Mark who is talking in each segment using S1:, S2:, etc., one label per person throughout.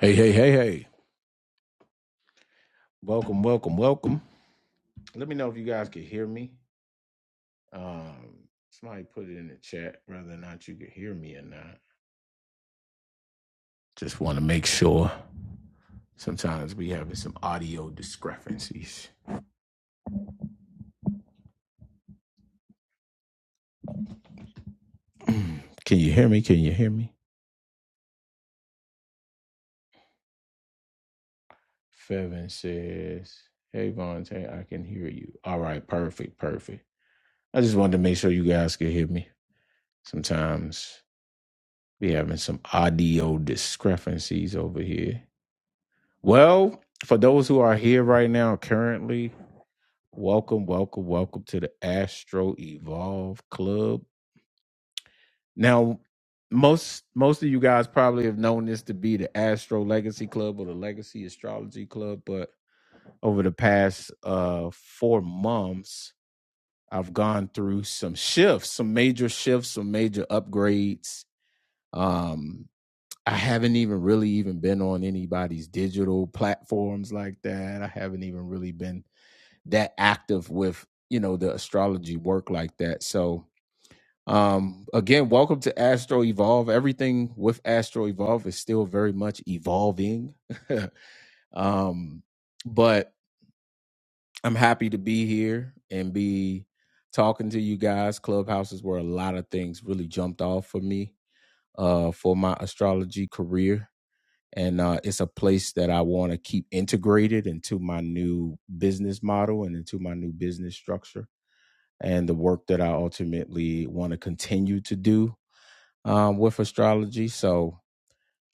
S1: Hey, hey, hey, hey. Welcome, welcome, welcome. Let me know if you guys can hear me. Um, somebody put it in the chat whether or not you can hear me or not. Just want to make sure. Sometimes we having some audio discrepancies. can you hear me? Can you hear me? Fevin says, Hey Vontae, I can hear you. All right, perfect, perfect. I just wanted to make sure you guys could hear me. Sometimes we having some audio discrepancies over here. Well, for those who are here right now currently, welcome, welcome, welcome to the Astro Evolve Club. Now, most most of you guys probably have known this to be the Astro Legacy Club or the Legacy Astrology Club, but over the past uh 4 months, I've gone through some shifts, some major shifts, some major upgrades. Um I haven't even really even been on anybody's digital platforms like that. I haven't even really been that active with you know the astrology work like that so um again welcome to astro evolve everything with astro evolve is still very much evolving um but i'm happy to be here and be talking to you guys clubhouse is where a lot of things really jumped off for me uh for my astrology career and uh it's a place that i want to keep integrated into my new business model and into my new business structure and the work that I ultimately want to continue to do um, with astrology. So,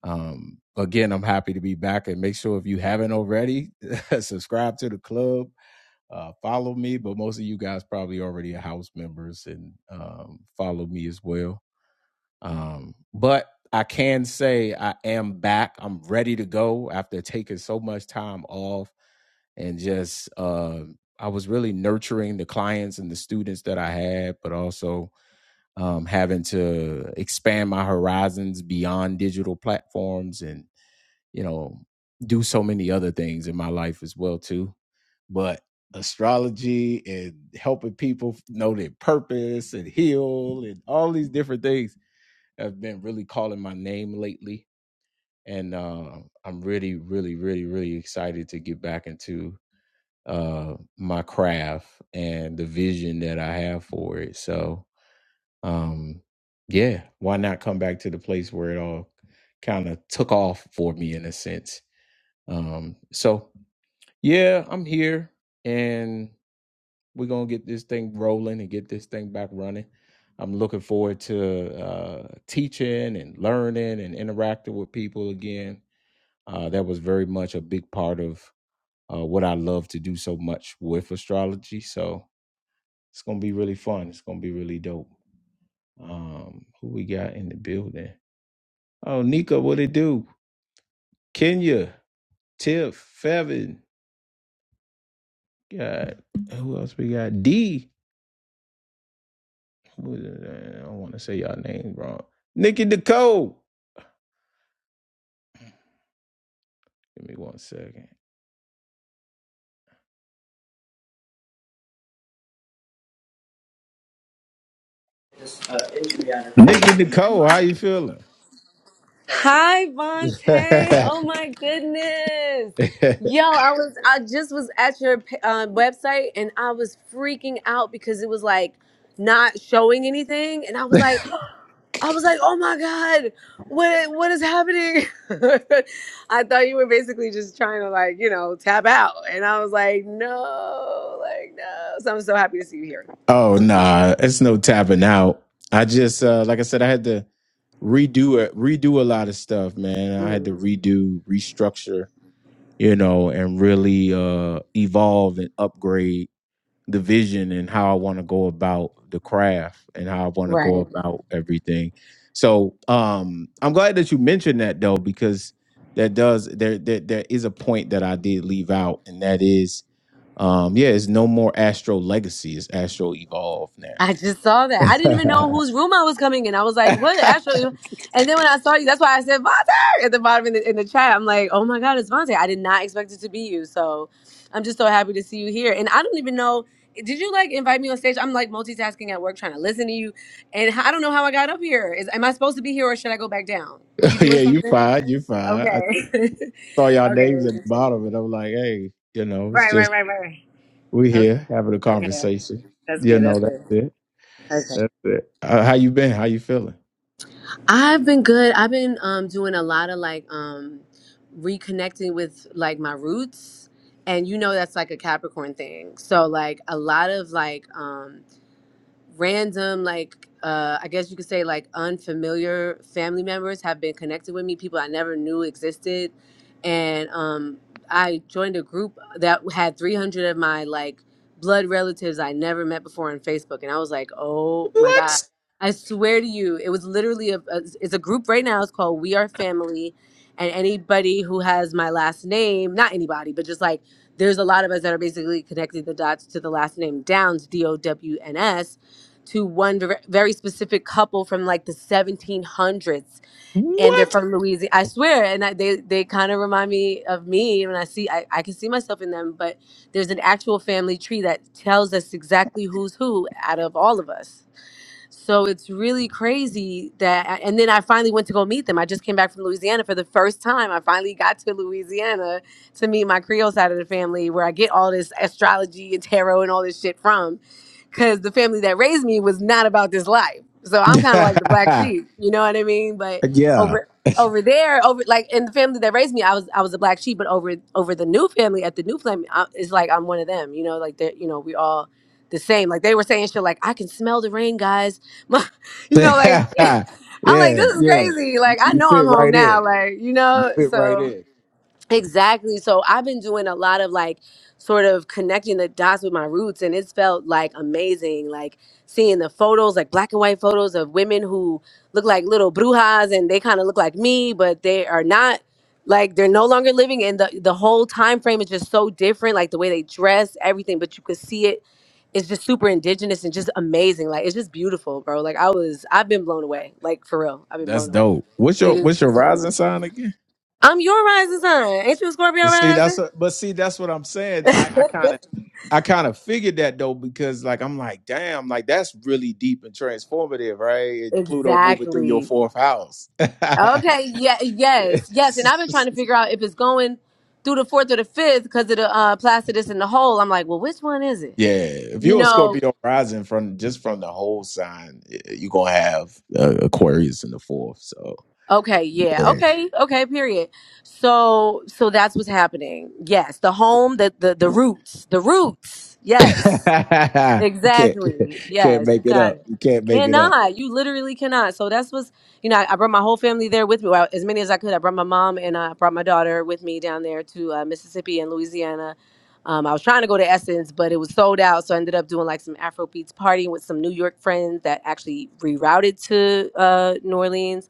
S1: um, again, I'm happy to be back. And make sure if you haven't already, subscribe to the club, uh, follow me. But most of you guys probably already are house members and um, follow me as well. Um, but I can say I am back. I'm ready to go after taking so much time off and just. Uh, I was really nurturing the clients and the students that I had, but also um, having to expand my horizons beyond digital platforms and you know do so many other things in my life as well too but astrology and helping people know their purpose and heal and all these different things have been really calling my name lately and uh, i'm really really really really excited to get back into uh my craft and the vision that i have for it so um yeah why not come back to the place where it all kind of took off for me in a sense um so yeah i'm here and we're gonna get this thing rolling and get this thing back running i'm looking forward to uh teaching and learning and interacting with people again uh that was very much a big part of uh what i love to do so much with astrology so it's gonna be really fun it's gonna be really dope um who we got in the building Oh, Nico, what it do? Kenya, Tiff, Fevin. God, who else we got? D. Who- I don't want to say y'all name wrong. Nikki Nicole. Give me one second.
S2: this uh, injury on her
S1: Nikki
S2: face, and, and my
S1: Nicole, how you feeling?
S2: Hi, Vontae. Oh my goodness. Yo, I was I just was at your uh, website and I was freaking out because it was like not showing anything and I was like I was like, "Oh my god. What what is happening?" I thought you were basically just trying to like, you know, tap out. And I was like, "No, like no." So I'm so happy to see you here.
S1: oh nah, it's no tapping out. I just uh like I said, I had to redo it, redo a lot of stuff, man. I had to
S2: Mhm.
S1: redo, restructure, you know, and really uh evolve and upgrade the vision and how I want to go about the craft and how I want to
S2: Right.
S1: go about everything. So um I'm glad that you mentioned that though, because that does there there, there is a point that I did leave out, and that is um yeah, it's no more Astro Legacy, it's Astro Evolve
S2: I
S1: now.
S2: just saw that. I didn't even know whose room I was coming in. I was like, what? Actually, and then when I saw you, that's why I said Vontae at the bottom in the, in the chat. I'm like, oh my God, it's Vontae. I did not expect it to be you. So I'm just so happy to see you here. And I don't even know. Did you like invite me on stage? I'm like multitasking at work, trying to listen to you. And I don't know how I got up here. Is, am I supposed to be here or should I go back down? Were you doing
S1: yeah, you
S2: something?
S1: fine, you fine. I
S2: Okay.
S1: saw y'all names
S2: okay. Just
S1: at the
S2: a second.
S1: bottom and I'm like, hey, you know, it's
S2: Right, right,
S1: just
S2: right, right, right.
S1: we
S2: Okay.
S1: here having a
S2: Okay. Okay.
S1: conversation.
S2: That's
S1: You
S2: good.
S1: know,
S2: That's
S1: that's
S2: good.
S1: it. That's it. Uh, how you been? How you feeling?
S2: I've been good. I've been um doing a lot of like um reconnecting with like my roots and you know that's like a Capricorn thing. So like a lot of like um random like uh i guess you could say like unfamiliar family members have been connected with me people i never knew existed and um i joined a group that had 300 of my like blood relatives i never met before on facebook and i was like oh my god
S1: What?
S2: i swear to you it was literally a, a it's a group right now it's called we are family and anybody who has my last name not anybody but just like there's a lot of us that are basically connecting the dots to the last name downs d-o-w-n-s to one ver- very specific couple from like the 1700s and they're
S1: What?
S2: from louisiana i swear and I, they, they kind of remind me of me when i see I, I can see myself in them but there's an actual family tree that tells us exactly who's who out of all of us so it's really crazy that and then i finally went to go meet them i just came back from louisiana for the first time i finally got to louisiana to meet my creole side of the family where i get all this astrology and tarot and all this shit from because the family that raised me was not about this life. So I'm kind of like the black sheep, you know what I mean? But
S1: yeah.
S2: over over there, over like in the family that raised me, I was I was a black sheep. But over over the new family at the new family, I, it's like I'm one of them, you know. Like that, you know, we all the same. Like they were saying shit like I can smell the rain, guys. My, you know, like I'm like
S1: yeah.
S2: this is crazy. Like I know I'm home now. Like you know, so. Exactly. So I've been doing a lot of like sort of connecting the dots with my roots and it's felt like amazing. Like seeing the photos, like black and white photos of women who look like little brujas and they kind of look like me, but they are not like they're no longer living and the, the whole time frame is just so different, like the way they dress, everything, but you could see it. It's just super indigenous and just amazing. Like it's just beautiful, bro. Like I was I've been blown away. Like for real. I've been
S1: That's
S2: blown away.
S1: dope. What's
S2: It
S1: your
S2: is
S1: what's your
S2: it's been amazing.
S1: rising sign again?
S2: I'm your rising sign. Ain't you a Scorpio
S1: See, that's
S2: rising?
S1: a, but see, that's what I'm saying. I kind of, I kind of figured that though, because like I'm like, damn, like that's really deep and transformative, right? And Pluto moving through your
S2: Exactly.
S1: fourth house.
S2: Okay. Yeah. Yes. Yes. And
S1: Yes.
S2: I've been trying to figure out if it's going through the fourth or the fifth because of the uh, placidus in the hole. I'm like, well, which one is it?
S1: yeah, if
S2: You
S1: you're a
S2: know.
S1: Scorpio rising from just from the whole sign, you're gonna have uh, Aquarius in the fourth. So
S2: Okay. Yeah.
S1: yeah,
S2: Okay. Okay. Period. So. So that's what's happening. Yes. The home. The the the roots. The roots. Yes.
S1: you can't,
S2: Exactly.
S1: can't
S2: Yes, you
S1: make it
S2: got
S1: up.
S2: it.
S1: You can't make it up.
S2: Cannot. You literally cannot. So that's what's, you know, I, I brought my whole family there with me, well, as many as I could. I brought my mom and I brought my daughter with me down there to uh, Mississippi and Louisiana. Um, I was trying to go to Essence, but it was sold out. So I ended up doing like some Afrobeats partying with some New York friends that actually rerouted to uh, New Orleans.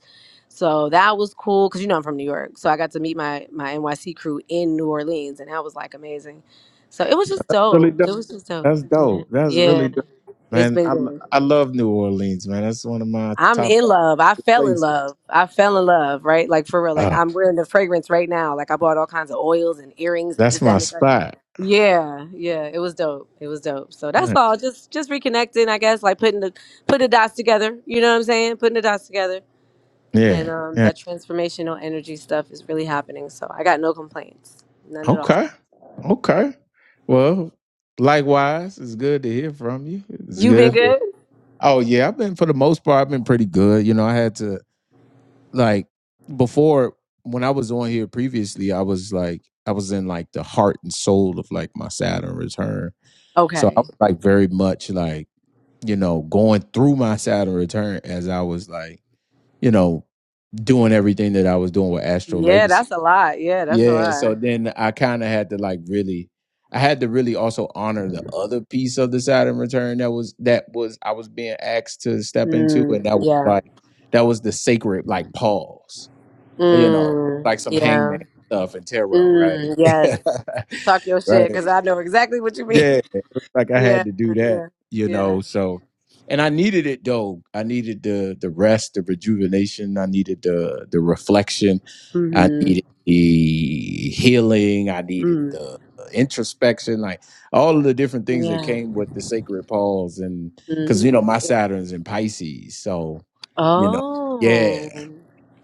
S2: So that was cool because, you know, I'm from New York. So I got to meet my, my NYC crew in New Orleans, and that was like amazing. So it was just
S1: Really
S2: dope. It was just dope.
S1: That's
S2: Yeah.
S1: dope. That's
S2: Yeah,
S1: really dope,
S2: it's
S1: man.
S2: been
S1: I lo-
S2: good.
S1: I love New Orleans, man. That's one of my
S2: I'm
S1: top
S2: in love. I fell in
S1: places.
S2: love. I fell in love, right? Like for real. Like
S1: Uh,
S2: I'm wearing the fragrance right now. Like I bought all kinds of oils and earrings and this,
S1: that's
S2: that,
S1: my
S2: and the third.
S1: spot.
S2: Yeah, yeah. It was dope. It was dope. So that's
S1: Mm.
S2: all. Just just reconnecting, I guess, like putting the putting the dots together. You know what I'm saying? Putting the dots together. And
S1: Yeah,
S2: um
S1: yeah.
S2: that transformational energy stuff is really happening. So I got no complaints. None at all.
S1: Okay, okay. Well, likewise, it's good to hear from you. It's
S2: You been
S1: good.
S2: good?
S1: Oh yeah, I've been for the most part, I've been pretty good. You know, I had to like before when I was on here previously, I was like I was in like the heart and soul of like my Saturn return. So I
S2: Okay.
S1: was like very much like you know, going through my Saturn return as I was like, you know, doing everything that I was doing with Astro
S2: Yeah,
S1: Legacy.
S2: that's a lot. Yeah, that's a
S1: Yeah.
S2: lot.
S1: So then I kind of had to like really, I had to really also honor the other piece of the Saturn return that was, that was, I was being asked to step into. And
S2: Mm,
S1: that was
S2: yeah.
S1: like, that was the sacred like pause, you know,
S2: Mm,
S1: like some
S2: yeah.
S1: hangman stuff and tarot, right?
S2: Mm, yes. Talk your
S1: right.
S2: shit because I know exactly what you mean.
S1: Yeah, it was like I
S2: Yeah,
S1: had to do that,
S2: yeah,
S1: you
S2: yeah.
S1: know. So, and I needed it though. I needed the the rest, the rejuvenation. I needed the the reflection. I
S2: Mm-hmm.
S1: needed the healing. I needed
S2: Mm.
S1: the introspection, like all of the different things that
S2: Yeah.
S1: came with the sacred pause. And because
S2: Mm.
S1: you know my Saturn's in Pisces, so you know, yeah,
S2: Oh.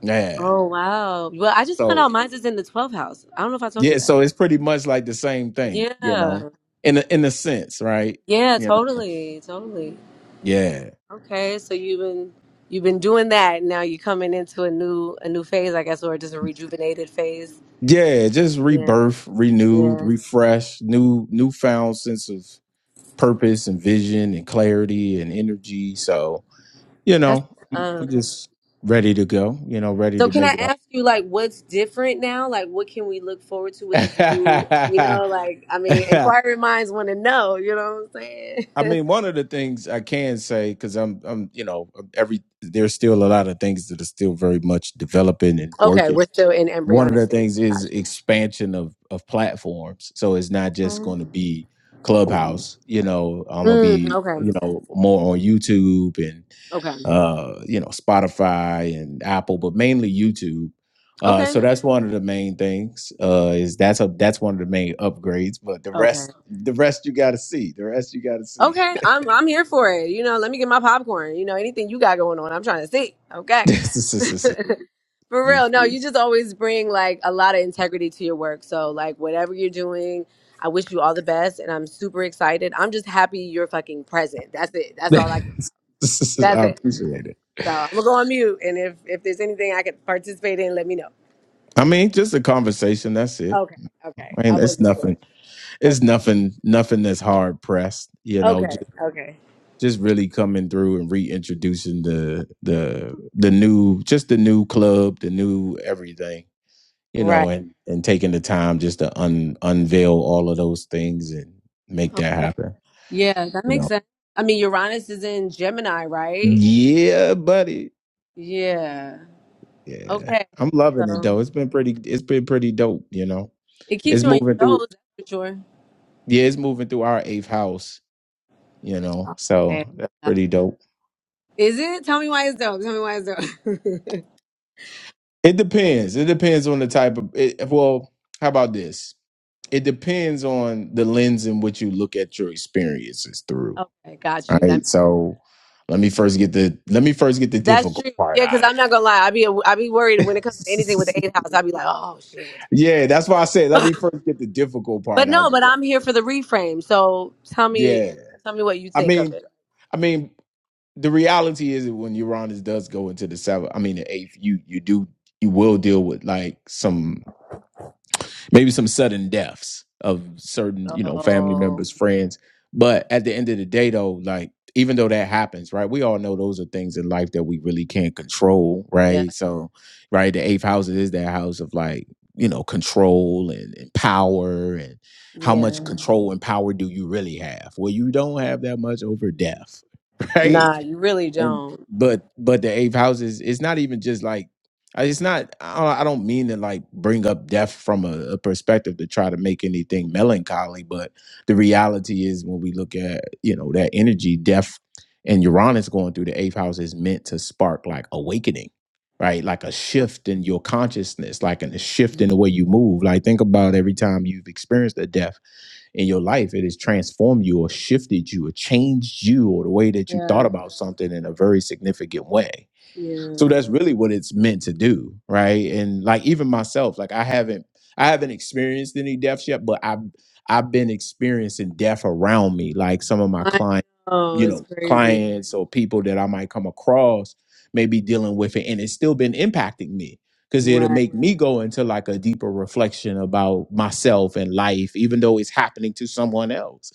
S1: yeah.
S2: Oh, wow. Well, I just found out
S1: So
S2: mine's is in the 12th house. I don't know if I told you
S1: yeah,
S2: that.
S1: so it's pretty much like the same thing, you know,
S2: Yeah.
S1: in a, in a sense, right?
S2: Yeah,
S1: You know.
S2: totally. Totally.
S1: Yeah.
S2: Okay, so you've been you've been doing that and now you're coming into a new a new phase, I guess, or just a rejuvenated phase.
S1: Yeah, just
S2: Yeah,
S1: rebirth, renewed,
S2: yeah.
S1: refreshed, new newfound sense of purpose and vision and clarity and energy. So, you
S2: That's
S1: know,
S2: what's
S1: I'm
S2: up.
S1: I'm just ready to go, you know, ready
S2: So
S1: to
S2: can
S1: make
S2: I
S1: it happen.
S2: ask you like what's different now? Like what can we look forward to with this new, you know, like I mean, inquiring minds want to know, you know what I'm saying?
S1: I mean, one of the things I can say, because I'm I'm, you know, every there's still a lot of things that are still very much developing and
S2: okay,
S1: working
S2: we're still in
S1: one of
S2: embryonic
S1: the
S2: stage.
S1: things is
S2: Gotcha.
S1: expansion of of platforms. So it's not just
S2: Mhm.
S1: going to be Clubhouse. You know, I'm gonna
S2: Mm,
S1: be
S2: okay.
S1: you know more on YouTube and
S2: Okay.
S1: uh, you know Spotify and Apple, but mainly YouTube. Uh, so
S2: Okay.
S1: that's one of the main things. Uh, is that's a that's one of the main upgrades. But the
S2: Okay.
S1: rest, the rest you got to see. The rest you got to see.
S2: Okay, I'm I'm here for it. You know, let me get my popcorn. You know, anything you got going on, I'm trying to see. Okay. For
S1: You-
S2: real. No, you just always bring like a lot of integrity to your work. So like whatever you're doing, I wish you all the best and I'm super excited. I'm just happy you're fucking present. That's it. That's all I can. that's
S1: I
S2: it.
S1: appreciate it.
S2: So I'm gonna go on mute and if if there's anything I could participate in, let me know.
S1: I mean, just a conversation. That's it.
S2: Okay, okay.
S1: I
S2: I
S1: mean, it's
S2: wasn't
S1: nothing
S2: sure. Okay.
S1: it's nothing nothing that's hard pressed you know
S2: Okay.
S1: just,
S2: Okay.
S1: just really coming through and reintroducing the the the new just the new club the new everything you know
S2: Right.
S1: and and taking the time just to un, unveil all of those things and make that happen
S2: Yeah, that
S1: you
S2: makes
S1: know
S2: sense. I mean, Uranus is in Gemini, right?
S1: yeah buddy
S2: Yeah.
S1: yeah
S2: Okay.
S1: i'm loving it
S2: So
S1: though it's been pretty it's been pretty dope you know
S2: it keeps
S1: it's
S2: you on your
S1: moving through
S2: toes, that's for sure.
S1: yeah it's moving through our eighth house you know
S2: Okay.
S1: so that's pretty dope
S2: Is it? Tell me why it's dope. Tell me why it's dope.
S1: It depends. It depends on the type of. It, well, how about this? It depends on the lens in which you look at your experiences through.
S2: okay, got you. That
S1: Right. So let me first get the let me first get the
S2: that's
S1: difficult
S2: true.
S1: part
S2: Yeah, because
S1: out of.
S2: I'm not gonna lie. I be I be worried
S1: It.
S2: when it comes to anything with the eighth house. i be like, oh shit, what?
S1: yeah, that's why I said let me
S2: the-
S1: first get the difficult
S2: but
S1: part out of
S2: no,
S1: the
S2: but
S1: way.
S2: I'm here for the reframe. So tell me,
S1: Yeah,
S2: tell me what you
S1: I
S2: think of it.
S1: mean, I mean, the reality is that when Uranus does go into the seventh, I mean the eighth, you you do you will deal with like some. maybe some sudden deaths of certain you know family
S2: Oh,
S1: members friends but at the end of the day though like even though that happens right we all know those are things in life that we really can't control
S2: yeah,
S1: right so right the eighth house is that house of like you know control and, and power and how much
S2: yeah.
S1: control and power do you really have well you don't have that much over death right
S2: Nah, you really
S1: and
S2: don't.
S1: but but the eighth house is it's not even just like I- it's not i don't I don't mean to like bring up death from a, a perspective to try to make anything melancholy but the reality is when we look at you know that energy death and uranus going through the eighth house is meant to spark like awakening right like a
S2: Okay.
S1: shift in your consciousness like in a shift in the way you move like think about every time you've experienced a death in your life, it has transformed you or shifted you or changed you or the way that you thought
S2: Yeah,
S1: about something in a very significant way.
S2: yeah.
S1: So that's really what it's meant to do, right? And like even myself, like I haven't I haven't experienced any deaths yet, but I've I've been experiencing death around me, like some of my
S2: I
S1: clients,
S2: know
S1: you
S2: it's
S1: know,
S2: crazy.
S1: clients or people that I might come across may be dealing with it, and it's still been impacting me because it'll
S2: Right,
S1: make me go into like a deeper reflection about myself and life, even though it's happening to someone else.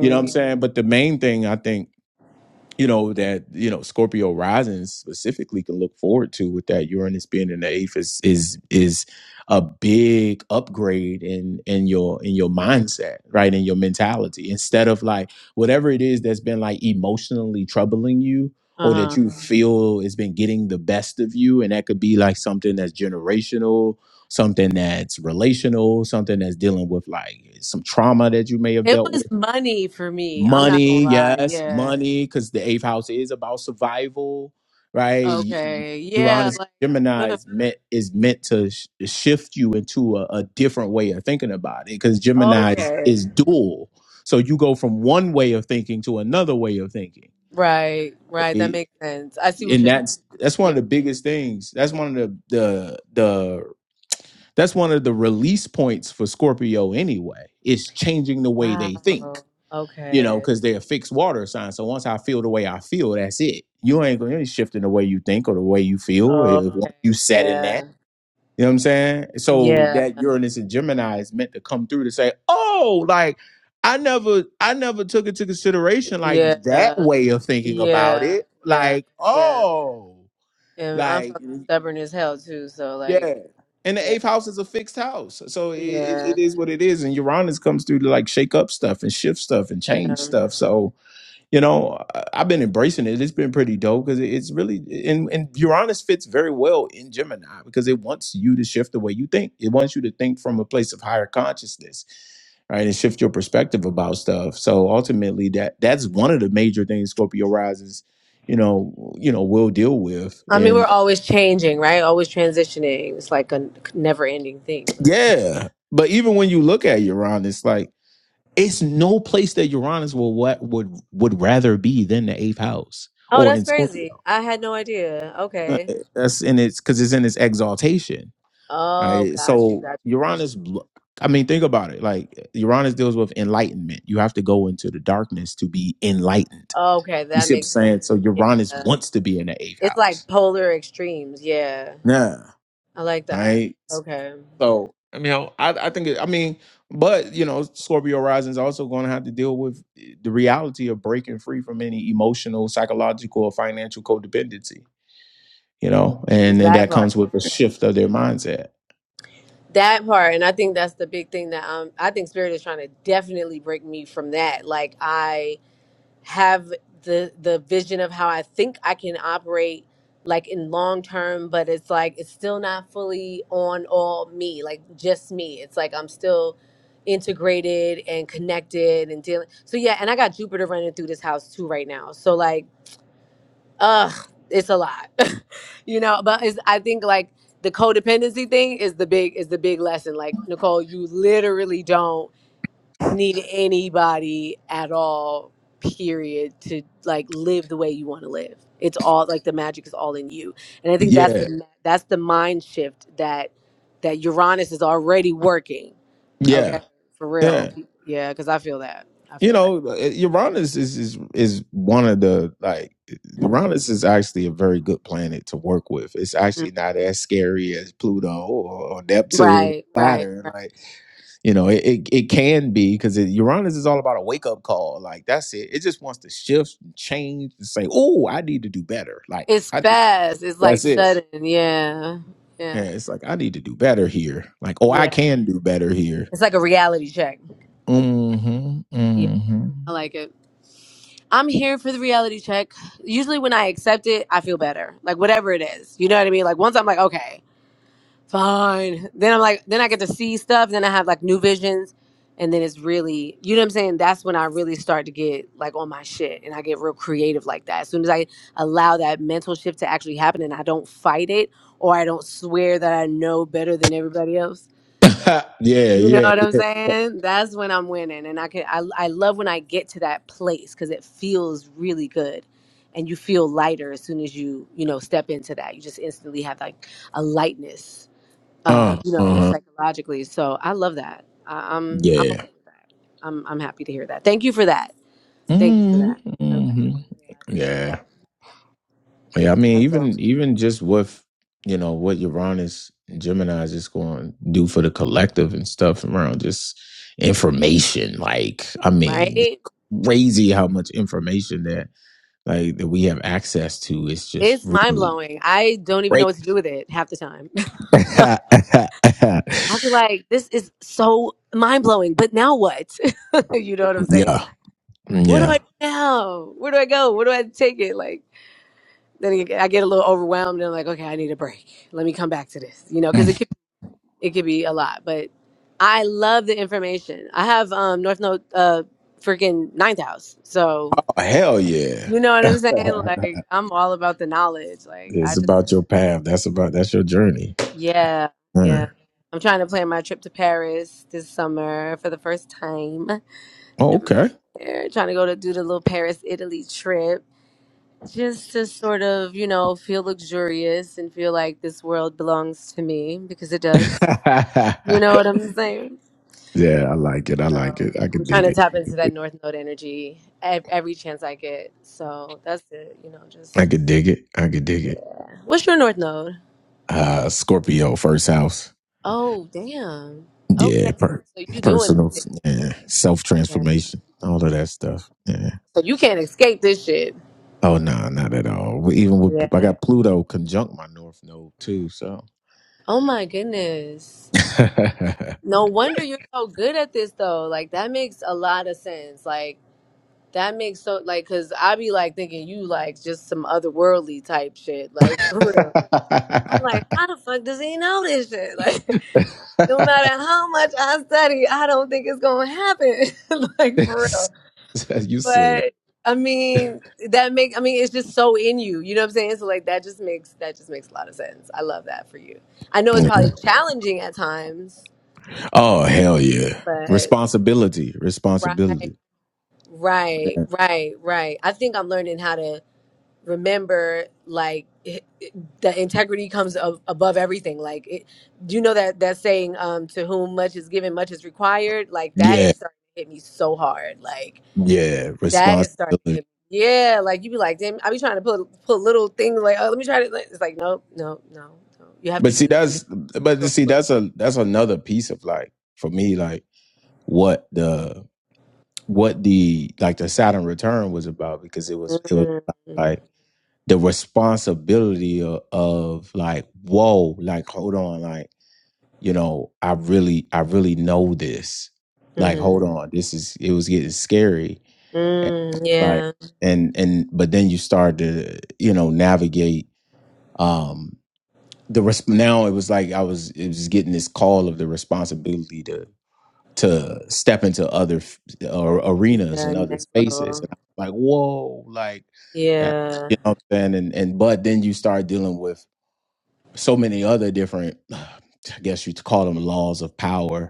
S1: You know what I'm saying? But the main thing I think you know that you know Scorpio rising specifically can look forward to with that Uranus being in the eighth is is is a big upgrade in in your in your mindset right in your mentality instead of like whatever it is that's been like emotionally troubling you or that
S2: Uh
S1: you
S2: huh.
S1: Mhm. feel has been getting the best of you and that could be like something that's generational something that's relational something that's dealing with like some trauma that you may have
S2: It
S1: dealt with
S2: was money for me. I'm not gonna
S1: money
S2: lie.
S1: yes
S2: Yeah.
S1: money because the eighth house is about survival right
S2: Okay. Yeah.
S1: uranus
S2: Like.
S1: gemini
S2: ugh.
S1: is meant is meant to sh- shift you into a, a different way of thinking about it because gemini is,
S2: Okay.
S1: is dual so you go from one way of thinking to another way of thinking
S2: Right. Right. That
S1: It-
S2: makes sense. I see what
S1: and
S2: you're saying.
S1: that's that's
S2: yeah.
S1: one of the biggest things that's one of the the the that's one of the release points for scorpio anyway it's changing the way they think
S2: Wow.
S1: you know,
S2: Okay.
S1: because they're a fixed water sign. So once I feel the way I feel, that's it. You ain't going to shifting the way you think or the way you feel. If
S2: Okay.
S1: Mhm. once you set in that,
S2: Yeah.
S1: you know what I'm saying? So
S2: Yeah.
S1: that Uranus and Gemini is meant to come through to say, oh, like I never, I never took into consideration like
S2: Yeah.
S1: that way of thinking about
S2: Yeah.
S1: it.
S2: Yeah.
S1: Like,
S2: Yeah.
S1: oh,
S2: And I'm
S1: like
S2: fucking stubborn as hell too, so
S1: yeah.
S2: like
S1: And the
S2: yeah.
S1: eighth house is a fixed house, so it, it,
S2: Yeah.
S1: it is what it is. And Uranus comes through to like shake up stuff and shift stuff and
S2: Yeah.
S1: change stuff. So you know I- i've been embracing it it's been pretty dope because it's really and, and uranus fits very well in gemini because it wants you to shift the way you think it wants you to think from a place of higher consciousness right and shift your perspective about stuff so ultimately that that's one of the major things scorpio rises you know you know will deal with
S2: I mean, we're
S1: and
S2: always changing, right? Always transitioning. It's like a never-ending thing. But...
S1: yeah but even when you look at uranus like it's no place that uranus will what would would rather be than the eighth house
S2: Oh,
S1: or
S2: that's
S1: in scorpio
S2: crazy. I had no idea.
S1: Uh,
S2: Okay.
S1: That's in its because it's in its exaltation,
S2: Oh,
S1: right?
S2: got you.
S1: So
S2: Got you. Got
S1: Uranus, look, I mean, think about it. Like Uranus deals with enlightenment. You have to go into the darkness to be enlightened.
S2: you. Okay,
S1: You
S2: that
S1: see what I'm
S2: makes sense.
S1: saying? So Uranus
S2: Yeah.
S1: wants to be in the eighth
S2: It's like
S1: house.
S2: polar extremes. Yeah.
S1: Yeah.
S2: I like that.
S1: Right.
S2: Okay.
S1: So I mean, I I think it, I mean, but you know, Scorpio rising is also going to have to deal with eh, the reality of breaking free from any emotional, psychological, or financial codependency you know, and and
S2: That
S1: that
S2: part.
S1: comes with a shift of their mindset.
S2: That part. And I think that's the big thing that um I think spirit is trying to definitely break me from that. Like I have the the vision of how I think I can operate like in long term, but it's like it's still not fully on all me, like just me. It's like I'm still integrated and connected and dealing. So yeah, and I got Jupiter running through this house too right now. So like Ugh, it's a lot. you know, but it's, I think like the codependency thing is the big is the big lesson. Like Nicole, you literally don't need anybody at all. Period to like live the way you want to live. It's all like the magic is all in you, and I think that's
S1: Yeah,
S2: the that's the mind shift that that Uranus is already working. Okay,
S1: yeah,
S2: for real.
S1: yeah.
S2: Yeah, because I feel that. I
S1: You
S2: feel that.
S1: know, uh, Uranus is is is one of the like Uranus is actually a very good planet to work with. It's
S2: Mhm.
S1: actually not as scary as Pluto or, or Neptune,
S2: Right, right,
S1: Saturn. Like You know, it it, it can be because Uranus is all about a wake up call. Like that's it. It just wants to shift, and change, and say, "Oh, I need to do better." Like
S2: It's
S1: I,
S2: fast. It's like
S1: that's it.
S2: sudden. Yeah.
S1: Yeah,
S2: Yeah.
S1: it's like I need to do better here. Like, oh, I
S2: Yeah.
S1: can do better here.
S2: It's like a reality check.
S1: Mm-hmm.
S2: Yeah.
S1: Mm-hmm.
S2: I like it. I'm here for the reality check. Usually when I accept it, I feel better. Like whatever it is. You know what I mean? Like once I'm like, okay. Fine. Then I'm like, then I get to see stuff. Then I have like new visions. And then it's really, you know what I'm saying? That's when I really start to get like on my shit and I get real creative like that. As soon as I allow that mental shift to actually happen and I don't fight it or I don't swear that I know better than everybody else.
S1: yeah,
S2: You know
S1: yeah,
S2: what I'm
S1: yeah.
S2: saying? That's when I'm winning. And I can, I, I love when I get to that place because it feels really good. And you feel lighter as soon as you, you know, step into that. You just instantly have like a lightness uh,
S1: Uh,
S2: you know,
S1: uh-huh.
S2: psychologically. So I love that. I, I'm I'm
S1: Yeah.
S2: okay with that. I'm I'm happy to hear that. Thank you for that. Thank you for
S1: Mm-hmm.
S2: that. I, I
S1: hmm
S2: really, yeah, I appreciate
S1: Yeah.
S2: that.
S1: Yeah, I
S2: Uh,
S1: mean,
S2: So
S1: even even just with you know what Uranus and Gemini is just going to do for the collective and stuff around just information. Like, I mean,
S2: right,
S1: it's crazy how much information that like that we have access to. It's just
S2: it's mind
S1: really
S2: blowing. I don't even know
S1: great.
S2: what to do with it half the time. I feel like this is so mind blowing. But now what? you know what I'm saying?
S1: yeah,
S2: What do I
S1: yeah.
S2: do now? Where do I go? Where do I take it? Like then I get a little overwhelmed and I'm like, okay, I need a break. Let me come back to this. You know, because it
S1: Mm.
S2: it could be a lot, but I love the information. I have um North Node, uh freaking ninth house. So
S1: Oh, hell yeah!
S2: you know what I'm saying? Like I'm all about the knowledge. Like I
S1: it's
S2: just
S1: about your path. That's about that's your journey.
S2: yeah,
S1: Hmm.
S2: yeah. I'm trying to plan my trip to Paris this summer for the first time.
S1: Oh,
S2: Never been
S1: okay.
S2: there. Trying to go to do the little Paris, Italy trip. Just to sort of, you know, feel luxurious and feel like this world belongs to me because it does. You know what I'm saying?
S1: Yeah, I like it. I like
S2: So
S1: it. I
S2: I'm
S1: could
S2: trying
S1: dig
S2: to
S1: it.
S2: tap into that North Node energy ev- every chance I get. So that's it. You know,
S1: I
S2: just
S1: could dig it. I could dig it. I could dig it.
S2: yeah. What's your North Node?
S1: Uh Scorpio first house.
S2: Oh, damn.
S1: Yeah,
S2: Okay.
S1: per-
S2: So you doing the
S1: personal
S2: thing?
S1: yeah, self
S2: Okay.
S1: transformation. All of that stuff. Yeah.
S2: So you can't escape this shit.
S1: Oh no, not at all. We- Even with
S2: Yeah.
S1: I got Pluto conjunct my north node too, so
S2: Oh my goodness. No wonder you're so good at this though. Like that makes a lot of sense. Like that makes so like cuz I be like thinking you like just some otherworldly type shit. Like for real. I'm like, how the fuck does he know this shit? Like no matter how much I study, I don't think it's gonna happen. like for real.
S1: you silly.
S2: But I mean, that make I mean, it's just so in you. You know what I'm saying? So like that just makes that just makes a lot of sense. I love that for you. I know it's
S1: Yeah.
S2: probably challenging at times,
S1: Oh hell yeah.
S2: but
S1: Responsibility.
S2: right,
S1: Responsibility.
S2: right, right, right. I think I'm learning how to remember like it- it- the integrity comes ab- above everything like it, do you know that that saying um to whom much is given much is required like that
S1: Yeah.
S2: is starting to hit me so hard like
S1: Yeah.
S2: that is starting
S1: Responsibility.
S2: to hit me. yeah like you be like damn i be trying to put put little things like oh let me try to like, it's like no no no no you have to
S1: But see,
S2: do this the
S1: that's but
S2: correct
S1: see,
S2: way
S1: that's a that's another piece of like for me, like what the what the like the Saturn return was about because it was it was
S2: mm-hmm.
S1: like the responsibility of, of like whoa, like hold on, like you know, I really I really know this. Like hold
S2: Mm-hmm.
S1: on, this is it was getting scary and
S2: mm,
S1: like
S2: yeah
S1: and and but then you start to you know navigate. um the resp- now it was like I was it was getting this call of the responsibility to to step into other f- uh, arenas
S2: yeah
S1: and other
S2: next
S1: spaces,
S2: level
S1: and I'm like, whoa, like that,
S2: yeah
S1: you know. What I'm saying? And and but then you start dealing with so many other different, I guess you'd call them laws of power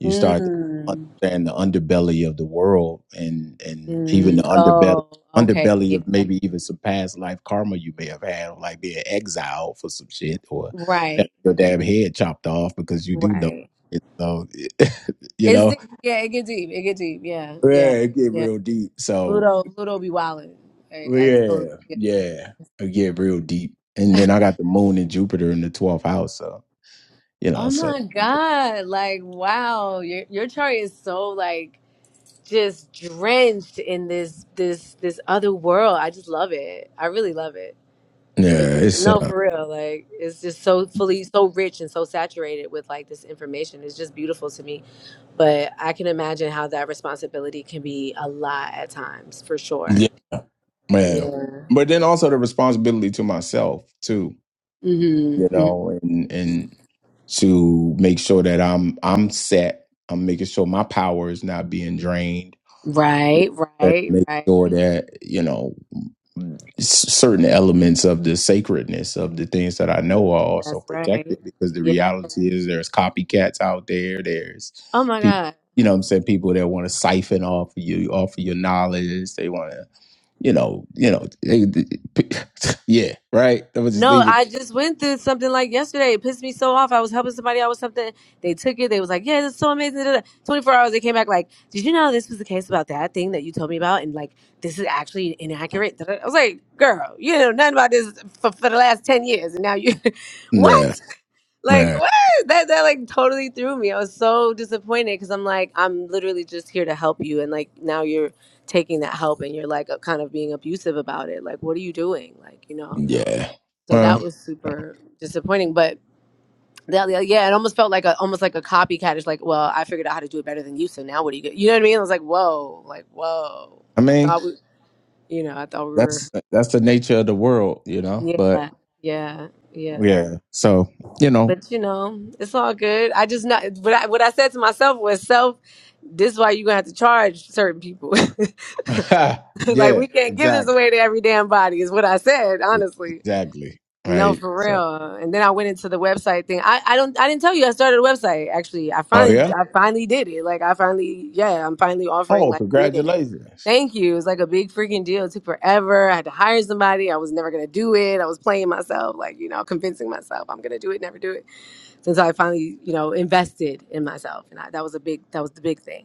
S1: you start to
S2: mm.
S1: understand the underbelly of the world and and even the
S2: Mm,
S1: underbelly
S2: oh, okay.
S1: underbelly
S2: Yeah,
S1: of maybe even some past life karma you may have had, like being exiled for some shit or having
S2: Right,
S1: your damn head chopped off because you do know
S2: right.
S1: it. So you
S2: It's
S1: know,
S2: deep. Yeah, it get deep. It get deep. Yeah,
S1: yeah,
S2: yeah,
S1: it get
S2: yeah.
S1: real deep. So
S2: Pluto, Pluto be wildin'. Like I told
S1: yeah,
S2: you. Yeah.
S1: yeah, it get real deep. And then I got the moon and Jupiter in the twelfth house. So you know,
S2: Oh
S1: so
S2: my God! Like wow, your your chart is so like just drenched in this this this other world. I just love it. I really love it. It
S1: yeah,
S2: really,
S1: it's
S2: no,
S1: uh,
S2: for real. Like it's just so fully, so rich and so saturated with like this information. It's just beautiful to me. But I can imagine how that responsibility can be a lot at times, for
S1: yeah.
S2: sure.
S1: Yeah.
S2: Yeah.
S1: But then also the responsibility to myself too,
S2: hmm
S1: you
S2: hmm
S1: know, and and to make sure that I'm I'm set. I'm making sure my power is not being drained.
S2: Right,
S1: And
S2: right,
S1: make sure
S2: right.
S1: that, you know, s- certain elements of the sacredness of the things that I know are also
S2: That's
S1: protected
S2: right.
S1: because the
S2: Yes.
S1: reality is there's copycats out there. There's
S2: Oh my
S1: people,
S2: God.
S1: you know what I'm saying, people that want to siphon off of you, off of your knowledge. They want to you know, you know, they- they- p- yeah, right. i would just
S2: No,
S1: leave it.
S2: I just went through something like yesterday. It pissed me so off. I was helping somebody out with something. They took it. They was like, "Yeah, this is so amazing." da, da, da." Twenty four hours. They came back like, "Did you know this was the case about that thing that you told me about?" And like, this is actually inaccurate. da, da, da." I was like, "Girl, you know nothing about this for, for the last ten years, and now you, what?"
S1: Yeah,
S2: like
S1: man.
S2: what that that like totally threw me i was so disappointed because i'm like i'm literally just here to help you and like now you're taking that help and you're like kind of being abusive about it like what are you doing like you know
S1: Yeah.
S2: so that
S1: Well,
S2: was super disappointing. But the- the- yeah, it almost felt like a almost like a copycat. It's like, well, I figured out how to do it better than you, so now what do you get? You know what I mean? I was like, whoa, like whoa.
S1: I
S2: I
S1: mean,
S2: thought we, you know, I thought we were.
S1: that's that's the nature of the world, you know. But
S2: Yeah, yeah, yeah.
S1: yeah, so you know,
S2: But you know, it's all good. I just not what I what I said to myself was self. This is why you're gonna have to charge certain people. like
S1: yeah,
S2: we can't give this
S1: exactly,
S2: away to every damn body. Is what I said honestly.
S1: exactly,
S2: No,
S1: right.
S2: for
S1: So,
S2: real. And then I went into the website thing. I, I don't I didn't tell you I started a website actually. I
S1: oh
S2: finally
S1: yeah,
S2: I finally did it. Like I finally yeah, I'm finally offering
S1: oh,
S2: like readings.
S1: congratulations.
S2: Thank you. It was like a big freaking deal. It took forever. I had to hire somebody. I was never gonna do it. I was playing myself, like, you know, convincing myself I'm gonna do it, never do it. Since I finally, you know, invested in myself. And I, that was a big that was the big thing.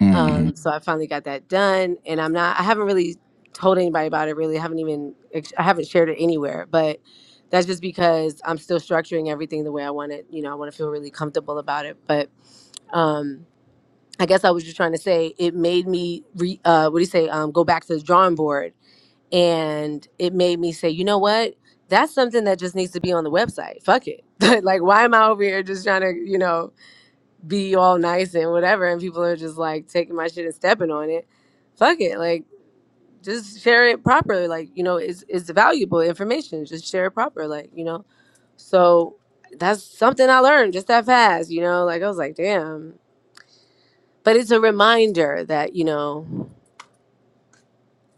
S1: hmm
S2: Um, so I finally got that done, and I'm not. I haven't really told anybody about it. Really, I haven't even. I haven't shared it anywhere. But that's just because I'm still structuring everything the way I want it. You know, I want to feel really comfortable about it. But um, I guess I was just trying to say it made me. Re, uh, what do you say? Um, go back to the drawing board, and it made me say, you know what? That's something that just needs to be on the website. Fuck it. like, why am I over here just trying to, you know? be all nice and whatever, and people are just like taking my shit and stepping on it. Fuck it, like just share it properly. Like you know, it's it's valuable information. Just share it proper. Like you know, so that's something I learned just that fast. You know, like I was like, damn. But it's a reminder that you know,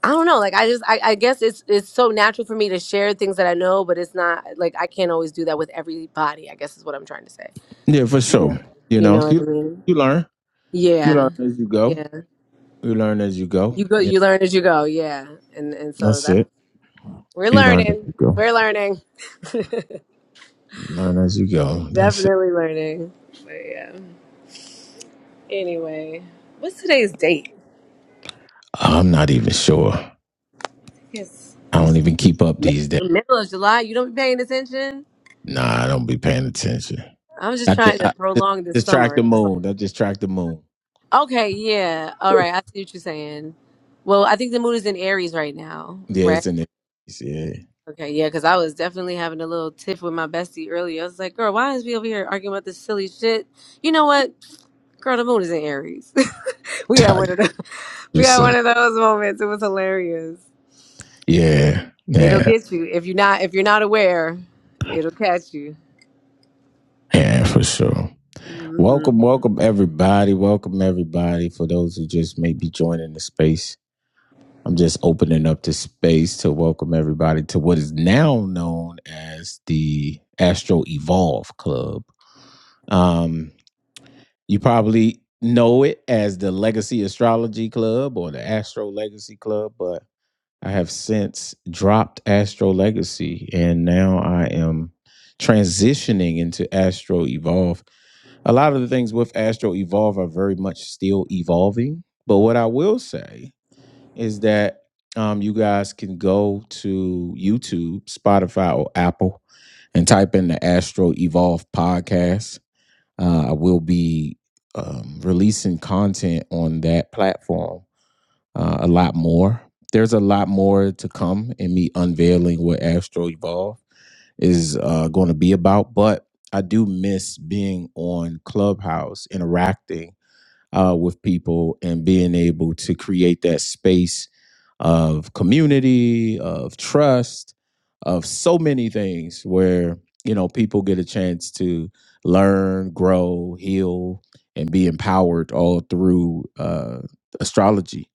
S2: I don't know. Like I just, I, I guess it's it's so natural for me to share things that I know, but it's not like I can't always do that with everybody. I guess is what I'm trying to say.
S1: Yeah, for
S2: You
S1: sure.
S2: know,
S1: You
S2: you know
S1: know,
S2: what I
S1: you
S2: mean?
S1: you learn, you
S2: Yeah,
S1: learn as you
S2: yeah.
S1: go. You learn as you go.
S2: You go.
S1: Yeah,
S2: You learn as you go. Yeah, and and so
S1: that's
S2: that's
S1: it.
S2: we're
S1: You learn as
S2: learning.
S1: you go.
S2: We're learning.
S1: You learn as you go. That's it.
S2: Definitely learning. But yeah. Anyway, what's today's date?
S1: I'm not even sure.
S2: Yes,
S1: I
S2: it
S1: don't
S2: was
S1: even keep up
S2: mid-
S1: these days.
S2: middle of July. You don't be paying attention.
S1: Nah, I don't be paying attention.
S2: I'm just
S1: I
S2: trying
S1: just,
S2: to
S1: I just,
S2: prolong this
S1: just track the
S2: summer. That's
S1: moon. I just track the moon.
S2: all. Okay. Yeah. All right. I see what you're saying. Well, I think the moon is in Aries right now,
S1: Yeah,
S2: right?
S1: it's in the yeah.
S2: Okay, yeah, because I was definitely having a little tiff with my bestie earlier. I was like, girl, why is we over here arguing about this silly shit? You know what? Girl, the moon is in Aries. we had
S1: Tell you
S2: one of those.
S1: you
S2: We had one
S1: some
S2: of those moments. It was hilarious.
S1: yeah,
S2: It'll
S1: yeah,
S2: get you if you're not if you're not aware. It'll catch you.
S1: yeah, for sure.
S2: hmm
S1: Welcome, welcome everybody. Welcome everybody. For those who just may be joining the space, I'm just opening up the space to welcome everybody to what is now known as the Astro Evolve Club. Um. You probably know it as the Legacy Astrology Club or the Astro Legacy Club, but I have since dropped Astro Legacy and now I am transitioning into Astro Evolve. A lot of the things with Astro Evolve are very much still evolving, but what I will say is that um, you guys can go to YouTube, Spotify, or Apple and type in the Astro Evolve podcast uh, I will be um, releasing content on that platform uh, a lot more. There's a lot more to come in me unveiling what Astro Evolve is uh, going to be about, but I do miss being on Clubhouse, interacting uh, with people and being able to create that space of community, of trust, of so many things where, you know, people get a chance to learn, grow, heal, and be empowered all through uh, astrology.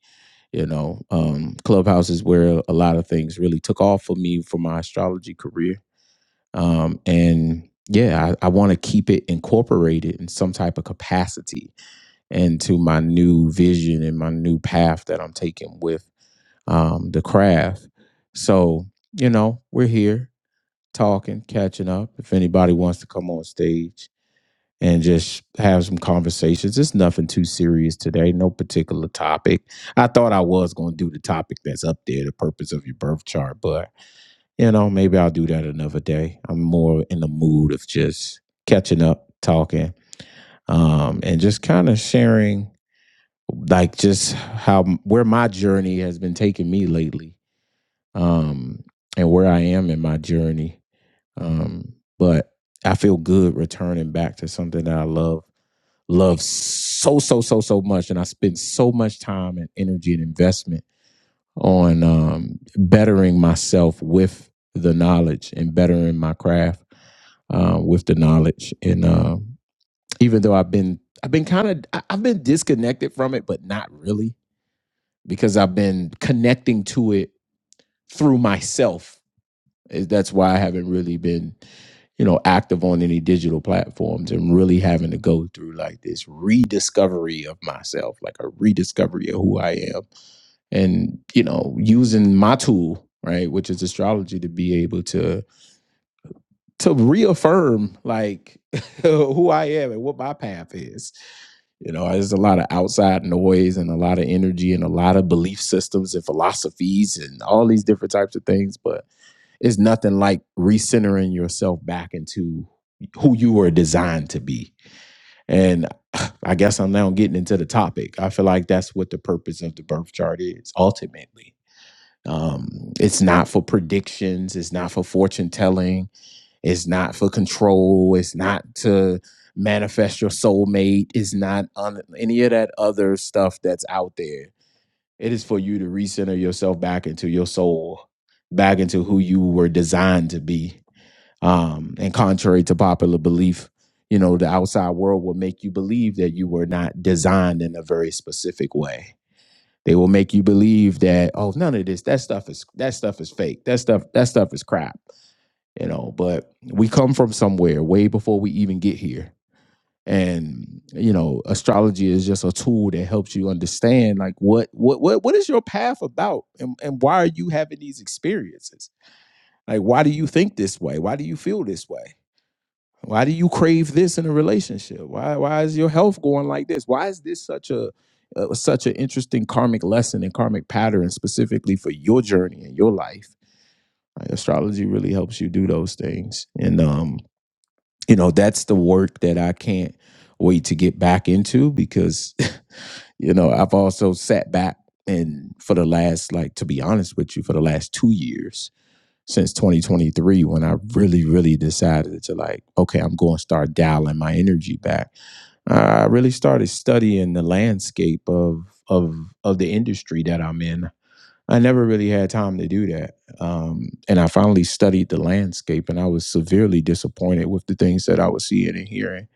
S1: You know, um, Clubhouse is where a lot of things really took off for me for my astrology career. Um, and yeah, I, I want to keep it incorporated in some type of capacity and to my new vision and my new path that I'm taking with um, the craft. So, you know, we're here talking, catching up. If anybody wants to come on stage and just have some conversations, it's nothing too serious today, no particular topic. I thought I was going to do the topic that's up there, the purpose of your birth chart, but, you know, maybe I'll do that another day. I'm more in the mood of just catching up, talking, um, and just kind of sharing like just how where my journey has been taking me lately um and where i am in my journey um but i feel good returning back to something that i love love so so so so much and i spend so much time and energy and investment on um bettering myself with the knowledge and bettering my craft uh, with the knowledge and um even though i've been i've been kind of i've been disconnected from it but not really because I've been connecting to it through myself. Eh, That's why I haven't really been, you know, active on any digital platforms and really having to go through like this rediscovery of myself, like a rediscovery of who I am and, you know, using my tool, right, which is astrology to be able to to reaffirm like who I am and what my path is you know, there's a lot of outside noise and a lot of energy and a lot of belief systems and philosophies and all these different types of things, but it's nothing like recentering yourself back into who you were designed to be. And I guess I'm now getting into the topic. I feel like that's what the purpose of the birth chart is ultimately. Um, it's not for predictions, it's not for fortune telling it's not for control. It's not to manifest your soulmate. It's not on any of that other stuff that's out there. It is for you to recenter yourself back into your soul, back into who you were designed to be. Um, and contrary to popular belief, you know, the outside world will make you believe that you were not designed in a very specific way. They will make you believe that, oh, none of this, that stuff is that stuff is fake. That stuff, that stuff is crap you know but we come from somewhere way before we even get here and you know astrology is just a tool that helps you understand like what what what, what is your path about and, and why are you having these experiences like why do you think this way why do you feel this way why do you crave this in a relationship why why is your health going like this why is this such a uh, such an interesting karmic lesson and karmic pattern specifically for your journey and your life like astrology really helps you do those things and um you know that's the work that i can't wait to get back into because you know i've also sat back and for the last like to be honest with you for the last two years since 2023 when i really really decided to like okay i'm going to start dialing my energy back i really started studying the landscape of of of the industry that i'm in I never really had time to do that. Um, and I finally studied the landscape and I was severely disappointed with the things that I was seeing and hearing.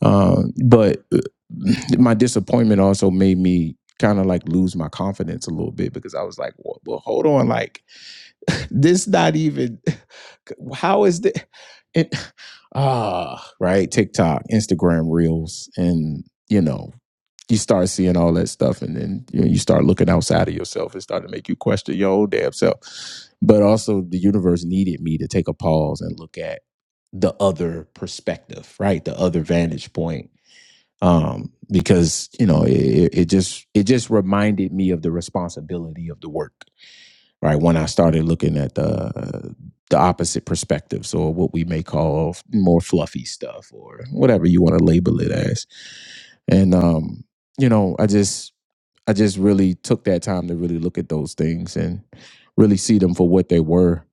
S1: Um, but uh, my disappointment also made me kind of like lose my confidence a little bit because I was like, well, well hold on, like this not even how is the it ah right tiktok instagram reels and you know you start seeing all that stuff and then you, know, you start looking outside of yourself It started to make you question your own damn self but also the universe needed me to take a pause and look at the other perspective right the other vantage point um because you know it it just it just reminded me of the responsibility of the work right when i started looking at the the opposite perspectives or what we may call more fluffy stuff or whatever you want to label it as and um you know i just i just really took that time to really look at those things and really see them for what they were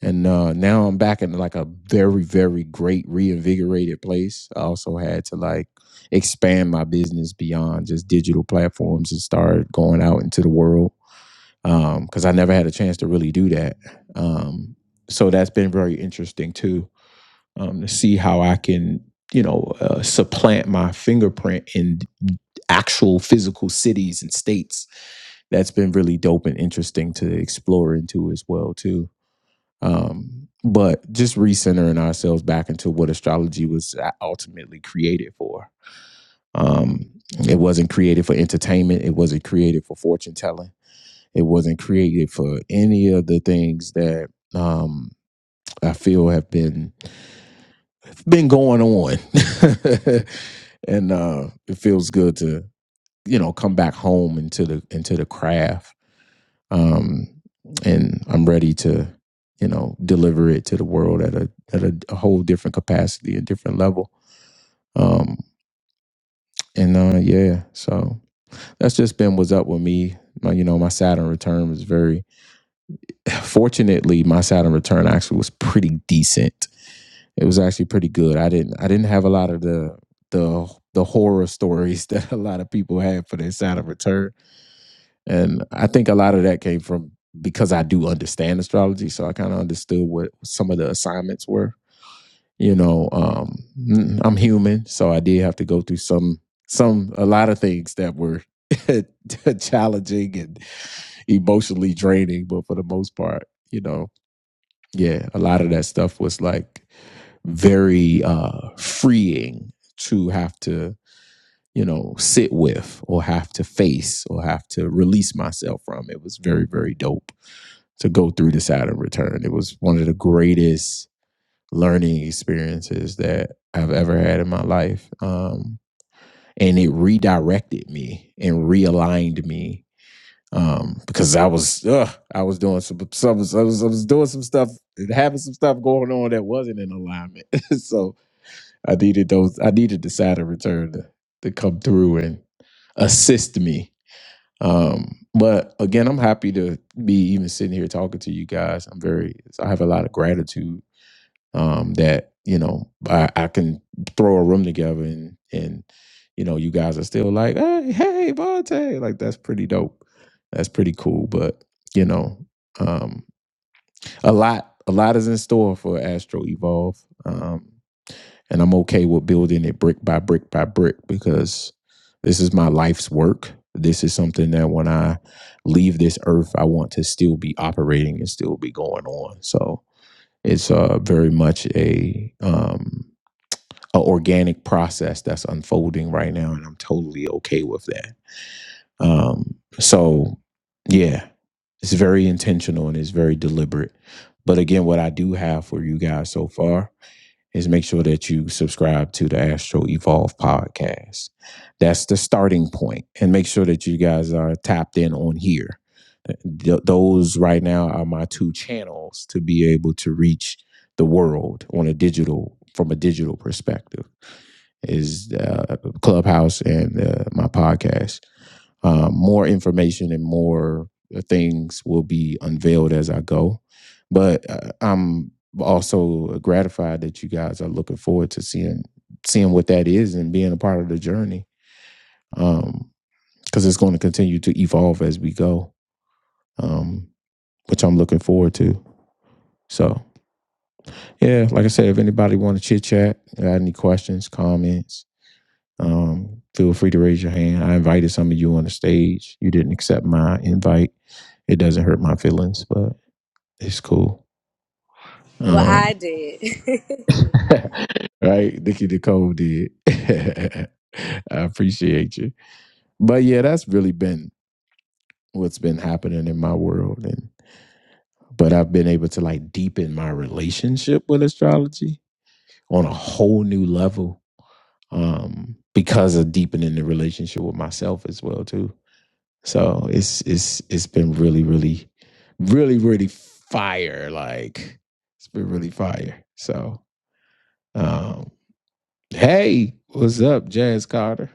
S1: and uh now i'm back in like a very very great reinvigorated place i also had to like expand my business beyond just digital platforms and start going out into the world um, because I never had a chance to really do that. Um, so that's been very interesting too um, to see how I can, you know, uh, supplant my fingerprint in actual physical cities and states. That's been really dope and interesting to explore into as well too. Um, but just recentering ourselves back into what astrology was uh, ultimately created for. Um, it wasn't created for entertainment. It wasn't created for fortune telling it wasn't created for any of the things that um, I feel have been been going on, and uh, it feels good to you know come back home into the into the craft. Um, and I'm ready to you know deliver it to the world at a at a, a whole different capacity, a different level. Um, and uh, yeah, so that's just been what's up with me. My, you know, my Saturn return was very Fortunately, my Saturn return actually was pretty decent. It was actually pretty good. I didn't I didn't have a lot of the the the horror stories that a lot of people had for their Saturn return, and I think a lot of that came from because I do understand astrology, so I kind of understood what some of the assignments were. You know, um, mm, I'm human, so I did have to go through some some a lot of things that were challenging and emotionally draining, but for the most part, you know yeah a lot of that stuff was like very uh freeing to have to you know sit with or have to face or have to release myself from it was very very dope to go through the saturn return it was one of the greatest learning experiences that i've ever had in my life um and it redirected me and realigned me um, because I was ugh, I was doing some some I was, I was doing some stuff having some stuff going on that wasn't in alignment. so I needed those I needed the Saturn return to, to come through and assist me. Um, but again, I'm happy to be even sitting here talking to you guys. I'm very I have a lot of gratitude um, that you know I, I can throw a room together and and you know you guys are still like hey hey Vontae like that's pretty dope that's pretty cool but you know um, a lot a lot is in store for Astro Evolve um, and I'm okay with building it brick by brick by brick because this is my life's work this is something that when I leave this earth I want to still be operating and still be going on so it's uh, very much a um, a organic process that's unfolding right now, and I'm totally okay with that. Um, so, yeah, it's very intentional and it's very deliberate. But again, what I do have for you guys so far is make sure that you subscribe to the Astro Evolve podcast. That's the starting point, and make sure that you guys are tapped in on here. Th- those right now are my two channels to be able to reach the world on a digital from a digital perspective is uh, Clubhouse and uh, my podcast. Uh, more information and more uh, things will be unveiled as I go. But uh, I'm also gratified that you guys are looking forward to seeing seeing what that is and being a part of the journey because um, it's going to continue to evolve as we go, um, which I'm looking forward to. So yeah, like I said, if anybody want to chit chat, got any questions, comments, um, feel free to raise your hand. I invited some of you on the stage. You didn't accept my invite It doesn't hurt my feelings, but it's cool.
S2: Well, I
S1: Um,
S2: did.
S1: right? Nikki Nicole did. I appreciate you. But yeah, that's really been what's been happening in my world. And but I've been able to like deepen my relationship with astrology on a whole new level. Um, because of deepening the relationship with myself as well, too. So it's it's it's been really, really, really, really fire. Like it's been really fire. So Um, hey, what's up, Jazz Carter?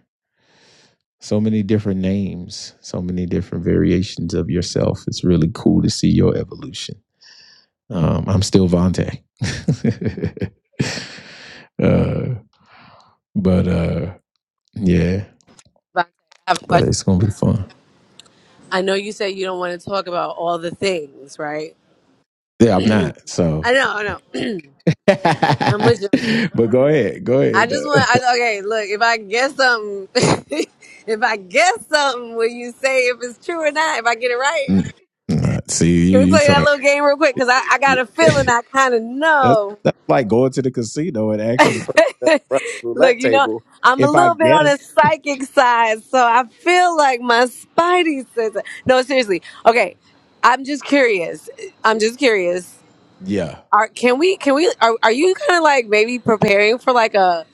S1: So many different names, so many different variations of yourself. It's really cool to see your evolution. Um, I'm still Vontae. uh, but uh, yeah,
S2: But I have a
S1: but it's gonna
S2: question.
S1: be fun.
S2: I know you said you don't want to talk about all the things, right?
S1: Yeah, I'm
S2: I know.
S1: not. So,
S2: I know. I'm
S1: but
S2: with you.
S1: go ahead, go
S2: I
S1: ahead.
S2: just
S1: though.
S2: want. I, okay, look. If I guess something, if I guess something, will you say if it's true or not? If I get it right?
S1: Mm. Nah, see, you
S2: Can we
S1: you
S2: play that
S1: try.
S2: little game real quick? Because I, I got a feeling
S1: that's
S2: I kind of know.
S1: that's like going to the casino and asking the person at the
S2: Look,
S1: roulette
S2: you know,
S1: table
S2: I'm a
S1: if I
S2: little bit on the
S1: guess
S2: psychic side, so I feel like my spidey sense. No, seriously. Okay, I'm just curious. I'm just curious.
S1: Yeah.
S2: Are can we can we are, are you kind of like maybe preparing for like a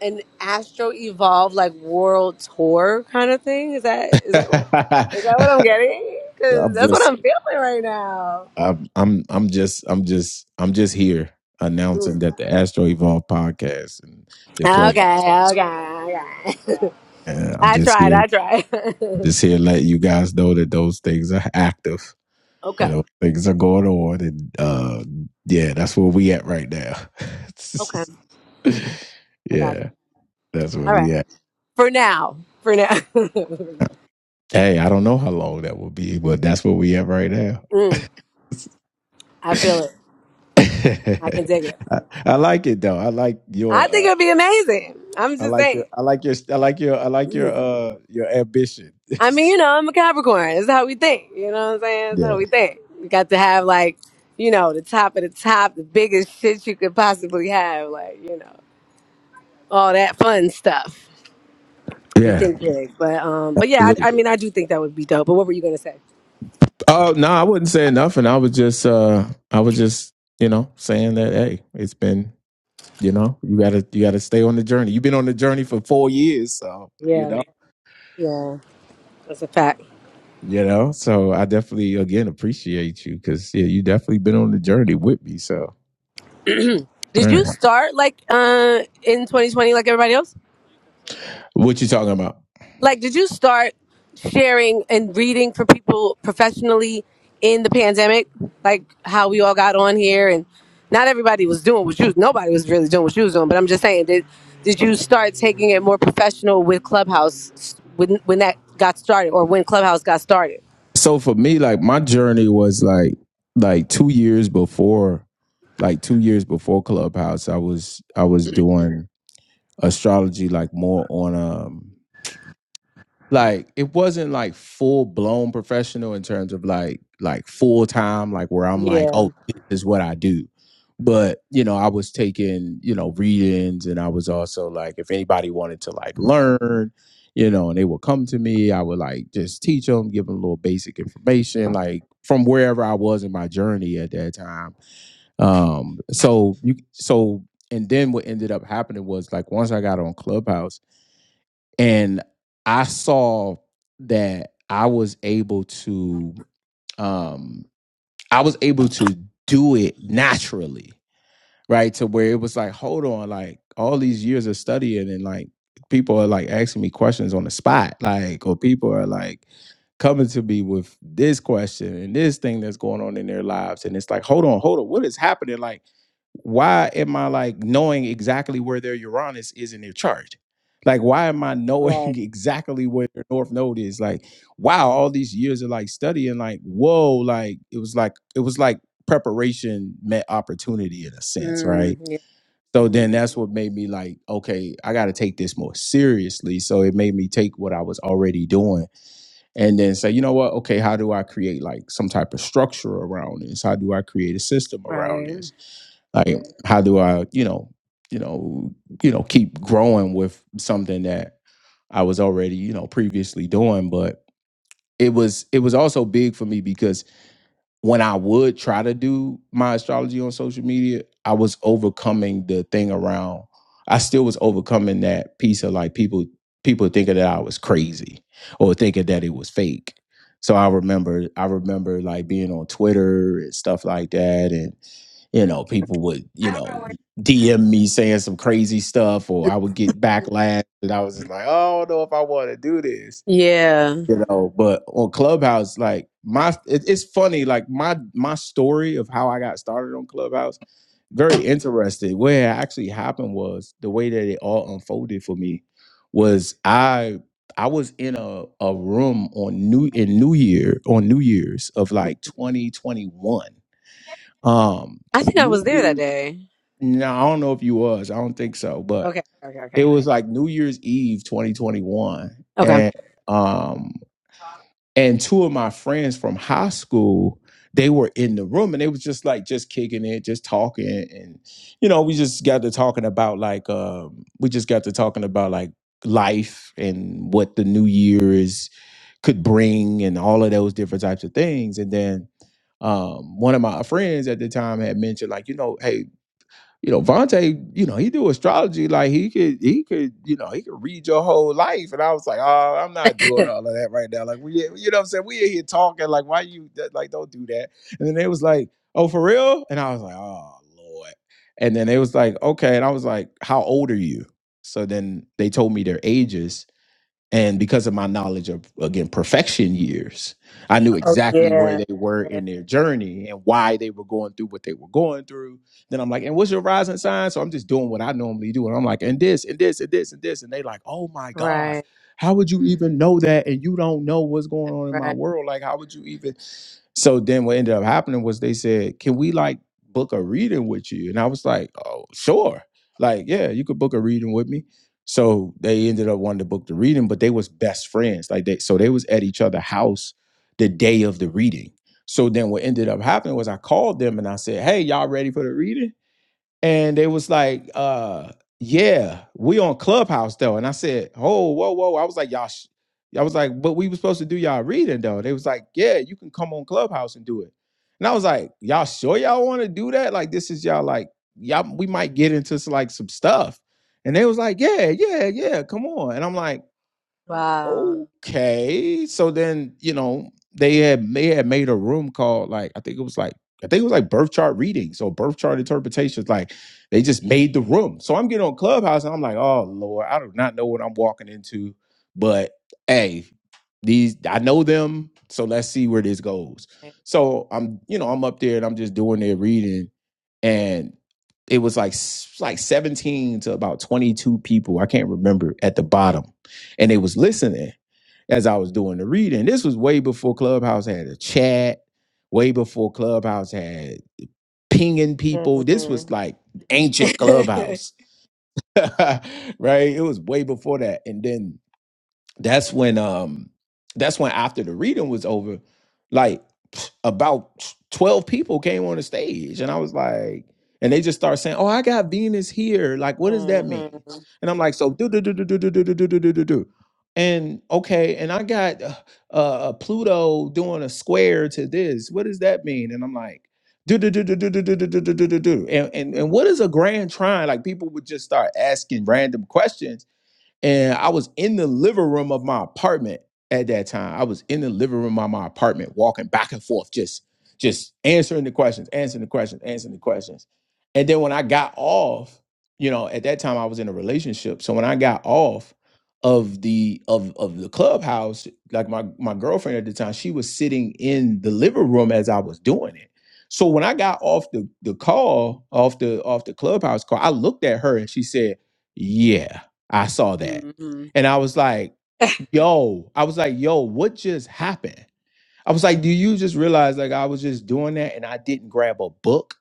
S2: an Astro Evolve like world tour kind of thing? Is that is that
S1: I'm
S2: is that what I'm getting? Because that's what
S1: just
S2: I'm feeling right now.
S1: I'm I'm I'm just I'm just I'm just here announcing that the Astro Evolve podcast and the clubhouse.
S2: Okay, okay, okay.
S1: And I'm
S2: I
S1: just
S2: tried, I
S1: here
S2: tried.
S1: just here letting you guys know that those things are active and
S2: okay,
S1: those things are going on and uh yeah, that's where we at right now.
S2: okay. I got you.
S1: yeah, that's where
S2: All
S1: we
S2: right.
S1: at.
S2: For now, for now.
S1: Hey, I don't know how long that will be, but that's where we at right now.
S2: mm, I feel it. I can dig it.
S1: I, I like it though. I like
S2: I
S1: your
S2: think
S1: uh,
S2: it'll be amazing. I'm
S1: I
S2: just
S1: like your
S2: saying.
S1: I like your I like your I like your
S2: Mm.
S1: uh your ambition.
S2: I mean, you know, I'm a Capricorn. It's how we think. You know what I'm saying? It's
S1: yeah.
S2: how we think. We got to have, like, you know, the top of the top, the biggest shit you could possibly have. Like, you know, all that fun stuff. We
S1: Yeah.
S2: think big. But, um, but yeah, I, I
S1: Absolutely.
S2: mean, I do think that would be dope. But what were you going to say?
S1: Oh no, I wasn't saying nothing. I was just uh I was just, you know, saying that hey, it's been you know, you gotta you gotta stay on the journey. You've been on the journey for four years, so you
S2: Yeah.
S1: know.
S2: Yeah, that's a fact.
S1: You know, so I definitely again appreciate you because yeah, you definitely been on the journey with me. So
S2: Did you
S1: Mm.
S2: start like uh in 2020 like everybody else?
S1: What you talking about?
S2: Like did you start sharing and reading for people professionally in the pandemic? Like how we all got on here and not everybody was doing what you nobody was really doing what you was doing, but I'm just saying did did you start taking it more professional with Clubhouse when when that got started or when Clubhouse got started?
S1: So for me, like my journey was like like two years before, like two years before Clubhouse, I was I was doing astrology like more on um like it wasn't like full blown professional in terms of like like full time like where I'm like
S2: Yeah,
S1: oh this is what I do but you know I was taking you know readings and I was also like if anybody wanted to like learn you know and they would come to me I would like just teach them give them a little basic information like from wherever I was in my journey at that time um so you so and then what ended up happening was like once I got on Clubhouse and I saw that I was able to um I was able to do it naturally right? To where it was like, hold on, like all these years of studying and like people are like asking me questions on the spot, like, or people are like coming to me with this question and this thing that's going on in their lives. And it's like, hold on, hold on, what is happening? Like, why am I like knowing exactly where their Uranus is in their chart? Like, why am I knowing
S2: right.
S1: exactly where their North Node is? Like, wow, all these years of like studying, like, whoa, like it was like it was like preparation met opportunity in a sense,
S2: Mm,
S1: right?
S2: yeah,
S1: So then that's what made me like, okay, I got to take this more seriously. So it made me take what I was already doing and then say, you know what? Okay, how do I create like some type of structure around this? How do I create a system around
S2: right.
S1: this? Like, how do I, you know, you know, you know, keep growing with something that I was already, you know, previously doing, but it was it was also big for me because when I would try to do my astrology on social media, I was overcoming the thing around. I still was overcoming that piece of like people people thinking that I was crazy or thinking that it was fake. So I remember I remember like being on Twitter and stuff like that and you know people would you know DM me saying some crazy stuff or I would get backlash and I was just like, "Oh, I don't know if I want to do this."
S2: Yeah.
S1: you know but on clubhouse like my it, it's funny like my my story of how i got started on clubhouse very interesting what had actually happened was the way that it all unfolded for me was i i was in a, a room on new in new year on new year's of like 2021 um
S2: I think I
S1: new
S2: was there that
S1: year
S2: day.
S1: no i don't know if you was i don't think so but
S2: Okay, okay,
S1: it
S2: okay.
S1: was like new year's eve 2021
S2: Okay.
S1: and um and two of my friends from high school they were in the room and they was just like just kicking it just talking and you know we just got to talking about like um we just got to talking about like life and what the new year is could bring and all of those different types of things and then um one of my friends at the time had mentioned like you know hey you know, Vontae, you know, he do astrology like he could, he could, you know, he could read your whole life. And I was like, oh, I'm not doing all of that right now. Like we, you know, what I'm saying we in here talking like, why you that- like don't do that? And then they was like, oh, for real? And I was like, oh lord. And then they was like, okay. And I was like, how old are you? So then they told me their ages, and because of my knowledge of again perfection years i knew
S2: Oh
S1: exactly where
S2: yeah,
S1: they were
S2: yeah.
S1: in their journey and why they were going through what they were going through then i'm like and what's your rising sign so i'm just doing what i normally do and i'm like and this and this and this and this and they like oh my god
S2: Right.
S1: how would you even know that and you don't know what's going on in my
S2: Right.
S1: world like how would you even so then what ended up happening was they said can we like book a reading with you and i was like oh sure like yeah you could book a reading with me so they ended up wanting to book the reading, but they was best friends. Like they so they was at each other's house the day of the reading. So then what ended up happening was I called them and I said, Hey, y'all ready for the reading? and they was like, uh, yeah, we on Clubhouse though. And I said, oh, whoa, whoa. I was like, y'all, sh-. I was like, but we was supposed to do y'all reading though. They was like, yeah, you can come on Clubhouse and do it. And I was like, y'all sure y'all want to do that? Like, this is y'all like, y'all, we might get into s- like some stuff. And they was like, yeah, yeah, yeah, come on. And I'm like,
S2: Wow.
S1: okay. So then, you know, they had they had made a room called like I think it was like I think it was like birth chart readings or birth chart interpretations. Like they just made the room. So I'm getting on Clubhouse and I'm like, oh Lord, I do not know what I'm walking into. But hey, these I know them, so let's see where this goes. So I'm, you know, I'm up there and I'm just doing their reading, and it was like s- like 17 to about 22 people. I can't remember at the bottom and they was listening as I was doing the reading. This was way before Clubhouse had a chat, way before Clubhouse had pinging people. This
S2: Mm-hmm.
S1: was like ancient Clubhouse, right? It was way before that. And then that's when um that's when after the reading was over like about 12 people came on the stage and i was like and they just start saying oh i got venus here like what does that mean
S2: mm-hmm.
S1: and i'm like so do do do do do do do do do do do do do and okay and i got uh uh, pluto doing a square to this what does that mean and i'm like do do do do do do do do do do do do do and and and what is a grand trine like people would just start asking random questions and I was in the living room of my apartment at that time. I was in the living room of my apartment, walking back and forth, just just answering the questions, answering the questions, answering the questions. And then when I got off, you know, at that time I was in a relationship. So when I got off of the of of the clubhouse, like my my girlfriend at the time, she was sitting in the living room as I was doing it. So when I got off the the call, off the off the clubhouse call, I looked at her and she said, "Yeah." I saw that.
S2: Mm-hmm.
S1: And I was like, yo, I was like, yo, what just happened? I was like, do you just realize like I was just doing that and I didn't grab a book?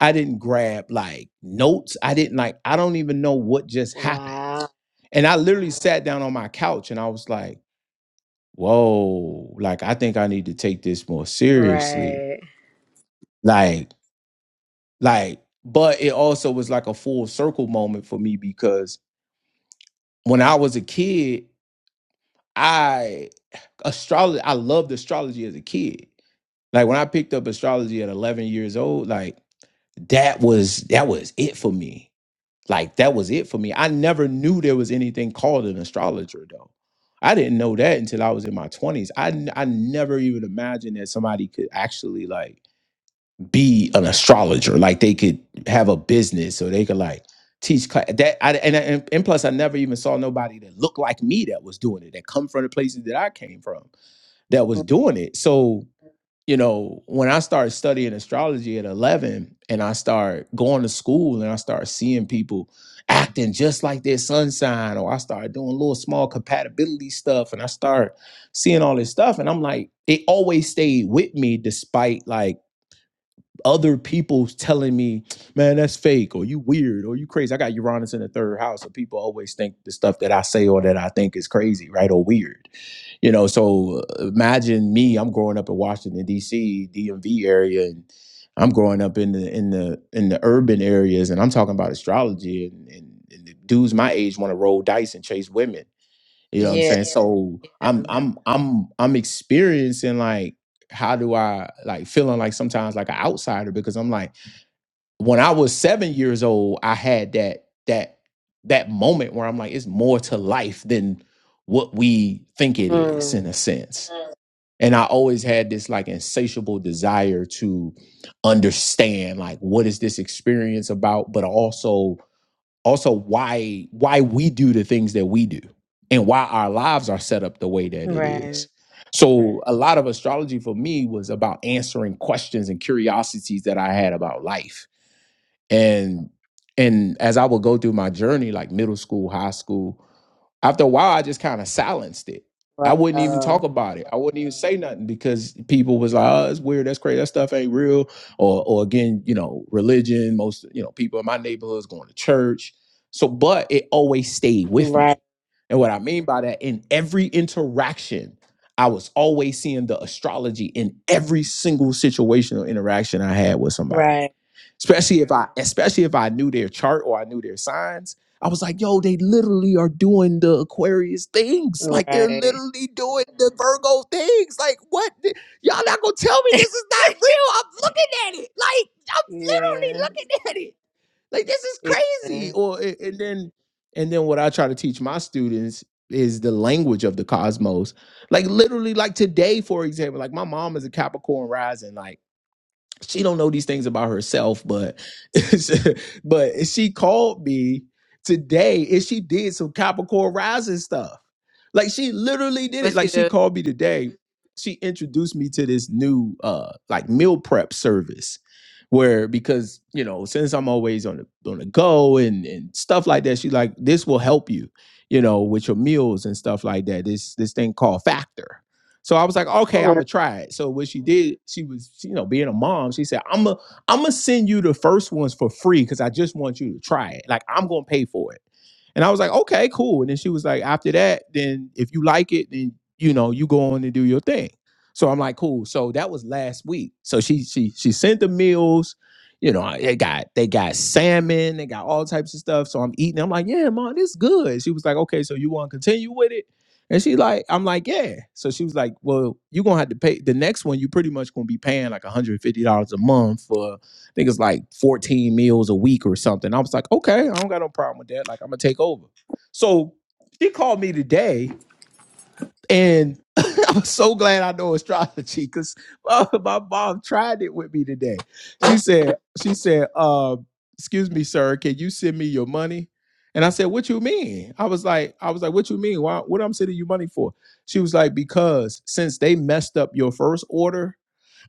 S1: I didn't grab like notes. I didn't like, I don't even know what just happened.
S2: Wow.
S1: And I literally sat down on my couch and I was like, whoa, like I think I need to take this more seriously.
S2: Right.
S1: Like, like, but it also was like a full circle moment for me because when I was a kid, astrology i loved astrology as a kid like when i picked up astrology at 11 years old like that was that was it for me like that was it for me i never knew there was anything called an astrologer though i didn't know that until i was in my 20s i, n- I never even imagined that somebody could actually like be an astrologer like they could have a business or they could like teach class that I, and, and and plus i never even saw nobody that looked like me that was doing it that come from the places that i came from that was doing it. So, you know, when I started studying astrology at 11 and I start going to school and I start seeing people acting just like their sun sign or I started doing little small compatibility stuff and I start seeing all this stuff and I'm like it always stayed with me despite like other people telling me, man, that's fake, or you weird, or you crazy. I got Uranus in the third house, so people always think the stuff that I say or that I think is crazy, right, or weird. You know, so uh, imagine me. I'm growing up in Washington D.C., DMV area, and I'm growing up in the in the in the urban areas, and I'm talking about astrology, and and, and the dudes my age want to roll dice and chase women you know what I'm
S2: Yeah.
S1: saying? Yeah. So I'm I'm I'm I'm experiencing like how do I like feeling like sometimes like an outsider because I'm like when I was seven years old, I had that that that moment where I'm like, it's more to life than what we think it is in
S2: Mm.
S1: a sense. Mm. And I always had this like insatiable desire to understand like what is this experience about, but also also why why we do the things that we do and why our lives are set up the way that it is
S2: Right.
S1: so a lot of astrology for me was about answering questions and curiosities that i had about life and and as i would go through my journey like middle school high school after a while i just kind of silenced it i wouldn't even
S2: Wow.
S1: talk about it i wouldn't even say nothing because people was like oh it's weird that's crazy that stuff ain't real or or again you know religion most you know people in my neighborhoods going to church so but it always stayed with
S2: Right.
S1: me and what i mean by that in every interaction i was always seeing the astrology in every single situational interaction i had with somebody
S2: Right.
S1: especially if I especially if I knew their chart or I knew their signs. I was like, yo, they literally are doing the Aquarius things. Like they're
S2: Right.
S1: literally doing the Virgo things. Like what? Y'all not gonna tell me this is not real? I'm looking at it. Like I'm literally
S2: Yeah.
S1: looking at it. Like this is crazy.
S2: Yeah.
S1: Or a- and then and then what I try to teach my students is the language of the cosmos. Like literally, like today, for example, like my mom is a Capricorn rising. Like she don't know these things about herself, but but she called me today and she did some Capricorn rising stuff. Like she literally did it.
S2: What
S1: Like
S2: she
S1: she
S2: do?
S1: called me today. She introduced me to this new uh like meal prep service where because you know since I'm always on the on the go and and stuff like that, she like this will help you, you know, with your meals and stuff like that. This this thing called Factor so I was like, okay, I'm
S2: Mm.
S1: gonna try it. So what she did, she was, you know, being a mom, she said, I'm gonna, I'm gonna send you the first ones for free because I just want you to try it. Like I'm gonna pay for it. And I was like, okay, cool. And then she was like, after that, then if you like it, then you know, you go on and do your thing. So I'm like, cool. So that was last week. So she she she sent the meals. You know, I- they got they got salmon, they got all types of stuff. So I'm eating. I'm like, yeah, mom, this good. She was like, okay, so you want to continue with it? And she like, I'm like, yeah. So she was like, well, you're gonna have to pay the next one, you pretty much gonna be paying like $150 a month for I think it's like 14 meals a week or something. I was like, okay, I don't got no problem with that. Like, I'm gonna take over. So she called me today and. I'm so glad I know astrology because my, my mom tried it with me today. She said, she said, uh, excuse me, sir, can you send me your money? And I said, what you mean? I was like, I was like, what you mean? Why, what I'm sending you money for? She was like, because since they messed up your first order,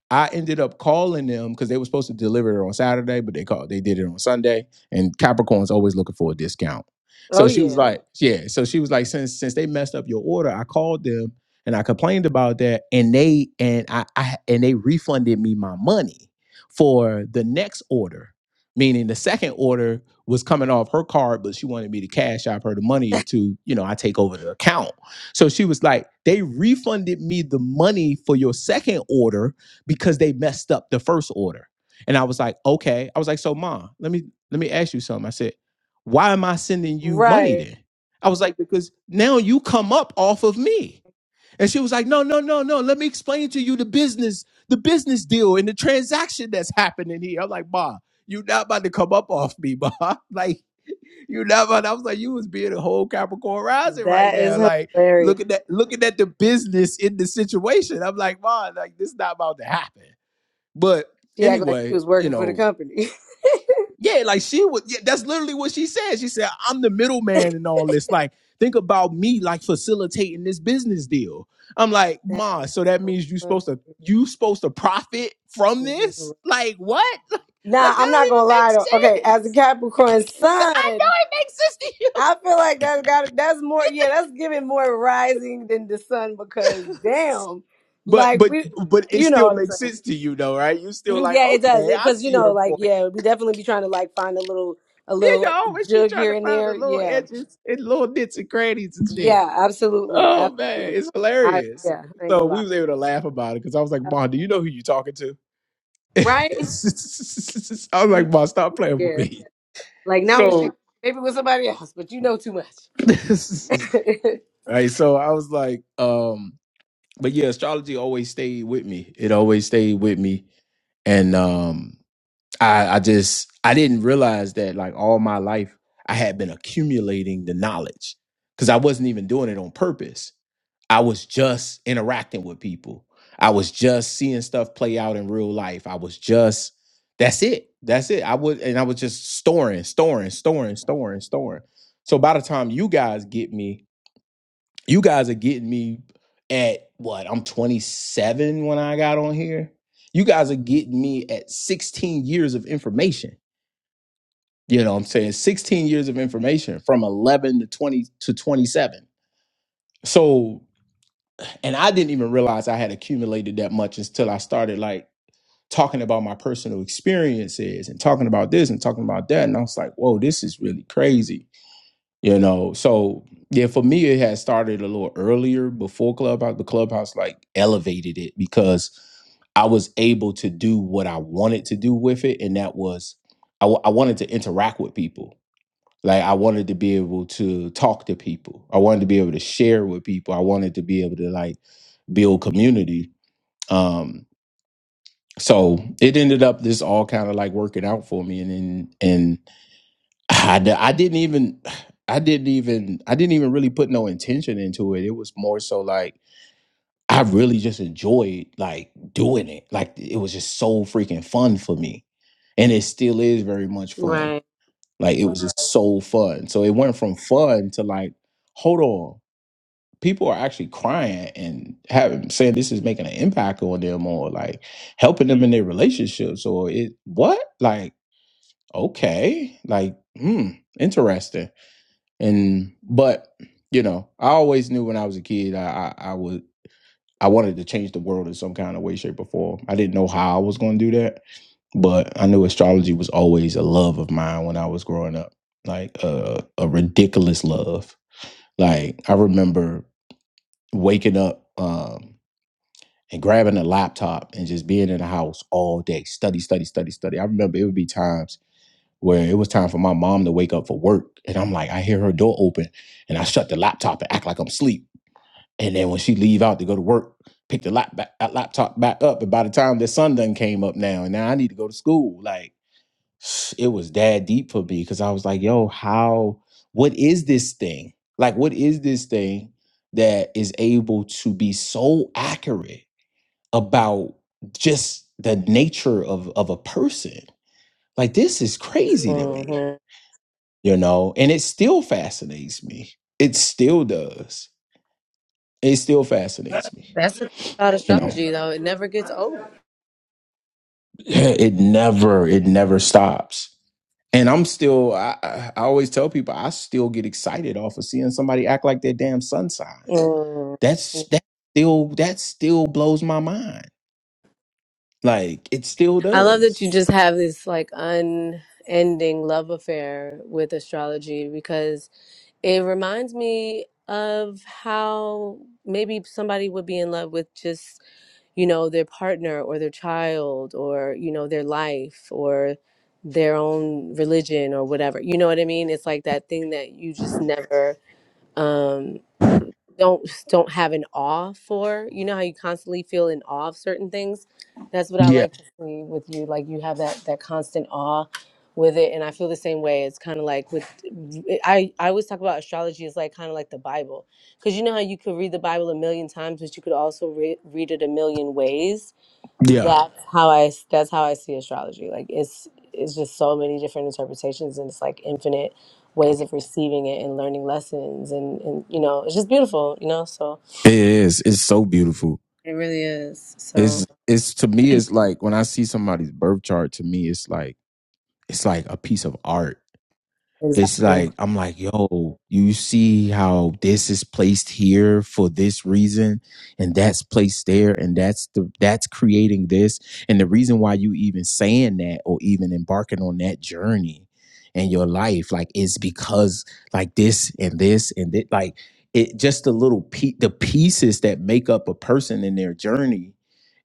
S1: I ended up calling them because they were supposed to deliver it on Saturday, but they called they did it on Sunday. And Capricorn's always looking for a discount.
S2: Oh
S1: So she was
S2: yeah.
S1: like, Yeah. So she was like, since since they messed up your order, I called them and I complained about that. And they and I, I and they refunded me my money for the next order. Meaning the second order was coming off her card, but she wanted me to cash out her the money into, you know, I take over the account. So she was like, they refunded me the money for your second order because they messed up the first order. And I was like, okay. I was like, so mom, let me let me ask you something. I said, why am I sending you money
S2: Right.
S1: then? I was like, because now you come up off of me. And she was like, "No, no, no, no. Let me explain to you the business, the business deal, and the transaction that's happening here." I'm like, "Ma, you not about to come up off me, ma. Like, you not about." I was like, "You was being a whole Capricorn rising right
S2: That
S1: now.
S2: is
S1: Like,
S2: hilarious.
S1: looking at looking at the business in the situation." I'm like, "Ma, like this not about to happen." But
S2: She act like she
S1: anyway,
S2: was
S1: you
S2: working for the
S1: know.
S2: company.
S1: Yeah, like she would. Yeah, that's literally what she said. She said, "I'm the middleman and all this. Like, think about me, like facilitating this business deal." I'm like,
S2: that
S1: "Ma,
S2: is
S1: so that
S2: so
S1: means you
S2: funny.
S1: supposed to you supposed to profit from
S2: This is hilarious.
S1: this? Like, what?
S2: Nah,
S1: Like, that
S2: I'm not
S1: don't
S2: gonna
S1: even
S2: lie though. Okay,
S1: make
S2: as a
S1: sense.
S2: Capricorn
S1: That- I know
S2: sun,
S1: it makes sense to you,
S2: I feel like that's got that's more yeah, that's giving more rising than the sun because damn,
S1: but
S2: like
S1: but
S2: we
S1: but it
S2: you know
S1: still
S2: what I'm
S1: makes
S2: saying.
S1: sense to you, though, right? You still like,
S2: Yeah, it does.
S1: okay, I
S2: cause you
S1: see
S2: know,
S1: her
S2: like
S1: point.
S2: yeah, we definitely be trying to like find a little a
S1: Yeah, you
S2: little
S1: always be
S2: jug
S1: trying
S2: here
S1: to
S2: and
S1: find
S2: there.
S1: the little
S2: Yeah.
S1: edges and little nits and crannies and shit.
S2: Yeah, absolutely.
S1: Oh man,
S2: Absolutely.
S1: it's
S2: I
S1: hilarious.
S2: yeah, I ain't gonna
S1: So
S2: lie.
S1: we was able to laugh about it because I was like, "Ma, do you know who you talking to?"
S2: Right?
S1: I was like, "Ma, stop playing with
S2: Yeah.
S1: me."
S2: Like not with you.
S1: So,
S2: Maybe with somebody else, but you know too much.
S1: right. So I was like, um, but yeah, astrology always stayed with me. It always stayed with me, and um. I, I just I didn't realize that like all my life I had been accumulating the knowledge because I wasn't even doing it on purpose. I was just interacting with people. I was just seeing stuff play out in real life. I was just that's it. That's it. I would and I was just storing, storing, storing, storing, storing. So by the time you guys get me, you guys are getting me at what? I'm 27 when I got on here. You guys are getting me at 16 years of information. You know what I'm saying? 16 years of information from 11 to 20 to 27. So, and I didn't even realize I had accumulated that much until I started like talking about my personal experiences and talking about this and talking about that. And I was like, whoa, this is really crazy you know so yeah for me it had started a little earlier before clubhouse the clubhouse like elevated it because i was able to do what i wanted to do with it and that was i, w- I wanted to interact with people like i wanted to be able to talk to people i wanted to be able to share with people i wanted to be able to like build community um so it ended up this all kind of like working out for me and then- and I, d- I didn't even I didn't even I didn't even really put no intention into it. It was more so like I really just enjoyed like doing it. Like it was just so freaking fun for me. And it still is very much fun.
S2: right.
S1: Like it was just so fun. So it went from fun to like, hold on. People are actually crying and having saying this is making an impact on them or like helping them in their relationships or it what? Like, okay. Like, hmm, interesting and but you know i always knew when i was a kid i i, I would i wanted to change the world in some kind of way shape or form i didn't know how i was going to do that but i knew astrology was always a love of mine when i was growing up like uh, a ridiculous love like i remember waking up um and grabbing a laptop and just being in the house all day study study study study i remember it would be times where it was time for my mom to wake up for work and i'm like i hear her door open and i shut the laptop and act like i'm asleep and then when she leave out to go to work pick the lap back, uh, laptop back up and by the time the sun done came up now and now i need to go to school like it was that deep for me because i was like yo how what is this thing like what is this thing that is able to be so accurate about just the nature of of a person like this is crazy to me
S2: Mhm.
S1: you know, and it still fascinates me. It still does. It still fascinates me.
S2: That's the thing about
S1: You know,
S2: astrology, though. It never gets old.
S1: it never, it never stops. And I'm still, I, I I always tell people, I still get excited off of seeing somebody act like their damn sun sign.
S2: Mm. Yeah.
S1: That's that still, that still blows my mind. Like it still
S2: I love that
S1: does.
S2: you just have this like unending love affair with astrology because it reminds me of how maybe somebody would be in love with just, you know, their partner or their child or, you know, their life or their own religion or whatever. You know what I mean? It's like that thing that you just never um don't don't have an awe for. You know how you constantly feel in awe of certain things. That's what I
S1: Yeah,
S2: like to see with you. Like you have that that constant awe with it, and I feel the same way. It's kind of like with I I always talk about astrology is like kind of like the Bible, because you know how you could read the Bible a million times, but you could also re- read it a million ways
S1: yeah,
S2: that's how I that's how I see astrology. Like it's it's just so many different interpretations and it's like infinite ways of receiving it and learning lessons and and you know, it's just beautiful, you know? So
S1: it is. It's so beautiful.
S2: it really is. So
S1: It's, it's to me, it's like when I see somebody's birth chart. To me, it's like, it's like a piece of art it's
S2: Exactly.
S1: like I'm like, yo, you see how this is placed here for this reason, and that's placed there, and that's the that's creating this, and the reason why you even saying that or even embarking on that journey in your life, like, is because like this and this and that, like it just the little pe- the pieces that make up a person in their journey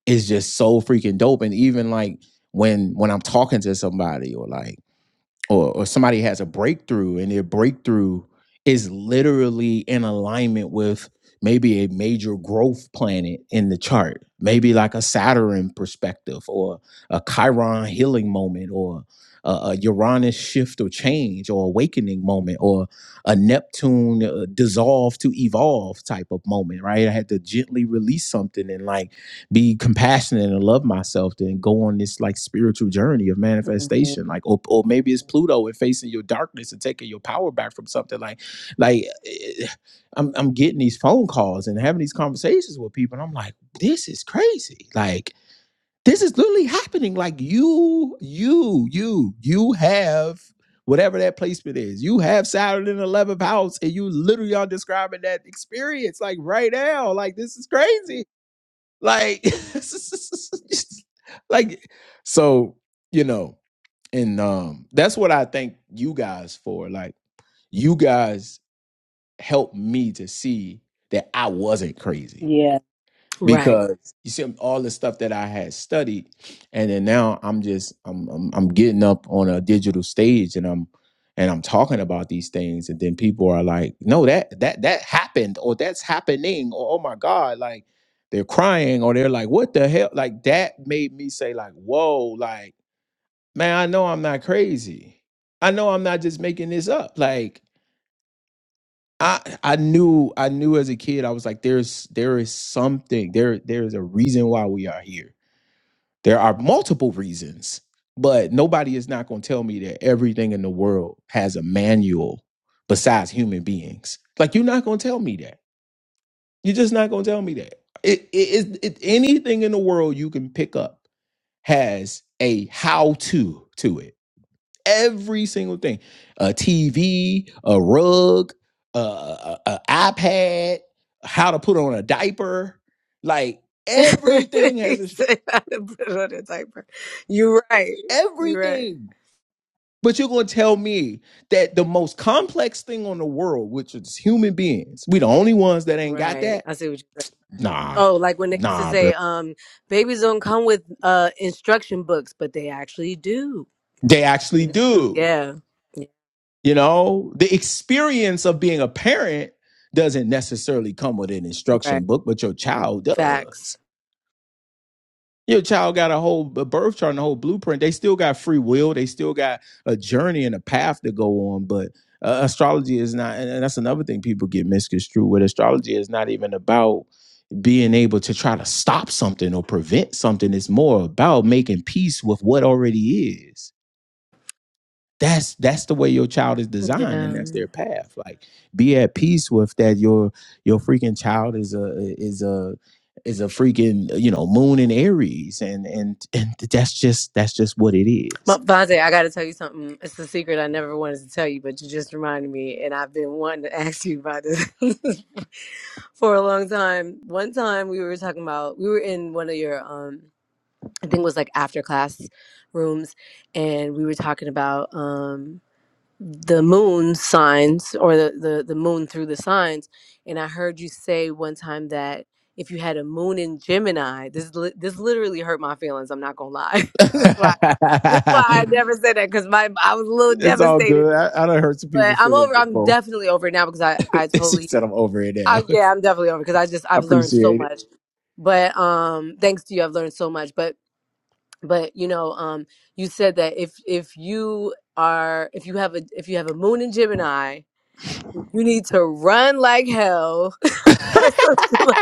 S1: is just so freaking dope, and even like when when I'm talking to somebody or like or or somebody has a breakthrough and their breakthrough is literally in alignment with maybe a major growth planet in the chart maybe like a saturn perspective or a chiron healing moment or a, a uranus shift or change or awakening moment or a neptune uh, dissolve to evolve type of moment right i had to gently release something and like be compassionate and love myself then go on this like spiritual journey of
S2: Mhm.
S1: manifestation like or, or maybe it's pluto and facing your darkness and taking your power back from something like like eh, I'm, I'm getting these phone calls and having these conversations with people and i'm like this is crazy like this is literally happening like you you you you have whatever that placement is you have saturn in the 11th house and you literally are describing that experience like right now like this is crazy like, like, so you know, and um, that's what I thank you guys for. Like, you guys helped me to see that I wasn't crazy
S2: Yeah. Right.
S1: because you see all the stuff that I had studied, and then now I'm just I'm, I'm I'm getting up on a digital stage and I'm and I'm talking about these things, and then people are like, "No, that that that happened, or that's happening, or oh my god!" Like they're crying, or they're like, "What the hell?" Like that made me say, "Like whoa!" Like man, I know I'm not crazy. I know I'm not just making this up. Like I I knew I knew as a kid I was like there's there is something there there is a reason why we are here. There are multiple reasons, but nobody is not going to tell me that everything in the world has a manual besides human beings. Like you're not going to tell me that. You're just not going to tell me that. It, it, it, it anything in the world you can pick up has a how to to it every single thing a tv a rug a, a, ipad how to put on a diaper like everything
S2: He
S1: has a
S2: said, "I had to put it on a diaper." You're right. You're right.
S1: everything but you're going to tell me that the most complex thing on the world which is human beings we the only ones that ain't got
S2: Right.
S1: that
S2: I see what you said.
S1: nah
S2: Oh, like when they used to
S1: nah bro
S2: say, um, babies don't come with uh instruction books, but they actually do.
S1: they actually
S2: We do,
S1: do
S2: yeah. Yeah,
S1: you know the experience of being a parent doesn't necessarily come with an
S2: right.
S1: instruction book, but your child does.
S2: Facts.
S1: Your child got a whole a birth chart and a whole blueprint. They still got free will. They still got a journey and a path to go on. But uh, astrology is not, and that's another thing people get misconstrued with. Astrology is not even about being able to try to stop something or prevent something. It's more about making peace with what already is that's that's the way your child is designed and
S2: Yeah.
S1: that's their path like be at peace with that your your freaking child is a is a is a freaking you know moon in aries and and and that's just that's just what it is
S2: Ma- Vontae, I got to tell you something. It's a secret I never wanted to tell you, but you just reminded me, and I've been wanting to ask you about this for a long time. One time we were talking about, we were in one of your, um, I think it was like after class rooms, and we were talking about um, the moon signs or the, the the moon through the signs and i heard you say one time that if you had a moon in gemini this li- this literally hurt my feelings i'm not gonna lie this is why this is why i never said that because my i was a little
S1: It's all
S2: devastated
S1: good. I, I done hurt some
S2: but
S1: people's
S2: i'm
S1: feelings
S2: over i'm
S1: before.
S2: definitely over it now because i i
S1: she
S2: totally
S1: said I'm over it
S2: I,
S1: now.
S2: yeah i'm definitely over because i just
S1: I
S2: i've learned so
S1: appreciate
S2: much but um thanks to you i've learned so much but but you know um you said that if if you are if you have a if you have a moon in gemini you need to run like hell or some shit like,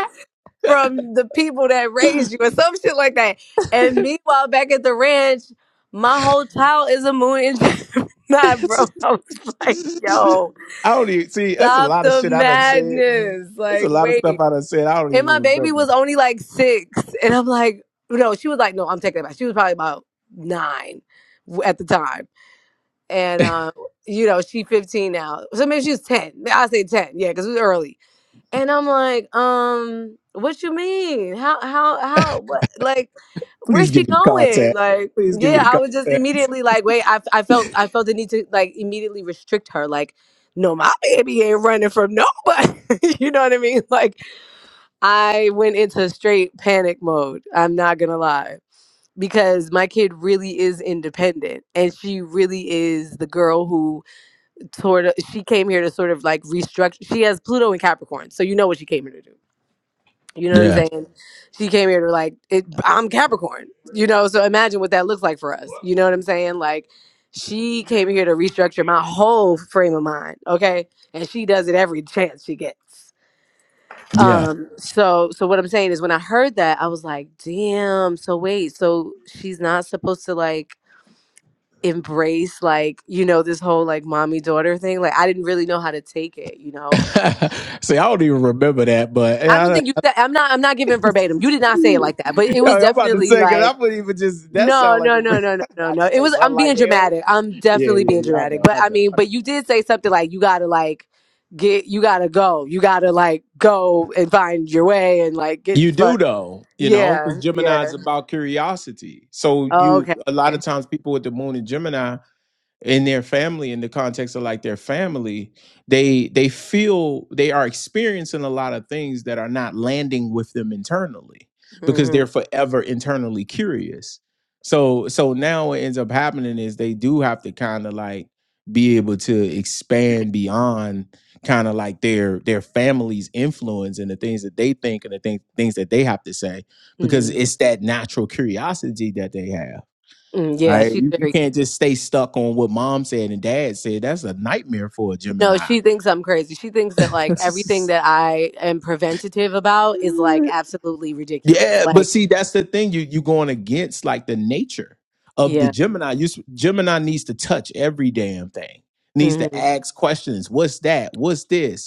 S2: from the people that raised you or some shit like that. And meanwhile, back at the ranch, my whole child is a moon and Gemini, bro.
S1: it.
S2: I was like, yo,
S1: I don't even see that's a
S2: stop
S1: lot of
S2: the
S1: shit I done said.
S2: madness.
S1: It's a
S2: Like,
S1: lot of stuff
S2: wait.
S1: I done said. I don't
S2: And
S1: even
S2: my baby
S1: remember.
S2: was only like six. And I'm like, no, she was like, no, I'm taking it back. She was probably about nine w- at the time. And, uh, you know, she 15 now. So maybe she was 10. I say 10. Yeah, because it was early and I'm like, um, what you mean? How how how what like where's
S1: Please
S2: she
S1: give me the
S2: going?
S1: contact.
S2: Like,
S1: Please give me
S2: yeah, I
S1: the
S2: was just
S1: contacts.
S2: immediately like, wait, I I felt I felt the need to like immediately restrict her. Like, no, my baby ain't running from nobody. you know what I mean? Like I went into straight panic mode. I'm not gonna lie. Because my kid really is independent and she really is the girl who sort of she came here to sort of like restructure she has Pluto and Capricorn, so you know what she came here to do you know what I'm
S1: Yeah,
S2: saying? She came here to like, it, I'm Capricorn, you know? So imagine what that looks like for us. You know what I'm saying? Like, she came here to restructure my whole frame of mind, okay? And she does it every chance she gets.
S1: yeah.
S2: Um, so so what I'm saying is when I heard that, I was like, damn, so wait, so she's not supposed to like embrace like, you know, this whole like mommy daughter thing. Like I didn't really know how to take it, you know.
S1: See, I don't even remember that, but
S2: I don't
S1: yeah,
S2: think you said I'm not I'm not
S1: I,
S2: giving verbatim. You did not say it like that, but it
S1: yo,
S2: was
S1: I'm about to
S2: definitely
S1: say because
S2: like
S1: I wouldn't even just that
S2: No,
S1: sound like
S2: no,
S1: a.
S2: no,
S1: re-
S2: no, no, no,
S1: I
S2: no.
S1: just
S2: It
S1: say
S2: was
S1: run
S2: I'm being
S1: like hell.
S2: dramatic. I'm
S1: Yeah,
S2: definitely
S1: yeah,
S2: being
S1: yeah. I
S2: dramatic.
S1: know,
S2: But
S1: I
S2: I
S1: know.
S2: mean, but you did say something like you gotta like get you gotta go. You gotta like go and find your way and like get
S1: You
S2: the
S1: do
S2: fuck
S1: though, you know, because
S2: Yeah,
S1: Gemini is
S2: yeah.
S1: about curiosity. So
S2: Oh,
S1: you
S2: Okay.
S1: a lot of times people with the moon in Gemini in their family in the context of like their family they they feel they are experiencing a lot of things that are not landing with them internally because
S2: Mhm.
S1: they're forever internally curious so so now what ends up happening is they do have to kind of like be able to expand beyond kind of like their their family's influence and the things that they think and the things things that they have to say because
S2: Mhm.
S1: it's that natural curiosity that they have
S2: Mm, yeah,
S1: Right?
S2: she's
S1: You, you
S2: very
S1: can't just stay stuck on what mom said and dad said. That's a nightmare for a
S2: No,
S1: Gemini.
S2: she thinks I'm crazy. She thinks that like everything that I am preventative about is like absolutely ridiculous.
S1: yeah, but
S2: Like,
S1: see, that's the thing. You you going against like the nature of the
S2: yeah.
S1: Gemini. You s- Gemini needs to touch every damn thing. Needs to
S2: Mhm.
S1: ask questions. What's that? What's this?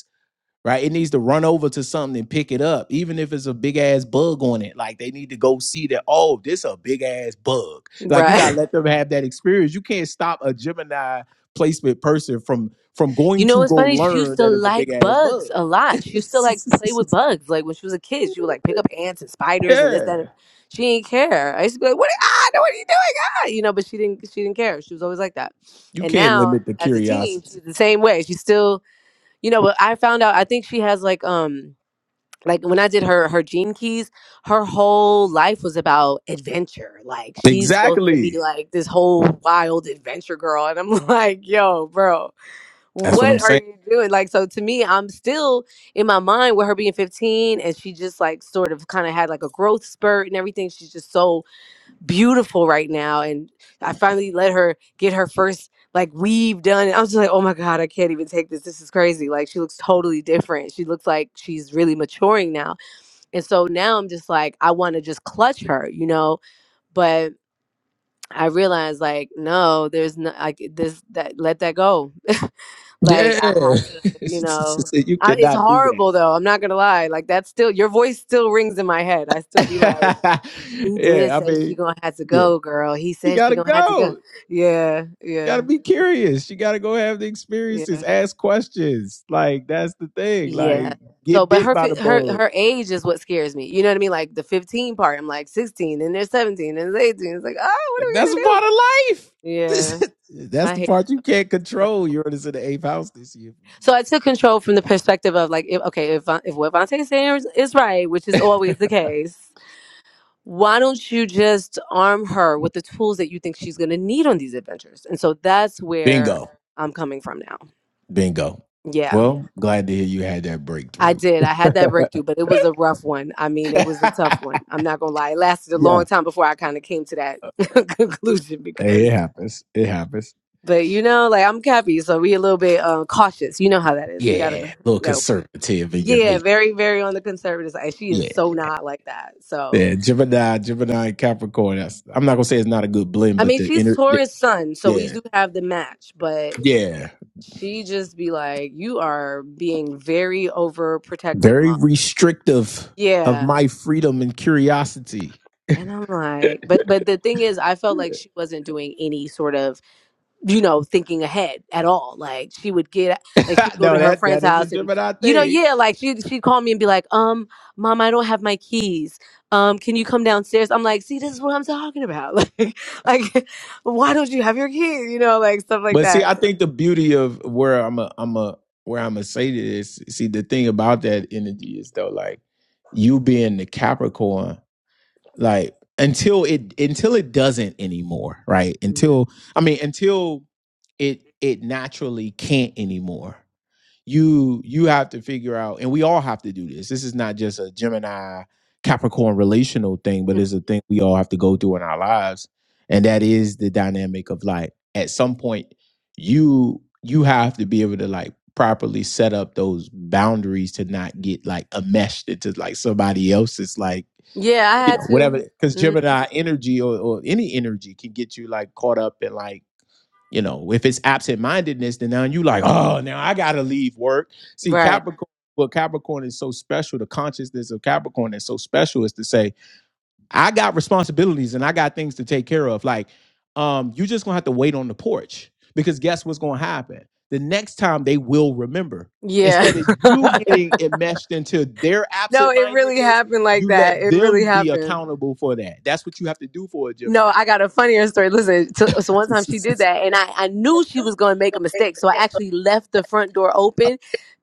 S1: right? It needs to run over to something and pick it up, even if it's a big ass bug on it. Like they need to go see that, oh, this a big ass bug. Like
S2: Right.
S1: you gotta let them have that experience. You can't stop a Gemini placement person from from
S2: You
S1: going
S2: know
S1: to
S2: what's
S1: go
S2: funny? She used
S1: learn
S2: to
S1: that it's a
S2: like
S1: big ass bug.
S2: bugs a lot. She used to like play with bugs. Like when she was a kid, she would like pick up ants and spiders and this,
S1: yeah.
S2: that. and- She didn't care. I used to be like, "What? Ah, no, what are you doing? Ah, you know." But she didn't. She didn't care. She was always like that.
S1: You
S2: And
S1: can't
S2: now,
S1: limit the
S2: as a teen,
S1: curiosity.
S2: she's the same way. She's still, you know. But I found out. I think she has like, um, like when I did her her gene keys, her whole life was about adventure. Like she's supposed to be
S1: Exactly.
S2: like this whole wild adventure girl, and I'm like, "Yo, bro."
S1: That's what I'm
S2: what are
S1: saying.
S2: you doing? Like, so to me, I'm still in my mind with her being 15 and she just like sort of kind of had like a growth spurt and everything. She's just so beautiful right now. And I finally let her get her first like weave done. And I was just like, oh my God, I can't even take this. This is crazy. Like, she looks totally different. She looks like she's really maturing now. And so now I'm just like, I want to just clutch her, you know? But I realized like, no, there's no, like this, that, let that go. Like I
S1: Yeah.
S2: have to, you know,
S1: you
S2: I, it's
S1: cannot do
S2: horrible though. I'm not gonna lie. Like that's still your voice still rings in my head. I still be like,
S1: that.
S2: he did
S1: yeah, I
S2: say she
S1: mean,
S2: gonna have to
S1: yeah.
S2: go, girl. He
S1: You
S2: said she
S1: gotta
S2: gonna have to
S1: go.
S2: go. Yeah, yeah,
S1: gotta be curious. You gotta go have the experiences,
S2: yeah,
S1: ask questions. Like that's the thing.
S2: yeah.
S1: Like
S2: So,
S1: get
S2: but
S1: bit
S2: her
S1: by
S2: fi-
S1: the
S2: her
S1: bug.
S2: her age is what scares me. You know what I mean? Like the 15 part. I'm like 16, and they're 17, and it's 18. It's like, oh, what are we
S1: That's a
S2: gonna
S1: part of life.
S2: do? Yeah,
S1: that's
S2: I
S1: the
S2: hate it.
S1: part you can't
S2: Like,
S1: control. Uranus in the eighth house this year.
S2: so I took control from the perspective of like, if, okay, if Von- if what Vontae is saying is, is right, which is always the case, why don't you just arm her with the tools that you think she's going to need on these adventures? And so that's where
S1: Bingo,
S2: I'm coming from now.
S1: bingo.
S2: Yeah,
S1: Well, glad to hear you had that
S2: I
S1: breakthrough.
S2: did. I had that breakthrough, but it was a rough one. I mean, it was a tough one. I'm not going to lie. It lasted a
S1: yeah,
S2: long time before I kind of came to that conclusion
S1: hey,
S2: because
S1: it happens. It happens.
S2: but you know, like I'm Cappy, so we a little bit uh, cautious. You know how that is.
S1: Yeah,
S2: We got to
S1: a little
S2: we got to walk.
S1: conservative in your
S2: Yeah,
S1: nature.
S2: very very on the conservative side. She is
S1: Yeah,
S2: so not like that. So,
S1: yeah. Gemini, Gemini, and Capricorn. That's, I'm not gonna say it's not a good blend,
S2: I
S1: but
S2: mean,
S1: the
S2: she's
S1: inner the
S2: Taurus sun, so we
S1: Yeah.
S2: do have the match, but
S1: Yeah.
S2: She just be like, "You are being very overprotective,
S1: Very
S2: mom."
S1: restrictive of
S2: Yeah.
S1: my freedom and curiosity.
S2: And I'm like, but but the thing is, I felt like she wasn't doing any sort of, you know, thinking ahead at all. Like she would get, like she'd go to
S1: no,
S2: her
S1: that
S2: friend's
S1: that is a
S2: house, and
S1: Gemini
S2: you know,
S1: thing.
S2: yeah, like she she'd call me and be like, um, mom, I don't have my keys. Um, can you come downstairs? I'm like, see, this is what I'm talking about. Like, like, why don't you have your keys? You know, like stuff like
S1: But see,
S2: that.
S1: I
S2: So,
S1: think the beauty of where I'm a I'm a where I'm gonna say this. See, the thing about that energy is though, like you being the Capricorn. like until it until it doesn't anymore right
S2: mm,
S1: until i mean until it it naturally can't anymore you you have to figure out and we all have to do this this is not just a gemini capricorn relational thing but
S2: mm.
S1: it's a thing we all have to go through in our lives and that is the dynamic of life at some point you you have to be able to like properly set up those boundaries to not get like enmeshed into like somebody else's like
S2: yeah, I
S1: you
S2: had
S1: know whatever
S2: to.
S1: because
S2: Mm,
S1: gemini energy or, or any energy can get you like caught up in like you know if it's absent-mindedness then now you like oh now i gotta leave work see
S2: right.
S1: capricorn what capricorn is so special the consciousness of capricorn is so special is to say I got responsibilities and I got things to take care of. Like, um, you just gonna have to wait on the porch because guess what's gonna happen? The next time they will remember.
S2: Yeah.
S1: Instead of you getting enmeshed into their
S2: no,
S1: absent
S2: it really
S1: mindedness,
S2: happened like
S1: you
S2: that.
S1: let
S2: It really
S1: them be
S2: happened.
S1: accountable for that. That's what you have to do for a
S2: No,
S1: Gemini.
S2: I got a funnier story. Listen, so,
S1: you
S2: so one time she did that, and I, I knew she was going to make a mistake, so I actually left the front door open,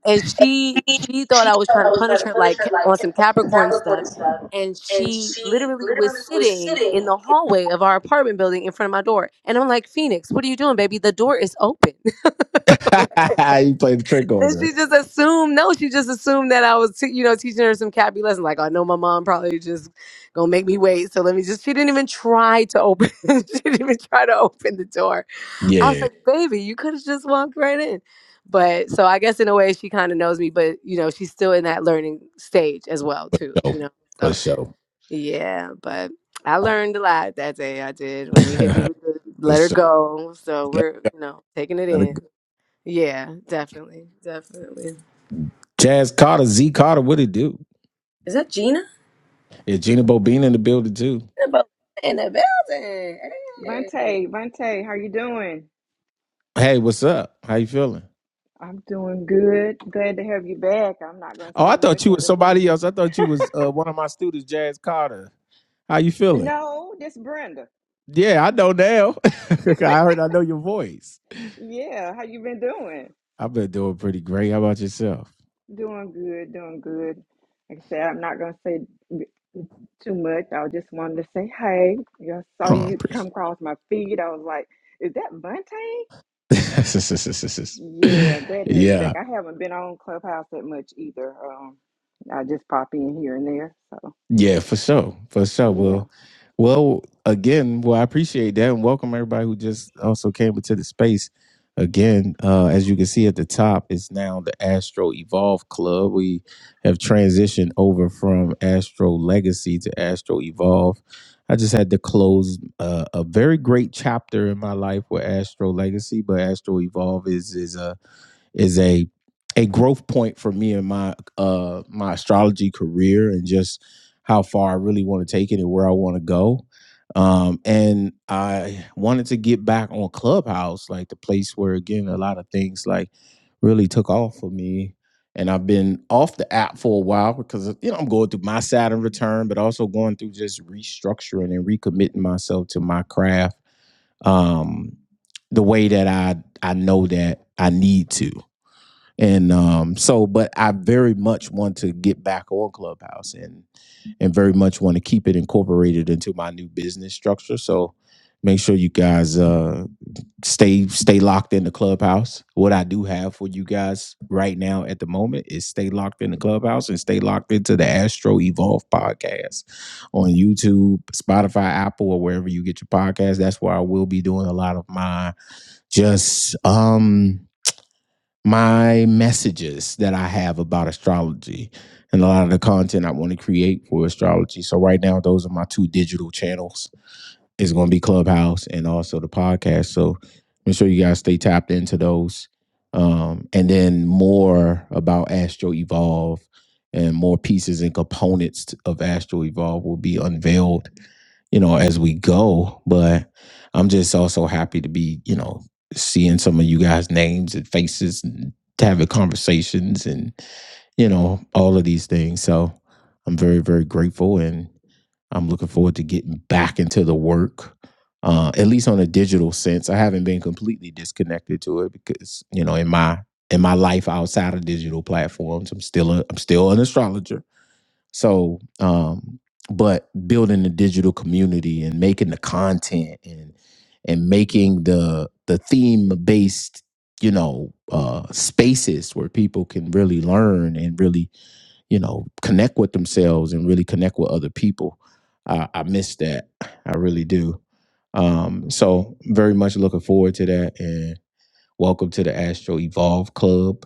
S2: and she she thought I was trying to punish her like on some Capricorn stuff, and she literally was sitting in the hallway of our apartment building in front of my door, and I'm like, Phoenix, what are you doing, baby? The door is open.
S1: played the trick on
S2: And
S1: her.
S2: she just assumed, no, she just assumed that I was, t- you know, teaching her some Cappy lesson. Like, I know my mom probably just gonna make me wait. So let me just, she didn't even try to open, she didn't even try to open the door. I was
S1: Yeah,
S2: like, baby, you could have just walked right in. But so I guess in a way she kind of knows me, but, you know, she's still in that learning stage as well,
S1: for
S2: too,
S1: sure.
S2: you know?
S1: For
S2: So
S1: sure.
S2: yeah, but I learned a lot that day. I did when you hit me with the
S1: for
S2: let her
S1: sure.
S2: go. So
S1: Let-
S2: we're, you know, taking it
S1: let it
S2: in.
S1: go.
S2: Yeah, definitely. Definitely.
S1: Jazz Carter, Z Carter, what it do?
S2: Is that Gina?
S1: Is Gina Bobina in the building too?
S2: Gina In the building. Hey.
S3: Vante, Vante, how you doing?
S1: Hey, what's up? How you feeling?
S3: I'm doing good. Glad to have you back. I'm not gonna
S1: Oh, I
S3: say much
S1: thought you
S3: on
S1: was
S3: this one.
S1: somebody else. I thought you was uh, one of my students, Jazz Carter. How you feeling?
S3: No, this Brenda.
S1: Yeah, I know now. I heard I know your voice.
S3: Yeah, how you been doing?
S1: I've been doing pretty great. How about yourself?
S3: Doing good, doing good. Like I said, I'm not gonna say too much. I just wanted to say hey. Yeah, I saw
S1: Oh, I'm
S3: you
S1: pretty.
S3: come across my feed. I was like, is that Vante? Yeah, glad to have you
S1: yeah,
S3: back. I haven't been on Clubhouse that much either. Um, I just pop in here and there. So
S1: Yeah, for sure. For sure.
S3: yeah.
S1: Well, well, again, well, I appreciate that and welcome everybody who just also came into the space. Again, uh, as you can see at the top, it's now the Astro Evolve Club. We have transitioned over from Astro Legacy to Astro Evolve. I just had to close uh, a very great chapter in my life with Astro Legacy, but Astro Evolve is is a is a a growth point for me in my uh my astrology career and just how far I really want to take it and where I want to go. Um and I wanted to get back on Clubhouse, like the place where again a lot of things like really took off for me. And I've been off the app for a while because you know I'm going through my Saturn return, but also going through just restructuring and recommitting myself to my craft. Um the way that I I know that I need to and um so but i very much want to get back on clubhouse and and very much want to keep it incorporated into my new business structure so make sure you guys uh stay stay locked in the clubhouse what i do have for you guys right now at the moment is stay locked in the clubhouse and stay locked into the astro evolve podcast on youtube spotify apple or wherever you get your podcast that's where i will be doing a lot of my just um my messages that I have about astrology and a lot of the content I want to create for astrology. So right now, those are my two digital channels. It's going to be Clubhouse and also the podcast. So make sure you guys stay tapped into those. Um, and then more about Astro Evolve and more pieces and components of Astro Evolve will be unveiled you know, as we go. But I'm just also happy to be, you know, seeing some of you guys' names and faces and to having conversations and, you know, all of these things. So I'm very, very grateful and I'm looking forward to getting back into the work. Uh, at least on a digital sense. I haven't been completely disconnected to it because, you know, in my in my life outside of digital platforms, I'm still a I'm still an astrologer so, um, but building the digital community and making the content and and making the the theme based, you know, uh, spaces where people can really learn and really, you know, connect with themselves and really connect with other people. I, I miss that. I really do. Um, so very much looking forward to that and. Welcome to the Astro Evolve Club.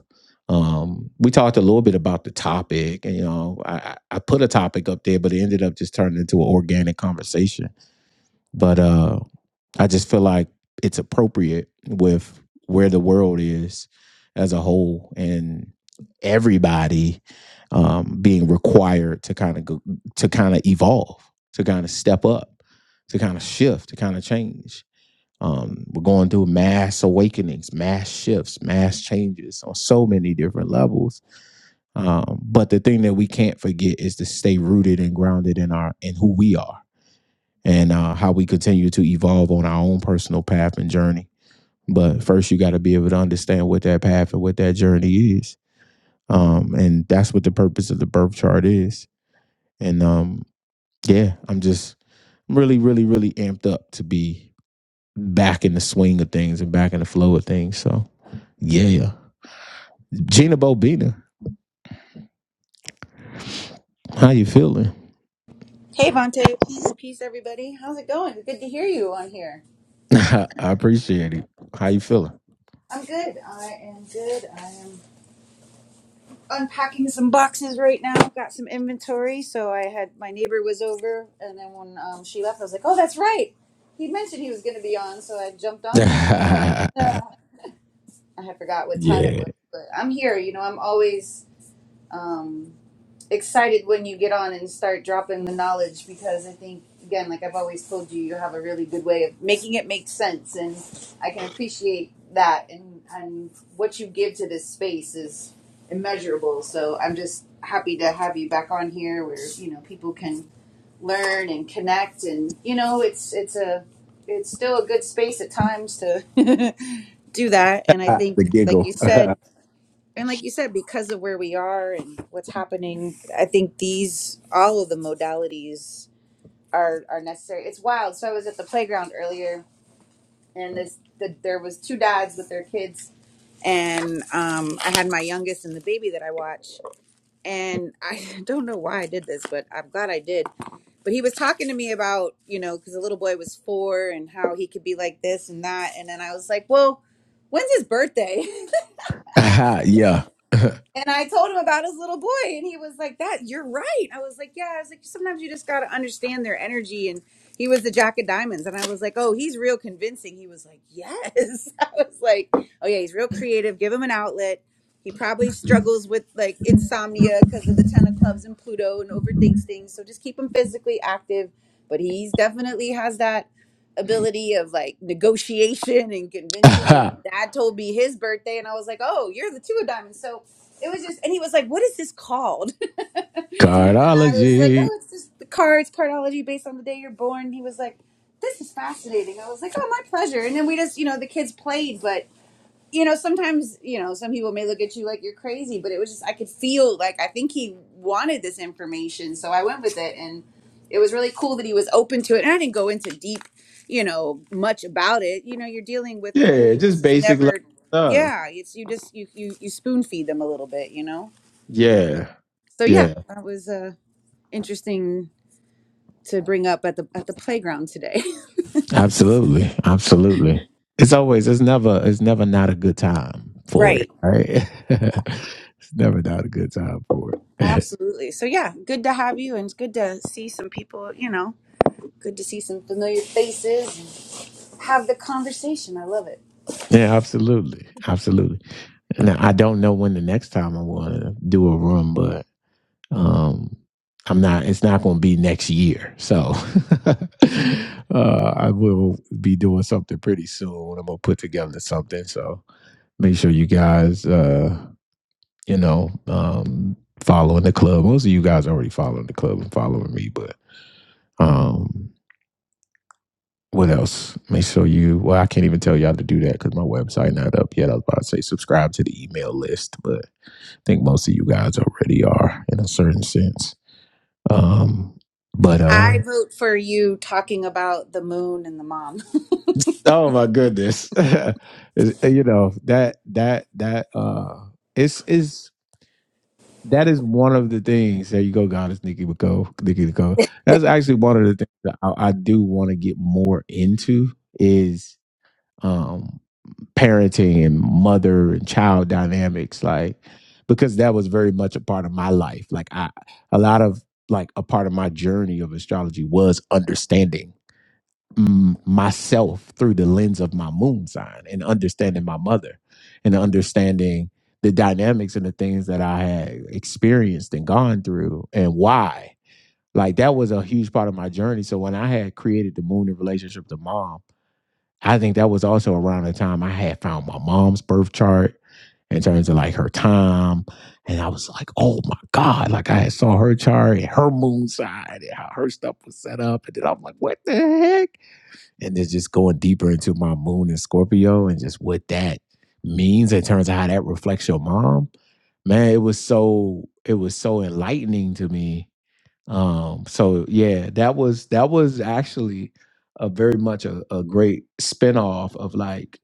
S1: Um, we talked a little bit about the topic, and you know, I, I put a topic up there, but it ended up just turning into an organic conversation. But uh, I just feel like it's appropriate with where the world is as a whole and everybody um, being required to kind of go to kind of evolve, to kind of step up, to kind of shift, to kind of change. Um, we're going through mass awakenings, mass shifts, mass changes on so many different levels. Um, but the thing that we can't forget is to stay rooted and grounded in our in who we are and uh, how we continue to evolve on our own personal path and journey. But first, you got to be able to understand what that path and what that journey is, um, and that's what the purpose of the birth chart is. And um, yeah, I'm just really, really, really amped up to be back in the swing of things and back in the flow of things. So yeah. Gina Bobina, how you feeling?
S4: Hey Vante, peace, peace, everybody. How's it going? Good to hear you on here.
S1: I appreciate it. How you feeling?
S4: I'm good. I am good. I am unpacking some boxes right now. Got some inventory. So I had my neighbor was over, and then when um, she left, I was like, "Oh, that's right. He mentioned he was going to be on." So I jumped on, and here you are.
S1: yeah.
S4: Ah, I had forgot what time it was, but I'm here. You know, I'm always. Um, excited when you get on and start dropping the knowledge because I think again, like I've always told you, you have a really good way of making it make sense, and I can appreciate that. And and what you give to this space is immeasurable. So I'm just happy to have you back on here, where you know people can learn and connect, and you know it's it's a it's still a good space at times to do that. And I
S1: Ah, The
S4: think, like you
S1: giggle.
S4: said. And like you said, because of where we are and what's happening, I think these all of the modalities are are necessary. It's wild. So I was at the playground earlier, and this the, there was two dads with their kids, and um, I had my youngest and the baby that I watch, and I don't know why I did this, but I'm glad I did. But he was talking to me about you know because the little boy was four and how he could be like this and that, and then I was like, well, when's his birthday?
S1: Ah, yeah.
S4: And I told him about his little boy, and he was like, "That you're right." I was like, "Yeah." I was like, "Sometimes you just got to understand their energy." And he was the Jack of Diamonds, and I was like, "Oh, he's real convincing." He was like, "Yes." I was like, "Oh yeah, he's real creative. Give him an outlet." He probably struggles with like insomnia because of the ten of clubs and Pluto and overthinks things. So just keep him physically active, but he's definitely has that ability of like negotiation and convincing. And
S1: Ah,
S4: dad told me his birthday, and I was like, "Oh, you're the two of diamonds." So it was just, and he was like, "What is this called?" and I was like,
S1: Cardiology.
S4: "Oh, it's just the cards cardology based on the day you're born." And he was like, "This is fascinating." I was like, "Oh, my pleasure." And then we just, you know, the kids played, but you know, sometimes, you know, some people may look at you like you're crazy, but it was just, I could feel like I think he wanted this information. So I went with it. And it was really cool that he was open to it. And I didn't go into deep, you know, much about it. You know, you're dealing with people
S1: Yeah,
S4: who
S1: just
S4: this is
S1: basic level
S4: never,
S1: stuff.
S4: yeah, it's, you just, you, you, you spoon feed them a little bit, you know?
S1: Yeah.
S4: So yeah,
S1: Yeah.
S4: that was uh, interesting to bring up at the, at the playground today.
S1: Absolutely. Absolutely. It's always it's never it's never not a good time for it.
S4: right.
S1: Right? it's never not a good time for it.
S4: Absolutely. So yeah, good to have you and it's good to see some people, you know, Good to see some familiar faces and have the conversation. I love it.
S1: Yeah, absolutely, absolutely. Now I don't know when the next time I want to do a room, but um, I'm not. It's not going to be next year, so uh, I will be doing something pretty soon. When I'm going to put together something, so make sure you guys, uh, you know, um, following the club. Most of you guys already following the club and following me, but. um, what else? Make sure you. Well, I can't even tell y'all to do that because my website not up yet. I was about to say subscribe to the email list, but I think most of you guys already are in a certain sense. Um, but uh,
S4: I vote for you talking about the moon and the mom.
S1: oh my goodness, It's- you know that that that uh, it's is that is one of the things. There you go, God. It's Nikki Nicole. Nikki Nicole. That's actually one of the things that I, I do want to get more into is. parenting and mother and child dynamics like because that was very much a part of my life like i a lot of like a part of my journey of astrology was understanding mm, myself through the lens of my moon sign and understanding my mother and understanding the dynamics and the things that i had experienced and gone through and why like that was a huge part of my journey so when i had created the moon in relationship to mom I think that was also around the time I had found my mom's birth chart in terms of like her time. And I was like, oh my God. Like I saw her chart and her moon side and how her stuff was set up. And then I'm like, what the heck? And then just going deeper into my moon and Scorpio and just what that means in terms of how that reflects your mom. Man, it was so it was so enlightening to me um, so yeah, that was that was actually a very much a, a great spinoff of like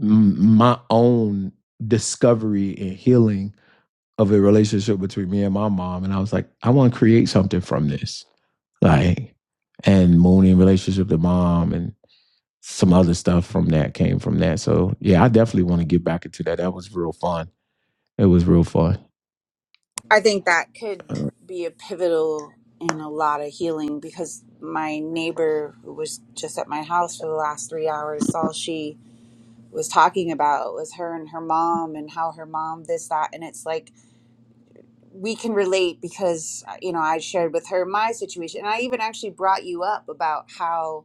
S1: m- my own discovery and healing of a relationship between me and my mom. And I was like, I want to create something from this. Like, and Mooney relationship to mom and some other stuff from that came from that. So yeah, I definitely want to get back into that. That was real fun. It was real fun.
S4: I think that could be a pivotal in a lot of healing because my neighbor who was just at my house for the last three hours, all she was talking about was her and her mom and how her mom this that and it's like we can relate because you know I shared with her my situation and I even actually brought you up about how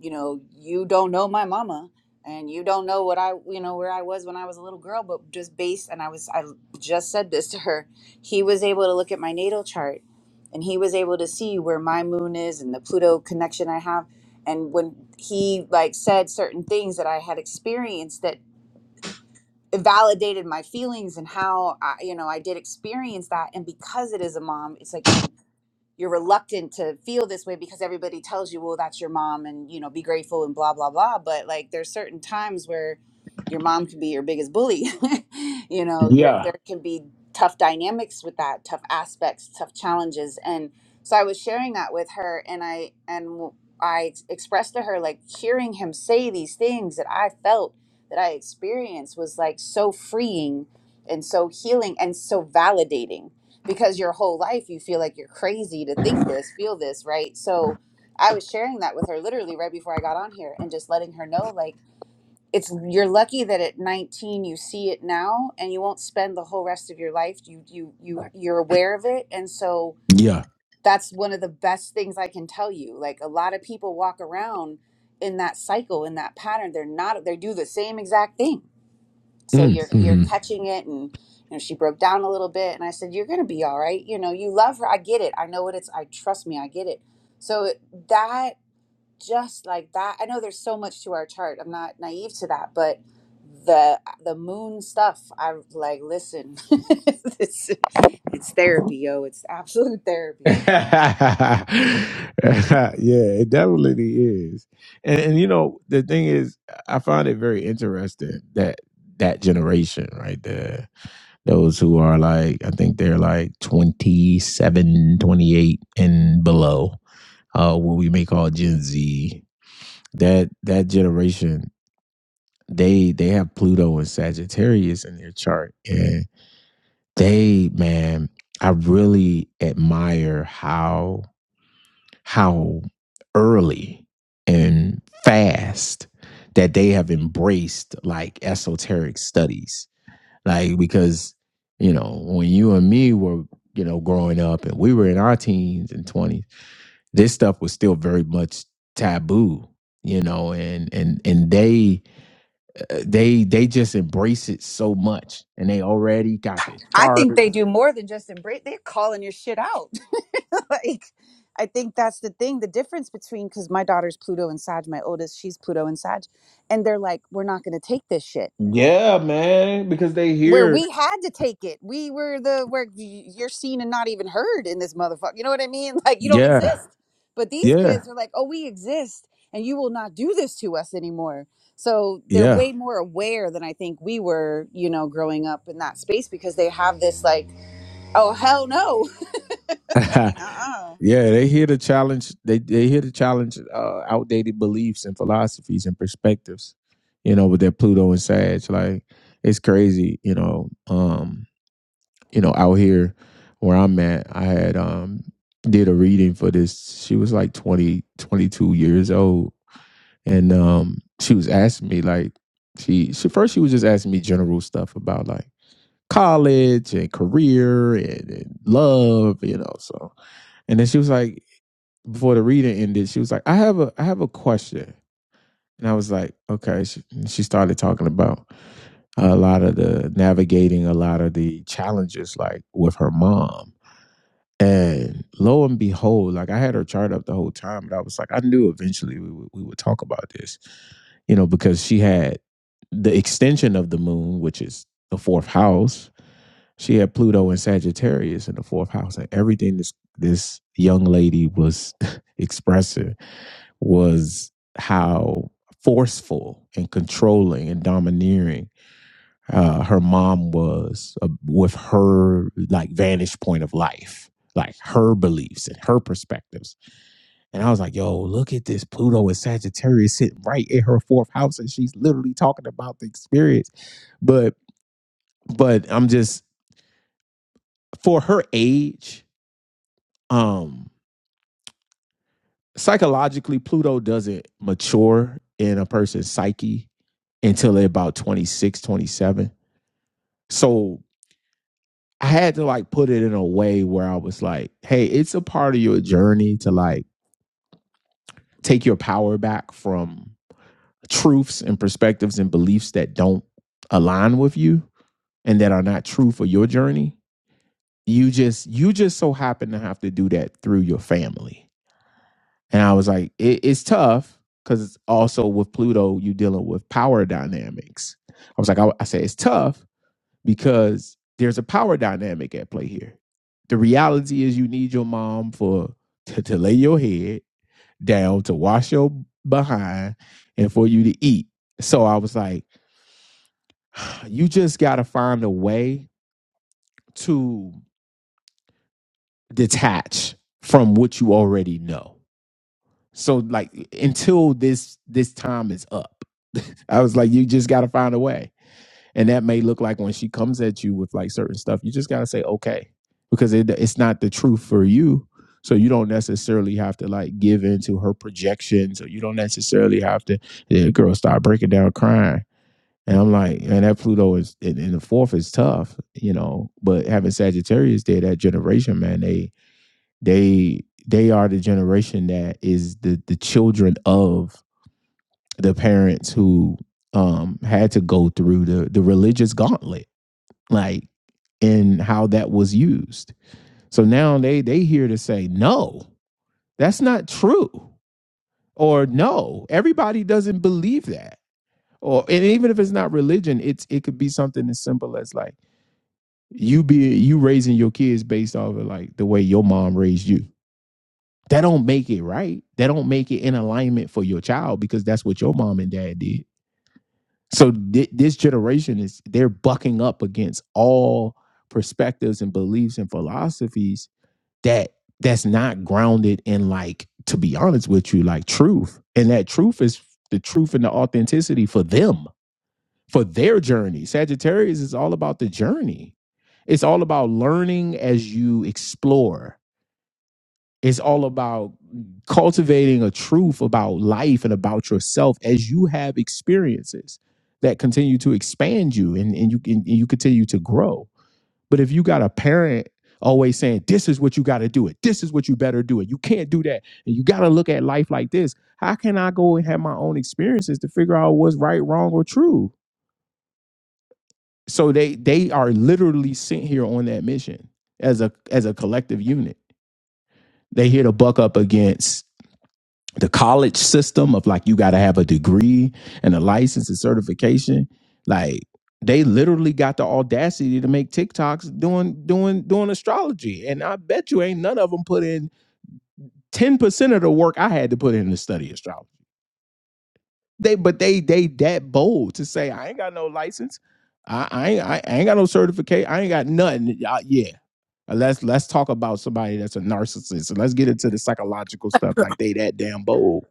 S4: you know, you don't know my mama and you don't know what I, you know, where I was when I was a little girl, but just based, and I was, I just said this to her, he was able to look at my natal chart and he was able to see where my moon is and the Pluto connection I have. And when he like said certain things that I had experienced that validated my feelings and how I, you know, I did experience that. And because it is a mom, it's like you you're reluctant to feel this way because everybody tells you, well, that's your mom and, you know, be grateful and blah, blah, blah. But like there's certain times where your mom can be your biggest bully. you know, your
S1: Yeah.
S4: there can be tough dynamics with that, tough aspects, tough challenges. And so I was sharing that with her and I and I expressed to her like hearing him say these things that I felt that I experienced was like so freeing and so healing and so validating because your whole life you feel like you're crazy to think this, feel this, right? So I was sharing that with her literally right before I got on here and just letting her know like it's you're lucky that at 19 you see it now and you won't spend the whole rest of your life you you you you're aware of it and so
S1: Yeah.
S4: that's one of the best things I can tell you. Like a lot of people walk around in that cycle in that pattern they're not they do the same exact thing so
S1: Mm,
S4: you're you're
S1: mhm.
S4: catching it and you know she broke down a little bit and i said you're gonna be all right you know you love her i get it i know what it's i trust me i get it so it- that just like that i know there's so much to our chart i'm not naive to that but the the moon stuff i'm like listen it's, it's therapy yo it's absolute therapy
S1: yeah, it definitely is. And, and you know, the thing is, I find it very interesting that that generation, right? those who are like i think they're like 27, 28, and below uh what we may call gen z that that generation they they have pluto and sagittarius in their chart and they man i really admire how how early and fast that they have embraced like esoteric studies Like because you know when you and me were you know growing up and we were in our teens and twenties, this stuff was still very much taboo. You know, and and and they uh, they they just embrace it so much, and they already got the
S4: I think they
S1: charts.
S4: do more than just embrace. They're calling your shit out. like, I think that's the thing. The difference between because my daughter's Pluto and Sag, my oldest, she's Pluto and Sag, and they're like, we're not going to take this shit.
S1: Yeah, man, because they
S4: Where
S1: hear
S4: we had to take it, we were the where y- you're seen and not even heard in this motherfucker. You know what I mean? Like, you don't
S1: Yeah,
S4: exist. But these
S1: yeah,
S4: kids are like, oh, we exist, and you will not do this to us anymore. So they're
S1: yeah.
S4: way more aware than I think we were, you know, growing up in that space because they have this like Oh hell no!
S1: yeah,
S4: Like uh uh
S1: they hear the challenge. They they hear the challenge uh, outdated beliefs and philosophies and perspectives. You know, with their Pluto and Sag, like it's crazy. You know, um, you know, out here where I'm at, I had um did a reading for this. She was like 20 22 years old, and um, she was asking me like she she first she was just asking me general stuff about like college and career and, and love, you know, so. And then she was like, before the reading ended, she was like, "I have a I have a question," and I was like, "Okay." She, she started talking about a lot of the navigating, a lot of the challenges, like with her mom. And lo and behold, like I had her chart up the whole time, but I was like, I knew eventually we would, we would talk about this, you know, because she had the extension of the moon, which is the fourth house. She had Pluto and Sagittarius in the fourth house, and everything this this young lady was expressing was how forceful and controlling and domineering uh, her mom was uh, with her like vantage point of life like her beliefs and her perspectives and i was like yo look at this pluto is sagittarius sitting right in her fourth house and she's literally talking about the experience but but i'm just for her age um, psychologically, Pluto doesn't mature in a person's psyche until they're about 26, 27. So I had to like put it in a way where I was like, hey, it's a part of your journey to like take your power back from truths and perspectives and beliefs that don't align with you and that are not true for your journey. You just you just so happen to have to do that through your family And I was like, it, it's tough because also with Pluto, you dealing with power dynamics. I was like, I, I said, it's tough because there's a power dynamic at play here. The reality is you need your mom for to, to lay your head down, to wash your behind, and for you to eat. So I was like, you just gotta find a way to detach from what you already know So like until this this time is up, I was like, you just got to find a way, and that may look like when she comes at you with like certain stuff, you just got to say okay, because it, it's not the truth for you. So you don't necessarily have to like give into her projections, or you don't necessarily have to. The girl start breaking down crying, and I'm like, man, that Pluto is in, in the fourth is tough, you know. But having Sagittarius there, that generation, man, they they they are the generation that is the the children of the parents who um had to go through the the religious gauntlet, like and how that was used. So now they they here to say no, that's not true, or no, everybody doesn't believe that, or and even if it's not religion, it's it could be something as simple as like you be you raising your kids based off of like the way your mom raised you That don't make it right. That don't make it in alignment for your child because that's what your mom and dad did. So thi- this generation is they're bucking up against all perspectives and beliefs and philosophies that that's not grounded in like to be honest with you like truth. And that truth is the truth and the authenticity for them, for their journey. Sagittarius is all about the journey. It's all about learning as you explore it's all about cultivating a truth about life and about yourself as you have experiences that continue to expand you and, and you and you continue to grow. But if you got a parent always saying, This is what you gotta do it, this is what you better do it, you can't do that, and you gotta look at life like this, how can I go and have my own experiences to figure out what's right, wrong, or true? So they they are literally sent here on that mission as a as a collective unit. They here to buck up against the college system of like you got to have a degree and a license and certification like they literally got the audacity to make TikToks doing doing doing astrology and I bet you ain't none of them put in 10% of the work I had to put in to study astrology they but they they that bold to say I ain't got no license I I ain't, I ain't got no certificate I ain't got nothing Uh, yeah let's let's talk about somebody that's a narcissist and let's get into the psychological stuff like they that damn bold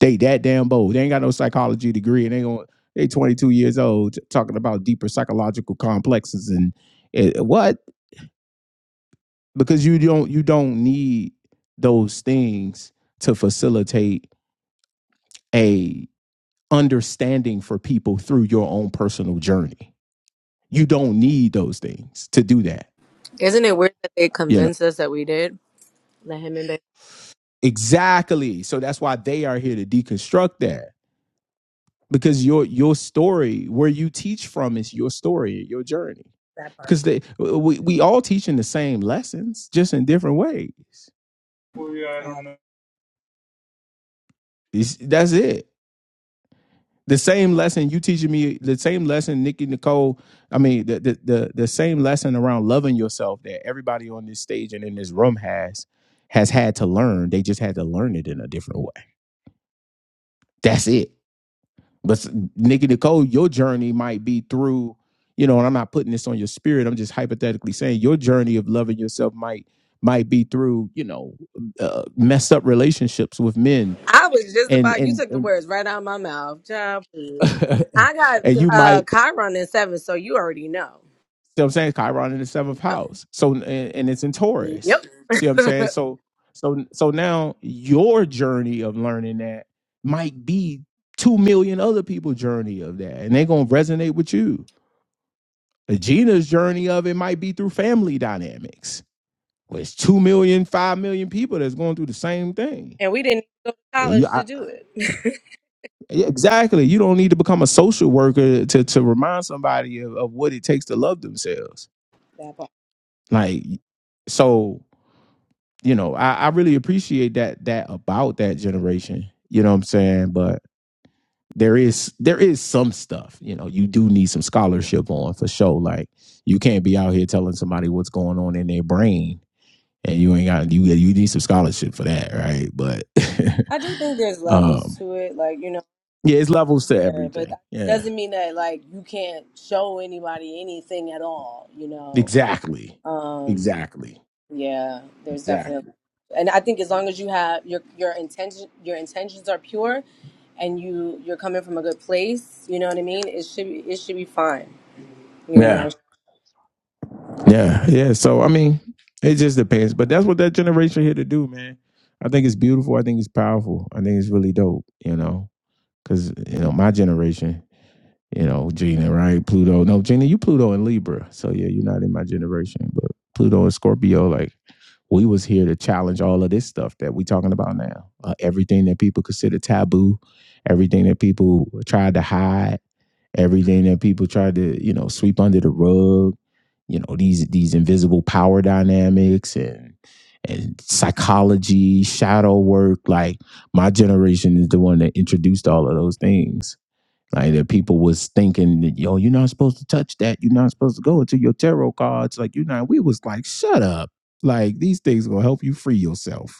S1: they that damn bold. They ain't got no psychology degree, and they going they 22 years old t- talking about deeper psychological complexes and eh, what? Because you don't you don't need those things to facilitate a understanding for people through your own personal journey. You don't need those things to do that.
S2: Isn't it weird that they
S1: You know
S2: convinced us that we did? That him and
S1: exactly. So that's why they are here to deconstruct that because your your story where you teach from is your story your journey because they we, we all teaching the same lessons just in different ways
S2: Baby.
S1: It's- that's it the same lesson you teaching me the same lesson nikki nicole i mean the, the the the same lesson around loving yourself that everybody on this stage and in this room has has had to learn they just had to learn it in a different way that's it But Nikki Nicole, your journey might be through, you know, and I'm not putting this on your spirit. I'm just hypothetically saying your journey of loving yourself might might be through, you know, uh, messed up relationships with men,
S2: I was just
S1: and
S2: about you
S1: and
S2: took the
S1: and,
S2: words right out of my mouth. Job, please. I got
S1: and you
S2: uh
S1: might.
S2: Chiron in seven, so you already know.
S1: See what I'm saying Chiron in the seventh
S2: Yep.
S1: house, so and, and it's in Taurus.
S2: Yep.
S1: See what I'm saying? So so so now your journey of learning that might be two million other people's journey of that, and they're gonna resonate with you. Gina's journey of it might be through family dynamics. Where it's two million, five million people that's going through the same thing.
S2: and we didn't go to
S1: You-
S2: college to
S1: I-
S2: do it.
S1: yeah, exactly. You don't need to become a social worker to, to remind somebody of, of what it takes to love themselves.
S2: that part.
S1: Like, so, you know, I, I really appreciate that that about that generation. You know what I'm saying? But there is there is some stuff, you know, you do need some scholarship on for sure. Like you can't be out here telling somebody what's going on in their brain and you ain't got you you need some scholarship for that, right? But
S2: I do think there's levels
S1: um
S2: to it, like, you know,
S1: yeah, it's levels to
S2: yeah, but
S1: everything.
S2: that
S1: Yeah.
S2: doesn't mean that like you can't show anybody anything at all, you know.
S1: Exactly.
S2: Um.
S1: Exactly.
S2: Yeah, there's definitely,
S1: Exactly.
S2: and I think as long as you have your your intention, your intentions are pure, and you you're coming from a good place. You know what I mean. It should be it should be fine. You know.
S1: Yeah. Yeah. Yeah. So I mean, it just depends. But that's what that generation here to do, man. I think it's beautiful. I think it's powerful. I think it's really dope, you know. Cause you know, my generation. you know, Gina, right? Pluto. No, Gina, you Pluto and Libra. So yeah, you're not in my generation. But Pluto and Scorpio, like we was here to challenge all of this stuff that we talking about now. Uh, everything that people consider taboo, everything that people tried to hide, everything that people tried to, you know, sweep under the rug, you know, these these invisible power dynamics and and psychology, shadow work, like my generation is the one that introduced all of those things like that people was thinking that yo, you're not supposed to touch that. You're not supposed to go into your tarot cards. Like you know, we was like, shut up. Like these things will help you free yourself.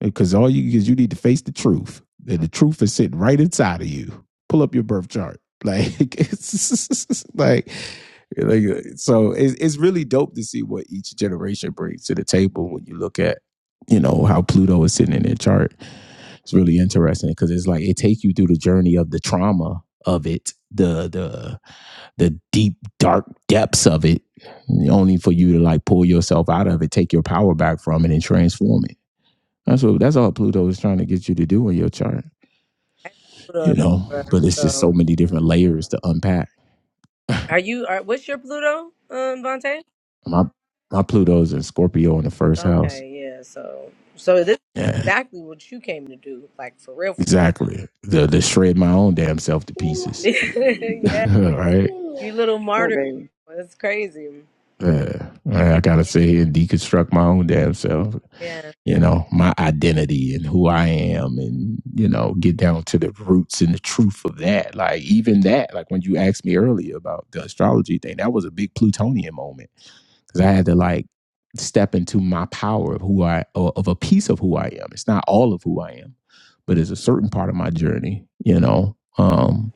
S1: Because all you because you need to face the truth. And the truth is sitting right inside of you. Pull up your birth chart. Like it's like like so it's, it's really dope to see what each generation brings to the table when you look at you know how pluto is sitting in their chart it's really interesting because it's like it takes you through the journey of the trauma of it the the the deep dark depths of it only for you to like pull yourself out of it take your power back from it and transform it that's what that's all Pluto is trying to get you to do in your chart,
S2: Pluto
S1: you
S2: and
S1: know.
S2: Libra,
S1: But it's just
S2: So,
S1: so many different layers to unpack.
S2: are you? Are what's your Pluto, um, Vontae?
S1: My my Pluto's in Scorpio in the first house.
S2: Okay, yeah. So, so this is
S1: Yeah,
S2: exactly what you came to do, like for real.
S1: exactly. The the shred my own damn self to pieces.
S2: yeah,
S1: right?
S2: you little
S3: What
S2: martyr.
S3: baby?
S2: It's crazy.
S1: Yeah. Yeah,
S2: Yeah,
S1: I gotta sit here and deconstruct my own damn self.
S2: yeah.
S1: You know, my identity and who I am, and you know, get down to the roots and the truth of that. Like even that, like when you asked me earlier about the astrology thing, that was a big Plutonian moment because I had to like step into my power of who I or of a piece of who I am. It's not all of who I am, but it's a certain part of my journey. You know, um,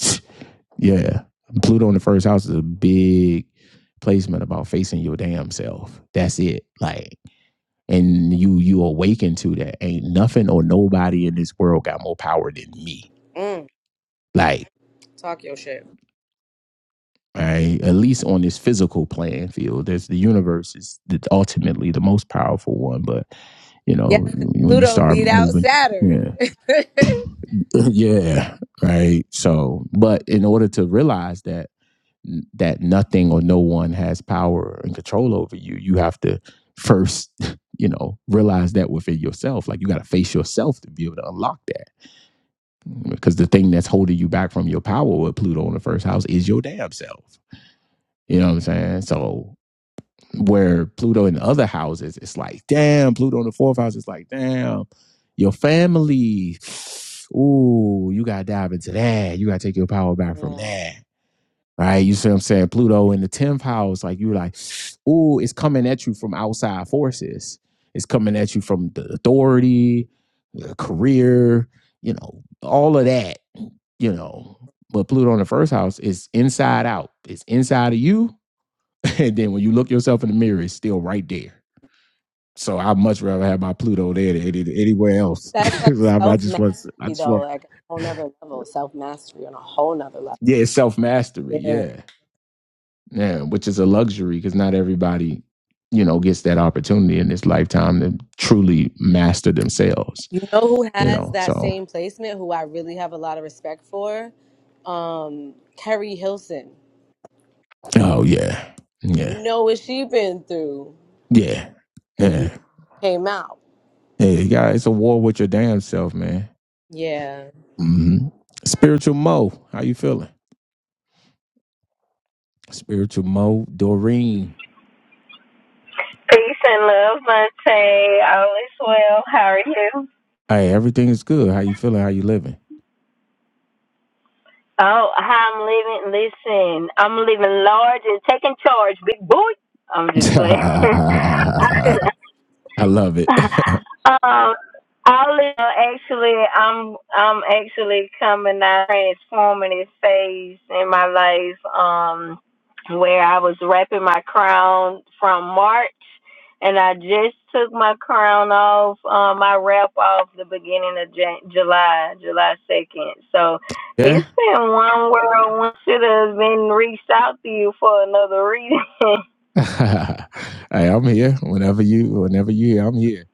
S1: yeah. Pluto in the first house is a big placement about facing your damn self. That's it. Like, and you you awaken to that. Ain't nothing or nobody in this world got more power than me.
S2: Mm,
S1: Like.
S2: talk your shit.
S1: right? At least on this physical playing field, there's the universe is ultimately the most powerful one. But you
S2: Yes,
S1: know,
S2: 'cause
S1: when you
S2: Pluto
S1: start
S2: beat out
S1: moving,
S2: Saturn.
S1: yeah, yeah, right. So, but in order to realize that that nothing or no one has power and control over you, you have to first, you know, realize that within yourself. Like you got to face yourself to be able to unlock that. Because the thing that's holding you back from your power with Pluto in the first house is your damn self. You know what I'm saying? So Where Pluto in the other houses, it's like, damn, Pluto in the fourth house, it's like, damn, your family. Ooh, you gotta dive into that. You gotta take your power back from
S2: Yeah.
S1: that. Right? You see what I'm saying? Pluto in the 10th house, like you are like, ooh, it's coming at you from outside forces. It's coming at you from the authority, the career, you know, all of that, you know. But Pluto in the first house is inside out. It's inside of you and then when you look yourself in the mirror, it's still right there. So I much rather have my Pluto there than anywhere else.
S2: That's like
S1: I,
S2: self
S1: just want, I
S2: mastery
S1: just
S2: though,
S1: want,
S2: like a whole nother level. Self mastery on a whole nother level.
S1: yeah, it's self mastery,
S2: yeah.
S1: yeah, yeah, which is a luxury because not everybody, you know, gets that opportunity in this lifetime to truly master themselves,
S2: You know who
S1: you
S2: has
S1: know.
S2: that
S1: So,
S2: same placement, who I really have a lot of respect for? Um, Kerry Hilson.
S1: oh yeah,
S2: You
S1: yeah,
S2: know what she been through
S1: yeah,
S2: and you know
S1: yeah,
S2: she came out.
S1: yeah. You got it's a war with your damn self, man.
S2: Yeah.
S1: hmm Spiritual Mo, how you feeling? Spiritual Mo, Doreen.
S5: Peace and love, Monte. All is well. How are you?
S1: Hey, everything is good. How you feeling? How you living?
S5: Oh, I'm living! Listen, I'm living large and taking charge, big boy. I'm just playing.
S1: I love it.
S5: um, I'll actually, I'm, I'm actually coming out transforming this phase in my life, um, where I was wrapping my crown from March, and I just took my crown off, um, my wrap off the beginning of Jan- July, July second. So
S1: yeah.
S5: it's been one whirlwind. Should have been reached out to you for another reason.
S1: hey, I'm here. Whenever you, whenever you here, I'm here.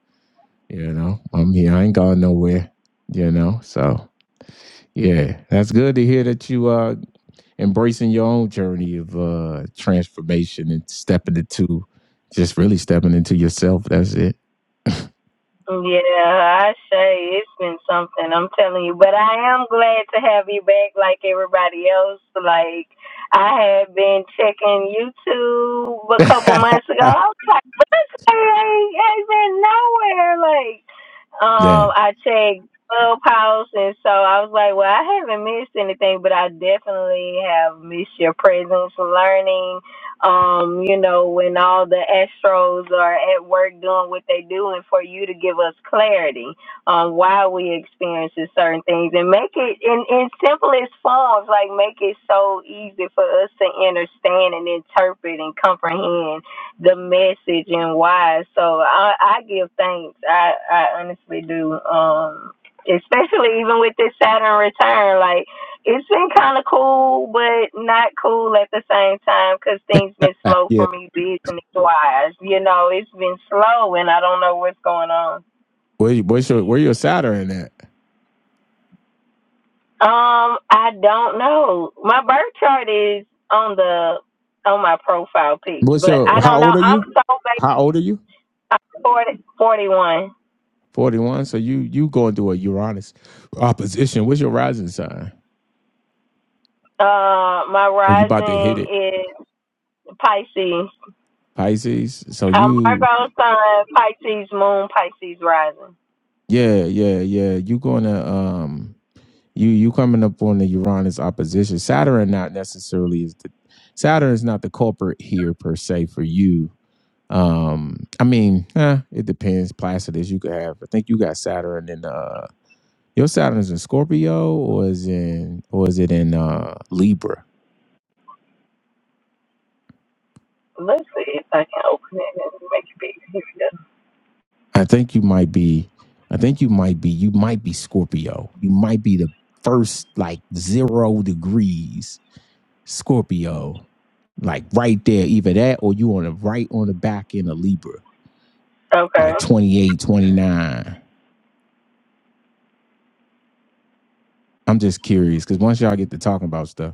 S1: You know, I'm here. I ain't gone nowhere. You know, so yeah, that's good to hear that you. uh embracing your own journey of uh transformation and stepping into just really stepping into yourself. That's it.
S5: Yeah, I say it's been something. I'm telling you, but I am glad to have you back, like everybody else. Like I had been checking YouTube a couple months ago. I was like, "What this guy ain't, ain't been nowhere." Like,
S1: yeah.
S5: um, I checked Clubhouse, and so I was like, "Well, I haven't missed anything, but I definitely have missed your presence, learning." um, you know, when all the Astros are at work doing what they do, and for you to give us clarity on why we experiencing certain things, and make it in in simplest forms, like make it so easy for us to understand and interpret and comprehend the message and why. So I, I give thanks. I I honestly do. Um, especially even with this Saturn return, like it's been kind of cool, but not cool at the same time because things been slow
S1: Yeah.
S5: for me business wise. You know, it's been slow, and I don't know what's going on.
S1: Where you- where's your where your Saturn at?
S5: Um, I don't know. My birth chart is on the on my profile page,
S1: What's
S5: but
S1: your
S5: I
S1: how
S5: don't know.
S1: old are
S5: I'm
S1: you?
S5: so baby.
S1: How old are you?
S5: I'm 41.
S1: Forty one. So you you going through a Uranus opposition. What's your rising sign?
S5: Uh, my
S1: or you about to hit
S5: rising
S1: it,
S5: is Pisces.
S1: Pisces. So
S5: I'm
S1: you,
S5: Virgo sun, Pisces moon, Pisces rising.
S1: yeah, yeah, yeah. You going to um, you you coming up on the Uranus opposition. Saturn not necessarily is the Saturn is not the culprit here per se for you. Um, I mean, eh, it depends. Placidus, you could have. I think you got Saturn in uh, your Saturn is in Scorpio or is in or is it in uh Libra?
S5: Let's see if I can open it and make it big. Here we
S1: I think you might be. I think you might be. You might be Scorpio. You might be the first like zero degrees Scorpio, like right there. Either that or you on the right on the back end of Libra,
S5: go. Okay.
S1: like twenty I'm just curious because once y'all get to talking about stuff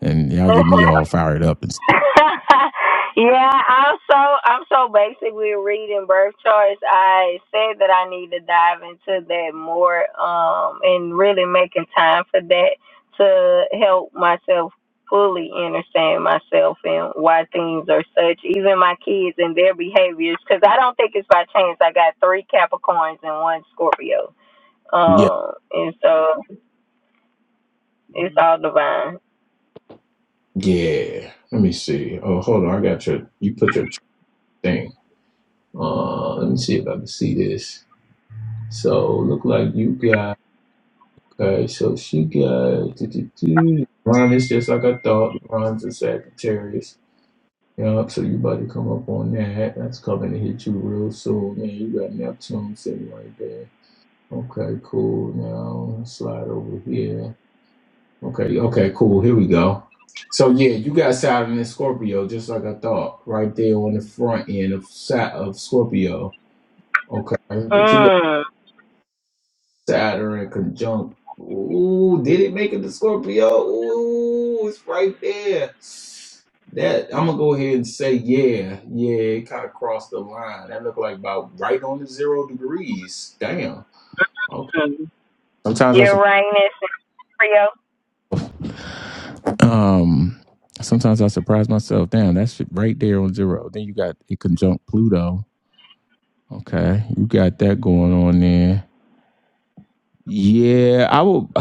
S1: and y'all get me all fired up and stuff.
S5: yeah, I'm so I'm so basically reading birth charts. I said that I need to dive into that more, um, and really making time for that to help myself fully understand myself and why things are such. Even my kids and their behaviors, because I don't think it's by chance. I got three Capricorns and one Scorpio.
S1: Yeah.
S5: Um, and so It's all divine.
S1: Yeah. Let me see. Oh, hold on. I got your. You put your thing. Uh, let me see if I can see this. So look like you got. Okay, so she got do, do, do. Ron is just like I thought. Ron's a Sagittarius. Yup, so you about to come up on that. That's coming to hit you real soon. Man, you got Neptune sitting right there. Okay, cool. Now slide over here. Okay, okay, cool. Here we go. So yeah, you got Saturn and Scorpio, just like I thought, right there on the front end of Sat of Scorpio. Okay, but you got
S5: Mm.
S1: Saturn conjunct. Ooh, did it make it to Scorpio? Ooh, it's right there. That I'm gonna go ahead and say, yeah, yeah, it kind of crossed the line. That looked like about right on the zero degrees. Damn. Okay.
S5: mm.
S1: Sometimes I
S5: Uranus and Leo.
S1: surprise. Um. Sometimes I surprise myself. Damn, that shit right there on zero. Then you got it conjunct Pluto. Okay, you got that going on there. Yeah, I will.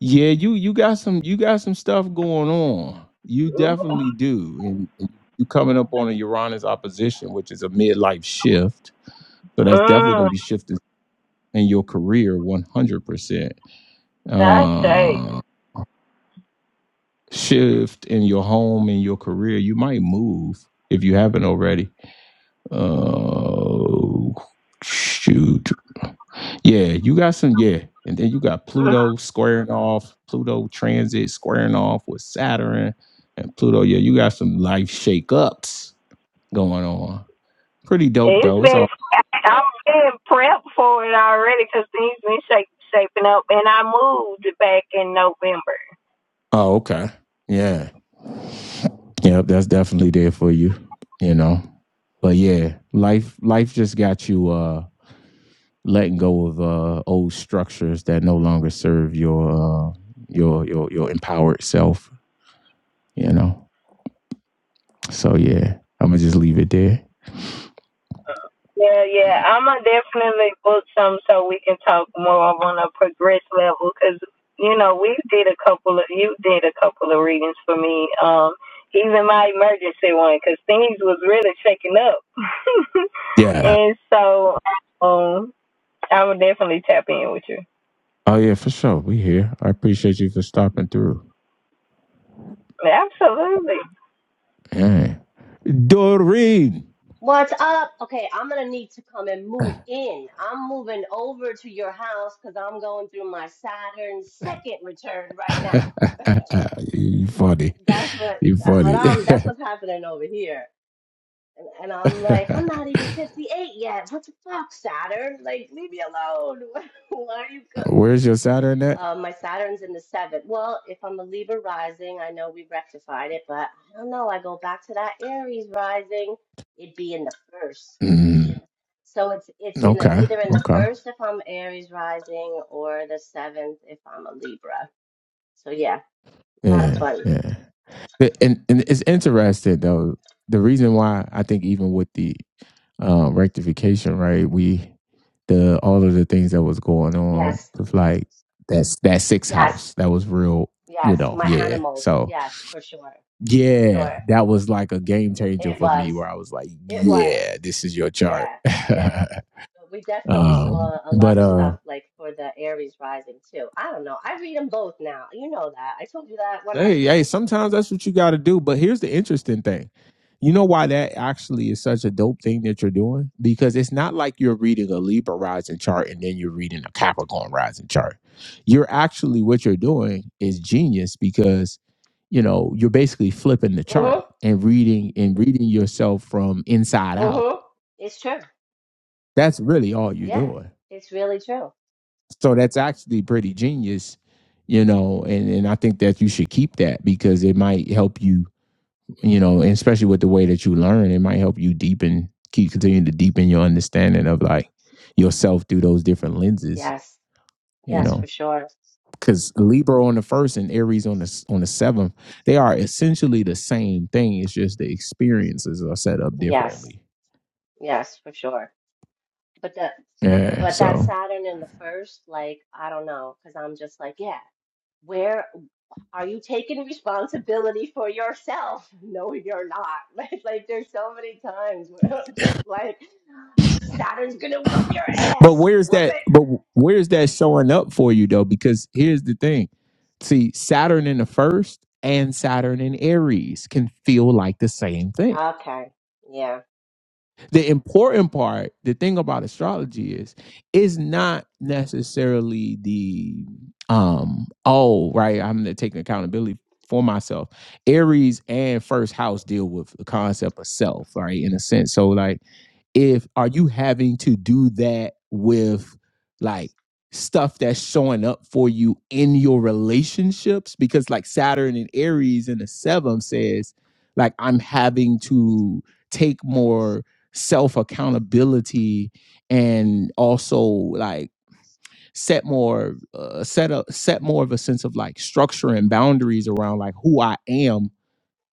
S1: Yeah, you you got some you got some stuff going on. You
S5: Mm.
S1: definitely do, and and you coming up on a Uranus opposition, which is a midlife shift. So that's definitely
S5: mm.
S1: going to be shifted in your career, one hundred percent.
S5: I say.
S1: Uh, Shift in your home, in your career. You might move if you haven't already. Uh, shoot. Yeah, you got some, yeah. And then you got
S5: Mm.
S1: Pluto squaring off, Pluto transit squaring off with Saturn and Pluto. Yeah, you got some life shakeups going on. Pretty dope
S5: It's
S1: though. It's
S5: been,
S1: all
S5: I'm getting prepped for it already because things been shaping up and I moved back in November.
S1: Oh, okay. Yeah. Yep, that's definitely there for you, you know. But yeah, life life just got you uh letting go of uh old structures that no longer serve your uh your your your empowered self, you know. So yeah, I'm gonna just leave it there.
S5: Yeah, yeah. I'm gonna definitely book some so we can talk more on a progress level because you know we did a couple of you did a couple of readings for me. Um, even my emergency one because things was really shaking up,
S1: Yeah.
S5: and so um, I would definitely tap in with you.
S1: Oh yeah, for sure. We here. I appreciate you for stopping through.
S5: Absolutely.
S1: Yeah. Doreen.
S6: What's up? Okay, I'm gonna need to come and move in. I'm moving over to your house because I'm going through my Saturn second return right now.
S1: you funny.
S6: That's what
S1: You
S6: that's what
S1: funny.
S6: I'm that's what's happening over here. And, and I'm like, I'm not even 58 yet. What the fuck, Saturn? Like, leave me alone. Why are you go-
S1: Where's your Saturn at?
S6: uh, my Saturn's in the seventh. Well, if I'm a Libra rising, I know we rectified it, but I don't know. I go back to that Aries rising, it'd be in the first.
S1: Mm,
S6: So it's it's in the-
S1: okay,
S6: either in the
S1: okay,
S6: first if I'm Aries rising or the seventh if I'm a Libra. So yeah, a lot of
S1: yeah,
S6: fun.
S1: yeah. And, and it's interesting though. The reason why I think even with the uh, rectification, right? We the all of the things that was going on
S6: Yes,
S1: with like that's that six
S6: yes,
S1: house that was real. You
S6: yes.
S1: know,
S6: My
S1: yeah.
S6: animals.
S1: So
S6: Yes, for sure, for
S1: yeah,
S6: sure.
S1: that was like a game changer
S6: It
S1: for me
S6: was,
S1: where I was like,
S6: it was.
S1: yeah, this is your chart.
S6: Yeah, yeah. But we definitely
S1: um,
S6: saw a
S1: but
S6: lot of
S1: uh.
S6: stuff like for the Aries rising too. I don't know. I read them both now. You know that. I told you that when I.
S1: Hey, hey, sometimes that's what you got to do. But here's the interesting thing. You know why that actually is such a dope thing that you're doing? Because it's not like you're reading a Libra rising chart and then you're reading a Capricorn rising chart. You're actually, what you're doing is genius because, you know, you're basically flipping the
S6: Mhm,
S1: chart and reading and reading yourself from inside out.
S6: mhm. It's true.
S1: That's really all you're
S6: Yeah,
S1: doing.
S6: it's really true.
S1: So that's actually pretty genius, you know, and, and I think that you should keep that because it might help you you know, and especially with the way that you learn, it might help you deepen, keep continuing to deepen your understanding of like yourself through those different lenses,
S6: Yes,
S1: you
S6: yes,
S1: know.
S6: for sure.
S1: Because Libra on the first and Aries on the on the seventh, they are essentially the same thing. It's just the experiences are set up
S6: Yes,
S1: differently.
S6: yes, for sure. But the
S1: Yeah.
S6: but that
S1: So
S6: Saturn in the first, like, I don't know, because I'm just like, yeah, where are you taking responsibility for yourself? No, you're not. Like, like there's so many times where I'm just like, Saturn's gonna whoop your
S1: But
S6: ass.
S1: where's
S6: Whoop
S1: that?
S6: it.
S1: But where's that showing up for you though? Because here's the thing: see, Saturn in the first and Saturn in Aries can feel like the same thing.
S6: Okay. Yeah.
S1: The important part, the thing about astrology is, is not necessarily the um oh right. I'm gonna take accountability for myself. Aries and first house deal with the concept of self, right? In a sense, so like if are you having to do that with like stuff that's showing up for you in your relationships because like saturn and aries in the seventh says like i'm having to take more self accountability and also like set more uh, set up set more of a sense of like structure and boundaries around like who i am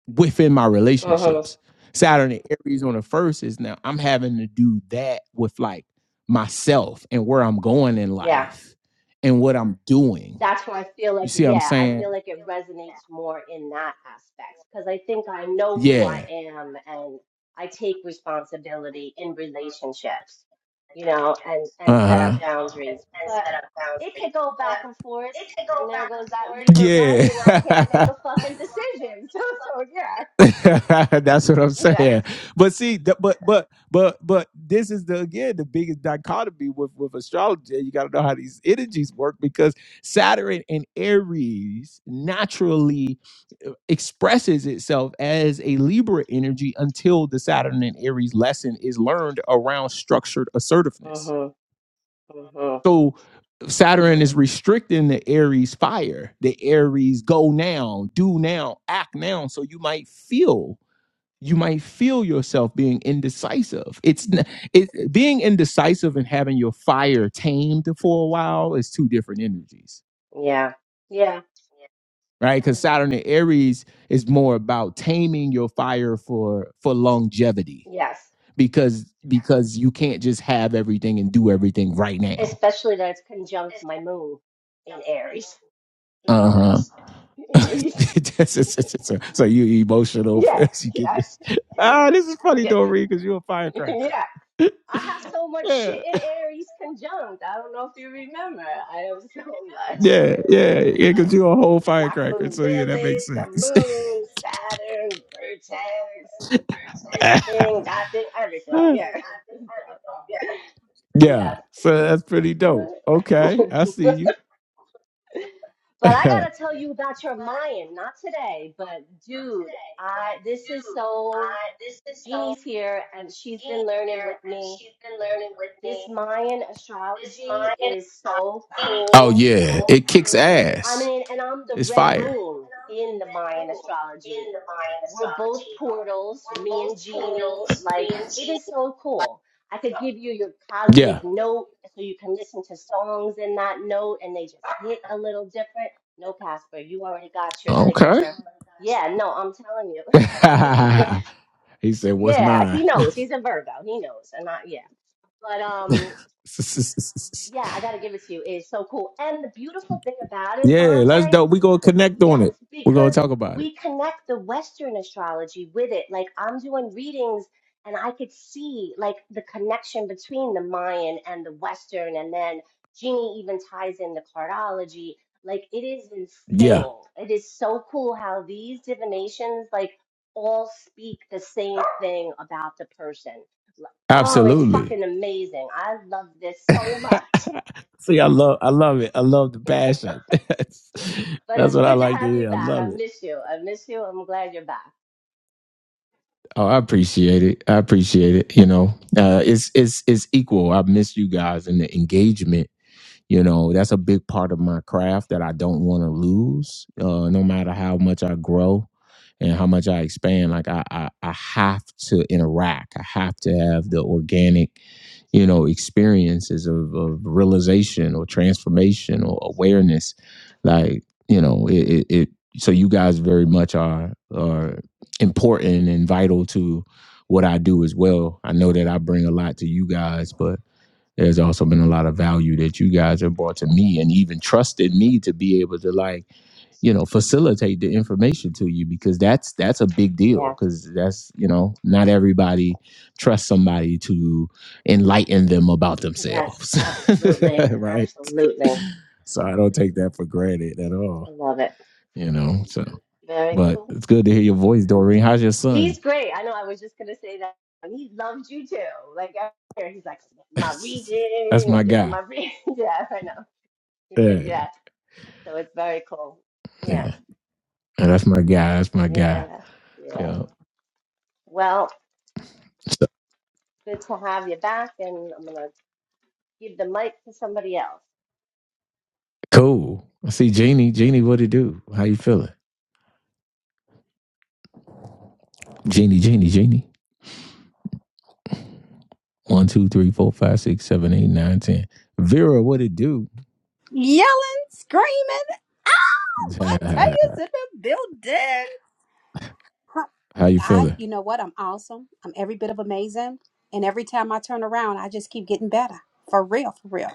S1: within my
S6: hmm
S1: relationships. Saturn and Aries on the first is now I'm having to do that with like myself and where I'm going in
S6: Yeah.
S1: life and what I'm doing.
S6: that's where I feel
S1: You
S6: like,
S1: see what I'm
S6: yeah, I
S1: saying?
S6: feel like it resonates more in that aspect because I think I know who I
S1: Yeah.
S6: am and I take responsibility in relationships, you know, and and set up
S1: Uh
S6: boundaries. But
S1: huh.
S6: it could go back and forth, and there goes that Libra rising. I
S1: Yeah.
S6: can't make a fucking decision. So so yeah,
S1: That's what I'm
S6: yeah.
S1: saying. But see, th- but but but but this is the again the biggest dichotomy with with astrology. You got to know how these energies work because Saturn and Aries naturally uh, expresses itself as a Libra energy until the Saturn and Aries lesson is learned around structured assertiveness.
S6: Mhm. Mhm.
S1: So Saturn is restricting the Aries fire, the Aries go now, do now, act now. So you might feel you might feel yourself being indecisive. It's n- it, being indecisive and having your fire tamed for a while is two different energies,
S6: Yeah. Yeah.
S1: right? Because Saturn and Aries is more about taming your fire for for longevity,
S6: Yes.
S1: because because you can't just have everything and do everything right now.
S6: Especially that it's conjunct my moon in Aries.
S1: Uh
S6: So.
S1: huh. so so you emotional
S6: Yeah,
S1: as you get
S6: yeah,
S1: this. Ah, this is funny,
S6: yeah,
S1: Doreen, because you're a firecracker.
S6: yeah. I have so much
S1: Yeah.
S6: shit in Aries conjunct. I don't know if you remember. I have so much.
S1: Yeah, yeah, yeah, because you a whole
S6: Black
S1: firecracker.
S6: Moon
S1: So yeah, that makes
S6: Lilith, the
S1: sense.
S6: Moon, Saturn, Vertex, this thing, that thing, everything. Yeah. So,
S1: yeah,
S6: yeah.
S1: so that's pretty dope. Okay, I see you.
S6: But I gotta tell you about your Mayan, not today, but dude, I this is so Jeannie's here and she's been learning with me This Mayan astrology is so
S1: Oh
S6: cool.
S1: yeah, it kicks
S6: I
S1: ass.
S6: mean, and I'm the
S1: It's
S6: red
S1: fire.
S6: moon in the Mayan astrology. We're both portals, me and Jeannie. Like, it is so cool. I could give you your cosmic
S1: yeah.
S6: note so you can listen to songs in that note and they just hit a little different. No, Casper, you already got your
S1: Okay.
S6: signature. Yeah, no, I'm telling you.
S1: he said, "What's
S6: Yeah,
S1: mine?"
S6: he knows. He's a Virgo. He knows. And I, yeah. But um, Yeah, I gotta give it to you. It's so cool. And the beautiful thing about it,
S1: yeah, let's
S6: Vontae,
S1: dope. We gonna connect on
S6: yes,
S1: it. We're gonna
S6: because
S1: talk about it.
S6: we connect the Western astrology with it. Like I'm doing readings and I could see like the connection between the Mayan and the Western, and then Jeannie even ties in the cardology. Like it is
S1: Yeah.
S6: insane. It is so cool how these divinations like all speak the same thing about the person. Oh, it's
S1: Absolutely.
S6: fucking amazing. I love this so much.
S1: See, I love, I love it. I love the passion. that's,
S6: But
S1: that's
S6: it's
S1: what I
S6: good to
S1: like to
S6: have you
S1: hear. I
S6: back. I
S1: love it.
S6: miss you. I miss you. I'm glad you're back.
S1: Oh, I appreciate it. I appreciate it. You know, uh, it's it's it's equal. I miss you guys and the engagement you know that's a big part of my craft that i don't want to lose uh, no matter how much i grow and how much i expand like I, I i have to interact i have to have the organic you know experiences of, of realization or transformation or awareness like you know it, it, it so you guys very much are are important and vital to what i do as well i know that i bring a lot to you guys but there's also been a lot of value that you guys have brought to me and even trusted me to be able to like you know facilitate the information to you because that's that's a big deal
S6: Yes,
S1: because that's you know not everybody trusts somebody to enlighten them about
S6: yes,
S1: themselves
S6: absolutely.
S1: right
S6: Absolutely.
S1: so i don't take that for granted at all
S6: I love it.
S1: you know so
S6: Very
S1: but
S6: cool.
S1: it's good to hear your voice doreen how's your son
S6: He's great. I know I was just gonna say that. And He loves you too. Like out here, he's like my
S1: that's
S6: reading,
S1: my
S6: I'm getting
S1: guy
S6: my reading. Yeah, I know.
S1: yeah
S6: Yeah. So it's very cool. Yeah.
S1: yeah And that's my guy that's my guy
S6: Yeah. Yeah.
S1: yeah
S6: Well,
S1: So,
S6: good to have you back and I'm gonna give the mic to somebody else.
S1: Cool. I see Jeannie. Jeannie, what it do? How you feeling? Jeannie, Jeannie, Jeannie. One, two, three, four, five, six, seven, eight, nine, ten. Vera, what it do?
S7: yelling, screaming.
S1: How
S7: Montaya's in the building. Huh.
S1: you
S7: I,
S1: feeling?
S7: you know what? I'm awesome. I'm every bit of amazing. And every time I turn around, I just keep getting better. For real, for real.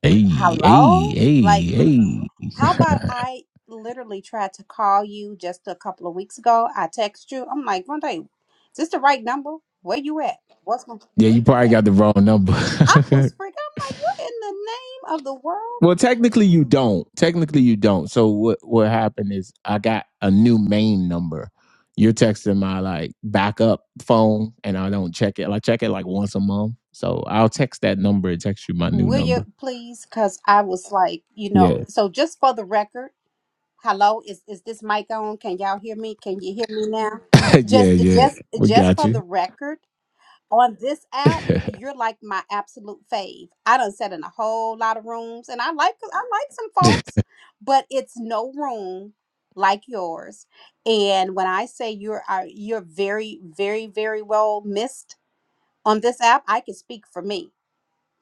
S1: Hey, hey,
S7: Hello?
S1: hey,
S7: Like,
S1: hey.
S7: how about I literally tried to call you just a couple of weeks ago? I text you. I'm like, one day, is this the right number? Where you at? What's going
S1: yeah, you probably got the wrong number.
S7: I was freaking. I'm like, what in the name of the world?
S1: Well, technically you don't. Technically you don't. So what what happened is I got a new main number. You're texting my like backup phone, and I don't check it. I check it like once a month. So I'll text that number and text you my new
S7: Will you
S1: number.
S7: please? Because I was like, you know,
S1: Yeah,
S7: so just for the record, Hello, is is this mic on? Can y'all hear me? Can you hear me now?
S1: yeah,
S7: Just
S1: yeah.
S7: just
S1: We
S7: just
S1: got
S7: for the
S1: you.
S7: record, on this app, you're like my absolute fave. I done sat in a whole lot of rooms and I like I like some folks, but it's no room like yours. And when I say you're are you're very, very, very well missed on this app, I can speak for me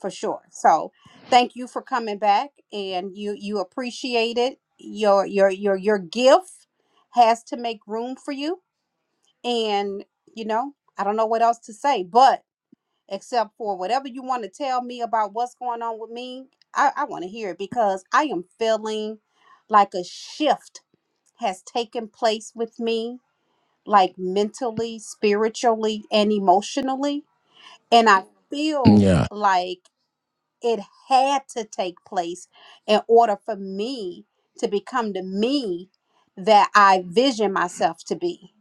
S7: for sure. So thank you for coming back and you you appreciate it. Your your your your gift has to make room for you. And you know, I don't know what else to say, but except for whatever you want to tell me about what's going on with me, I, I want to hear it because I am feeling like a shift has taken place with me, like mentally, spiritually, and emotionally. And I feel
S1: yeah,
S7: like it had to take place in order for me to become the me that I vision myself to be,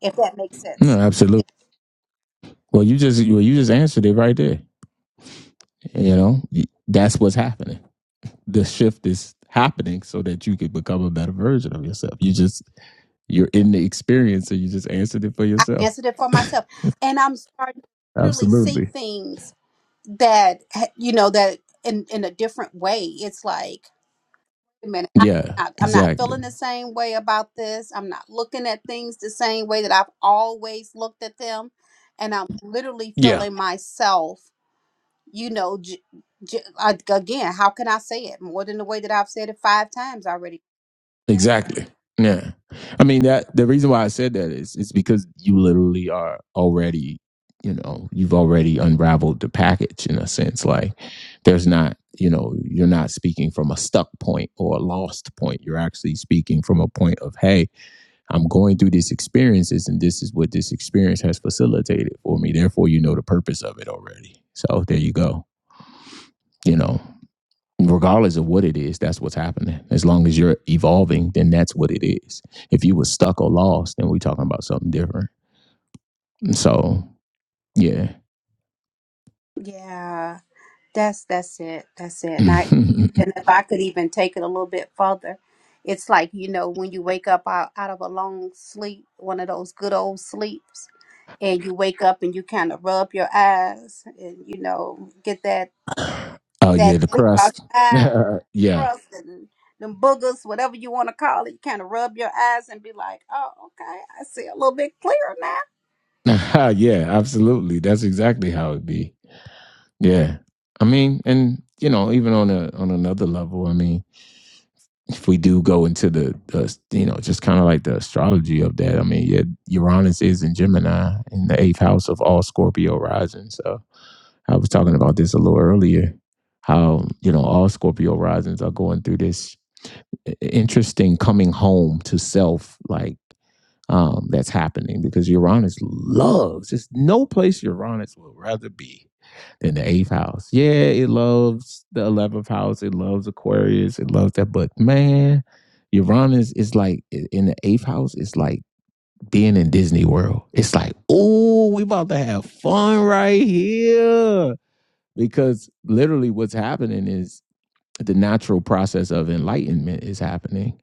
S7: if that makes
S1: no,
S7: sense.
S1: absolutely. Well, you just well, you just answered it right there. You know, that's what's happening. The shift is happening so that you could become a better version of yourself. You just You're in the experience, so you just answered it for
S7: I
S1: yourself.
S7: answered it for
S1: Copy.
S7: myself. And I'm starting to literally see things that, you know, that in, in a different way. It's like, wait a minute, I'm
S1: Yeah,
S7: not, I'm not
S1: exactly.
S7: feeling the same way about this. I'm not looking at things the same way that I've always looked at them. And I'm literally
S1: Yeah,
S7: feeling myself you know, j- j- I- again, how can I say it more than the way that I've said it five times already?
S1: exactly. Yeah. I mean that the reason why I said that is is because you literally are already, you know, you've already unraveled the package in a sense. Like there's not, you know, you're not speaking from a stuck point or a lost point. You're actually speaking from a point of, hey, I'm going through these experiences, and this is what this experience has facilitated for me. Therefore, you know the purpose of it already. So there you go. You know, regardless of what it is, that's what's happening. As long as you're evolving, then that's what it is. If you were stuck or lost, then we're talking about something different. So yeah.
S7: Yeah, that's that's it. That's it. And I, and if I could even take it a little bit further, it's like you know when you wake up out, out of a long sleep, one of those good old sleeps, and you wake up and you kind of rub your eyes and you know get that
S1: oh
S7: that
S1: yeah, the
S7: sleep out
S1: crust.
S7: your eyes.
S1: yeah.
S7: crust and them boogers, whatever you want to call it, you kind of rub your eyes and be like, oh, okay, I see a little bit clearer now.
S1: yeah, absolutely. That's exactly how it be. Yeah. I mean, and you know, even on a on another level, I mean, if we do go into the, the you know just kind of like the astrology of that i mean yeah uranus is in gemini in the eighth house of all scorpio rising so i was talking about this a little earlier how you know all scorpio risings are going through this i- interesting coming home to self like um that's happening because uranus loves there's no place uranus would rather be in the eighth house. Yeah, it loves the eleventh house. It loves Aquarius. It loves that. But man, Uranus is like in the eighth house. It's like being in Disney World. It's like, oh, we about to have fun right here. Because literally, what's happening is the natural process of enlightenment is happening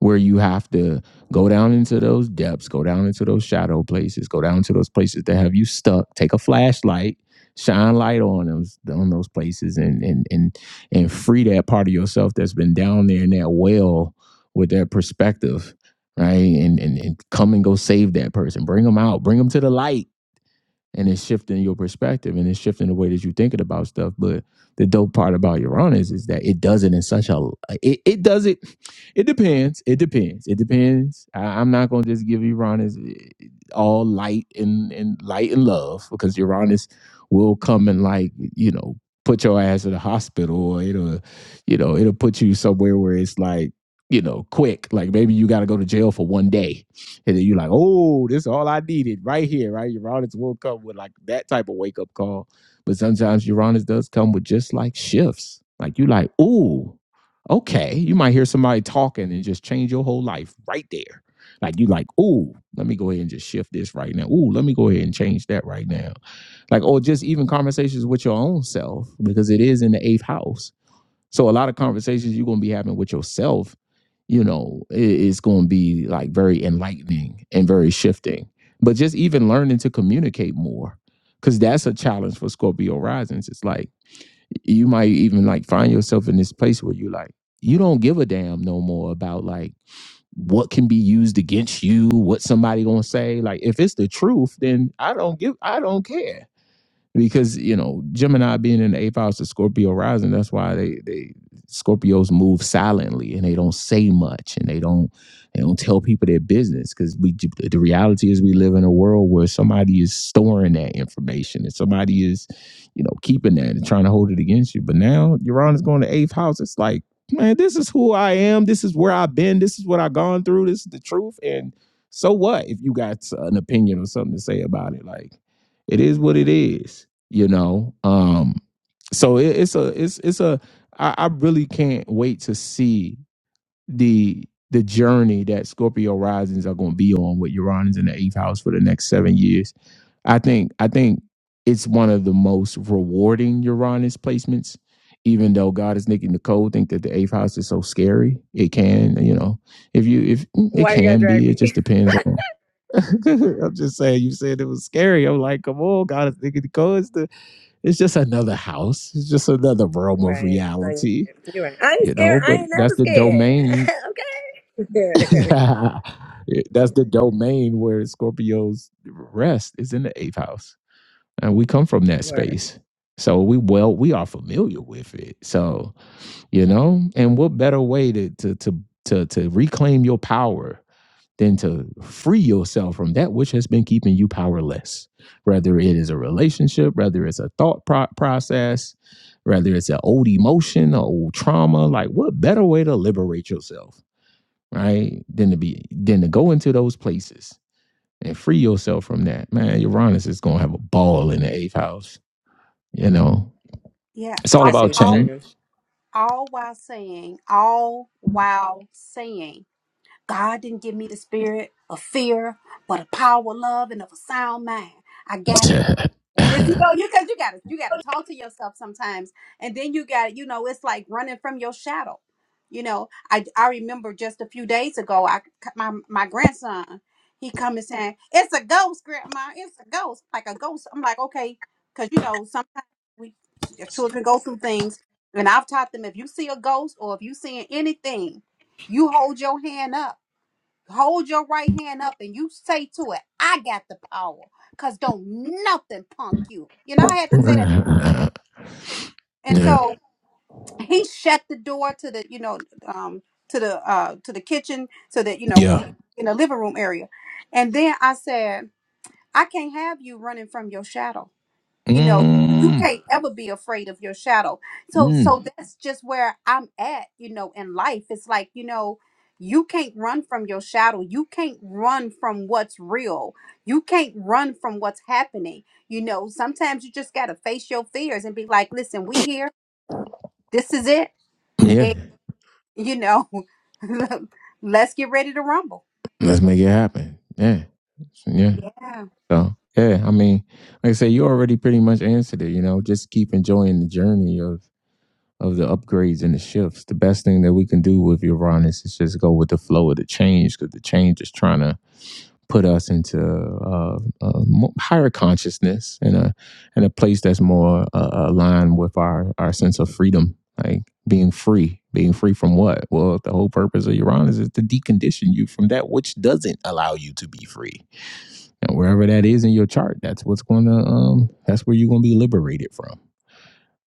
S1: where you have to go down into those depths, go down into those shadow places, go down to those places that have you stuck, take a flashlight, shine light on those on those places and and and and free that part of yourself that's been down there in that well with that perspective, right? And and, and come and go save that person. Bring them out, bring them to the light and it's shifting your perspective and it's shifting the way that you're thinking about stuff. But the dope part about Uranus is, is that it does it in such a it, it does it. It depends. It depends. It depends. I, I'm not gonna just give Uranus eh, all light and and light and love because Uranus will come and like you know put your ass in the hospital or it'll you know it'll put you somewhere where it's like you know quick like maybe you got to go to jail for one day and then you're like, oh, this is all I needed right here, right? Uranus will come with like that type of wake up call. But sometimes Uranus does come with just like shifts. Like you like, ooh, okay. You might hear somebody talking and just change your whole life right there. Like you like, ooh, let me go ahead and just shift this right now. Ooh, let me go ahead and change that right now. Like, or just even conversations with your own self, because it is in the eighth house so a lot of conversations you're gonna be having with yourself, you know, i- it's gonna be like very enlightening and very shifting. But just even learning to communicate more, because that's a challenge for Scorpio risings. It's like you might even like find yourself in this place where you like you don't give a damn no more about like what can be used against you, what somebody gonna say. Like if it's the truth, then I don't give, I don't care because you know Gemini being in the eighth house of Scorpio rising, that's why they they Scorpios move silently and they don't say much and they don't they don't tell people their business because we the reality is we live in a world where somebody is storing that information and somebody is you know keeping that and trying to hold it against you. But now Uranus going to eighth house, it's like man, this is who I am. This is where I've been. This is what I've gone through. This is the truth. And so what if you got an opinion or something to say about it? Like it is what it is you know um so it, it's a it's it's a I, I really can't wait to see the the journey that scorpio risings are going to be on with uranus in the eighth house for the next seven years i think i think it's one of the most rewarding uranus placements even though god is making the code think that the eighth house is so scary it can you know if you if it
S2: Why you gotta
S1: can
S2: drag
S1: be it
S2: me?
S1: just depends on i'm just saying you said it was scary i'm like come on god is making the code it's just another house. It's just another realm of
S2: Right. No, you're right.
S1: reality,
S2: You're right. I ain't
S1: you
S2: scared.
S1: know.
S2: I
S1: But
S2: ain't
S1: that's
S2: never
S1: the
S2: scared.
S1: domain. that's
S2: okay.
S1: the domain where Scorpio's rest is in the eighth house, and we come from that
S2: Word.
S1: space. So we well we are familiar with it. So you know, and what better way to to to to, to reclaim your power than to free yourself from that which has been keeping you powerless. Whether it is a relationship, whether it's a thought pro- process, whether it's an old emotion, or old trauma, like what better way to liberate yourself, right? Than to be than to go into those places and free yourself from that. Man, Uranus is gonna have a ball in the eighth house. You know,
S7: Yeah.
S1: it's all
S2: I
S7: All,
S2: see
S1: about
S2: what you're
S7: all,
S1: change.
S2: saying.
S7: all while saying, all while saying, God didn't give me the spirit of fear, but of power, love, and of a sound mind. I got
S1: yeah,
S7: And it's you know you because you gotta you gotta talk to yourself sometimes, and then you got you know it's like running from your shadow. You know, I I remember just a few days ago, I my my grandson he come and saying it's a ghost, grandma, it's a ghost, like a ghost. I'm like okay, because you know sometimes we your children go through things, and I've taught them if you see a ghost or if you seeing anything, you hold your hand up hold your right hand up and you say to it, I got the power. Cause don't nothing punk you. You know, I had to say that. And
S1: yeah,
S7: so he shut the door to the, you know, um, to the uh to the kitchen so that, you know,
S1: yeah.
S7: we in the living room area. And then I said, I can't have you running from your shadow. you know you
S1: Mm,
S7: can't ever be afraid of your shadow so
S1: mm,
S7: so that's just where i'm at you know in life it's like you know you can't run from your shadow you can't run from what's real you can't run from what's happening you know sometimes you just got to face your fears and be like listen we here this is it
S1: yeah,
S7: and you know let's get ready to rumble
S1: Let's make it happen. Yeah. So, Yeah.
S7: yeah
S1: So yeah, I mean, like I said, you already pretty much answered it, you know. Just keep enjoying the journey of of the upgrades and the shifts. The best thing that we can do with Uranus is just go with the flow of the change because the change is trying to put us into uh, a higher consciousness and a and a place that's more uh, aligned with our our sense of freedom, like being free. Being free from what? Well, the whole purpose of Uranus is to decondition you from that which doesn't allow you to be free. And wherever that is in your chart, that's what's going to um that's where you're going to be liberated from.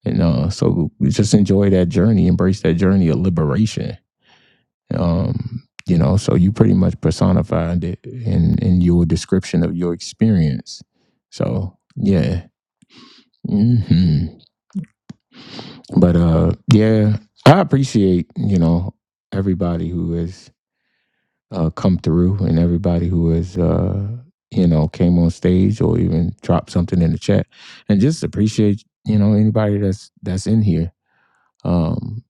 S1: And uh, so just enjoy that journey, embrace that journey of liberation um, you know, so you pretty much personified it in in your description of your experience. So yeah. hmm But uh yeah, I appreciate, you know, everybody who has uh come through and everybody who has uh you know came on stage or even dropped something in the chat. And just appreciate, you know, anybody that's that's in here. Um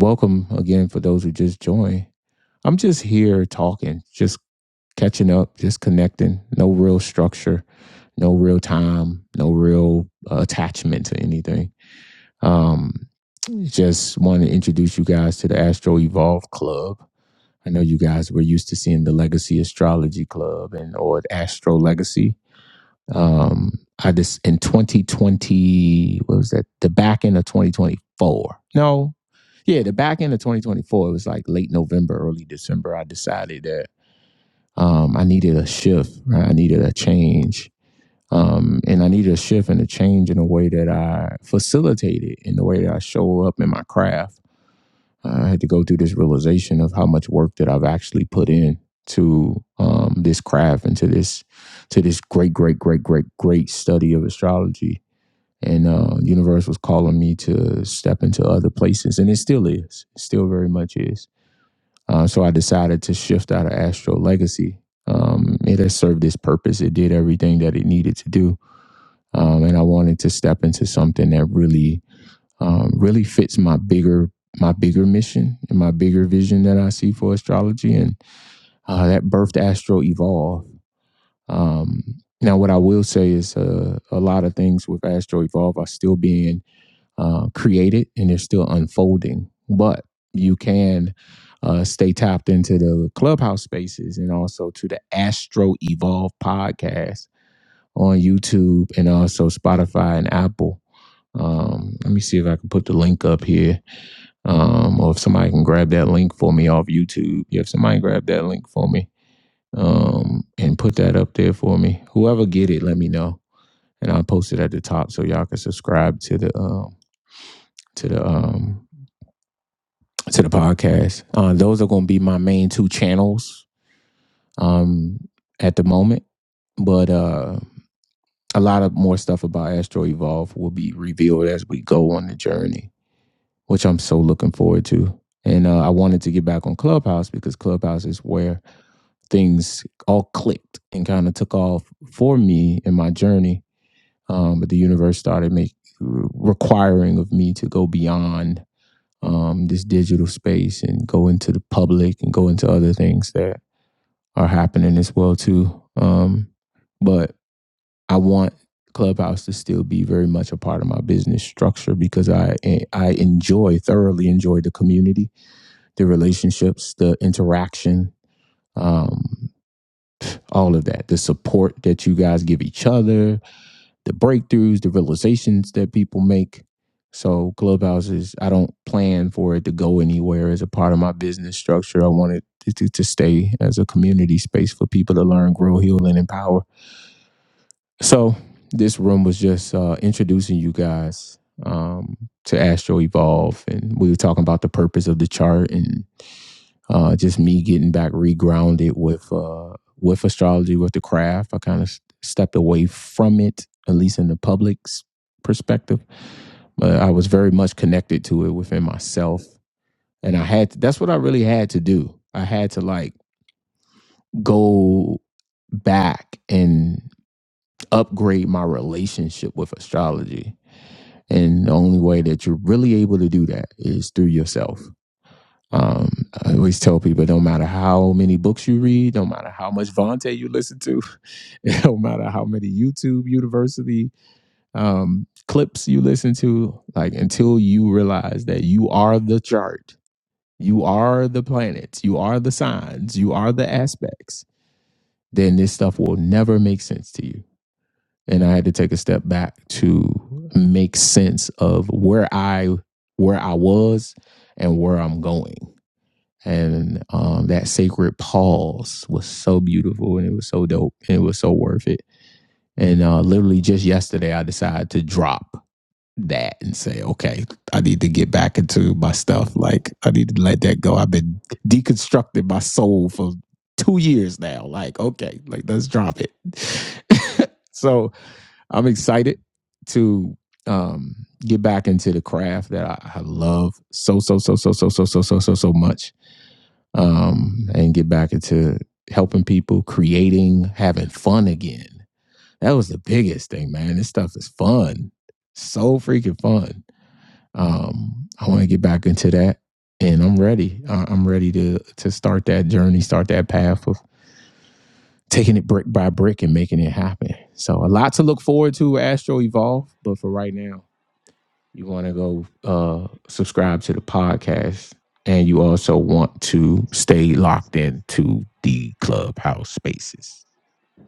S1: welcome again for those who just joined. I'm just here talking, just catching up, just connecting, no real structure, no real time, no real uh, attachment to anything. Um, just want to introduce you guys to the Astro Evolve Club. I know you guys were used to seeing the Legacy Astrology Club and or Astro Legacy. Um, I just in 2020, what was that? The back end of 2024. No, yeah, the back end of 2024. It was like late November, early December. I decided that um, I needed a shift. Right? I needed a change. Um, and I needed a shift and a change in the way that I facilitated, in the way that I show up in my craft. Uh, I had to go through this realization of how much work that I've actually put in to um, this craft and to this to this great, great, great, great, great study of astrology. And uh, the universe was calling me to step into other places, and it still is, It still very much is uh, so I decided to shift out of Astro Legacy. Um, it has served its purpose. It did everything that it needed to do, um, and I wanted to step into something that really, um, really fits my bigger my bigger mission and my bigger vision that I see for astrology, and uh, that birthed Astro Evolve. Um, now, what I will say is uh, a lot of things with Astro Evolve are still being uh, created and it's still unfolding. But you can uh, stay tapped into the clubhouse spaces and also to the Astro Evolve podcast on YouTube and also Spotify and Apple. Um, let me see if I can put the link up here, um, or if somebody can grab that link for me off YouTube. Yeah, if somebody grab that link for me um, and put that up there for me, whoever get it, let me know, and I'll post it at the top so y'all can subscribe to the um, to the um, to the podcast. Uh, those are going to be my main two channels um, at the moment. But uh, a lot of more stuff about Astro Evolve will be revealed as we go on the journey, which I'm so looking forward to. And uh, I wanted to get back on Clubhouse because Clubhouse is where things all clicked and kind of took off for me in my journey. Um, but the universe started make, requiring of me to go beyond um, this digital space and go into the public and go into other things that are happening as well too. Um, but I want Clubhouse to still be very much a part of my business structure because I I enjoy thoroughly enjoy the community, the relationships, the interaction, um, all of that, the support that you guys give each other, the breakthroughs, the realizations that people make. So clubhouses, I don't plan for it to go anywhere as a part of my business structure. I want it to, to, to stay as a community space for people to learn, grow, heal, and empower. So this room was just uh, introducing you guys um, to Astro Evolve, and we were talking about the purpose of the chart and uh, just me getting back regrounded with uh, with astrology, with the craft. I kind of s- stepped away from it, at least in the public's perspective. But I was very much connected to it within myself, and I had to, that's what I really had to do. I had to like go back and upgrade my relationship with astrology. And the only way that you're really able to do that is through yourself. Um, I always tell people, no matter how many books you read, no matter how much Vontae you listen to, no matter how many YouTube University um, clips you listen to, like until you realize that you are the chart, you are the planets, you are the signs, you are the aspects, then this stuff will never make sense to you. And I had to take a step back to make sense of where I where I was and where I'm going and um, that sacred pause was so beautiful and it was so dope and it was so worth it and uh, literally just yesterday i decided to drop that and say okay i need to get back into my stuff like i need to let that go i've been deconstructing my soul for two years now like okay like let's drop it so i'm excited to um get back into the craft that I, I love so so so so so so so so so so so much um, and get back into helping people, creating, having fun again. That was the biggest thing, man. This stuff is fun, so freaking fun. Um, I want to get back into that, and I'm ready. I- I'm ready to to start that journey, start that path of taking it brick by brick and making it happen. So a lot to look forward to, Astro Evolve. But for right now. You want to go uh, subscribe to the podcast, and you also want to stay locked into the clubhouse spaces.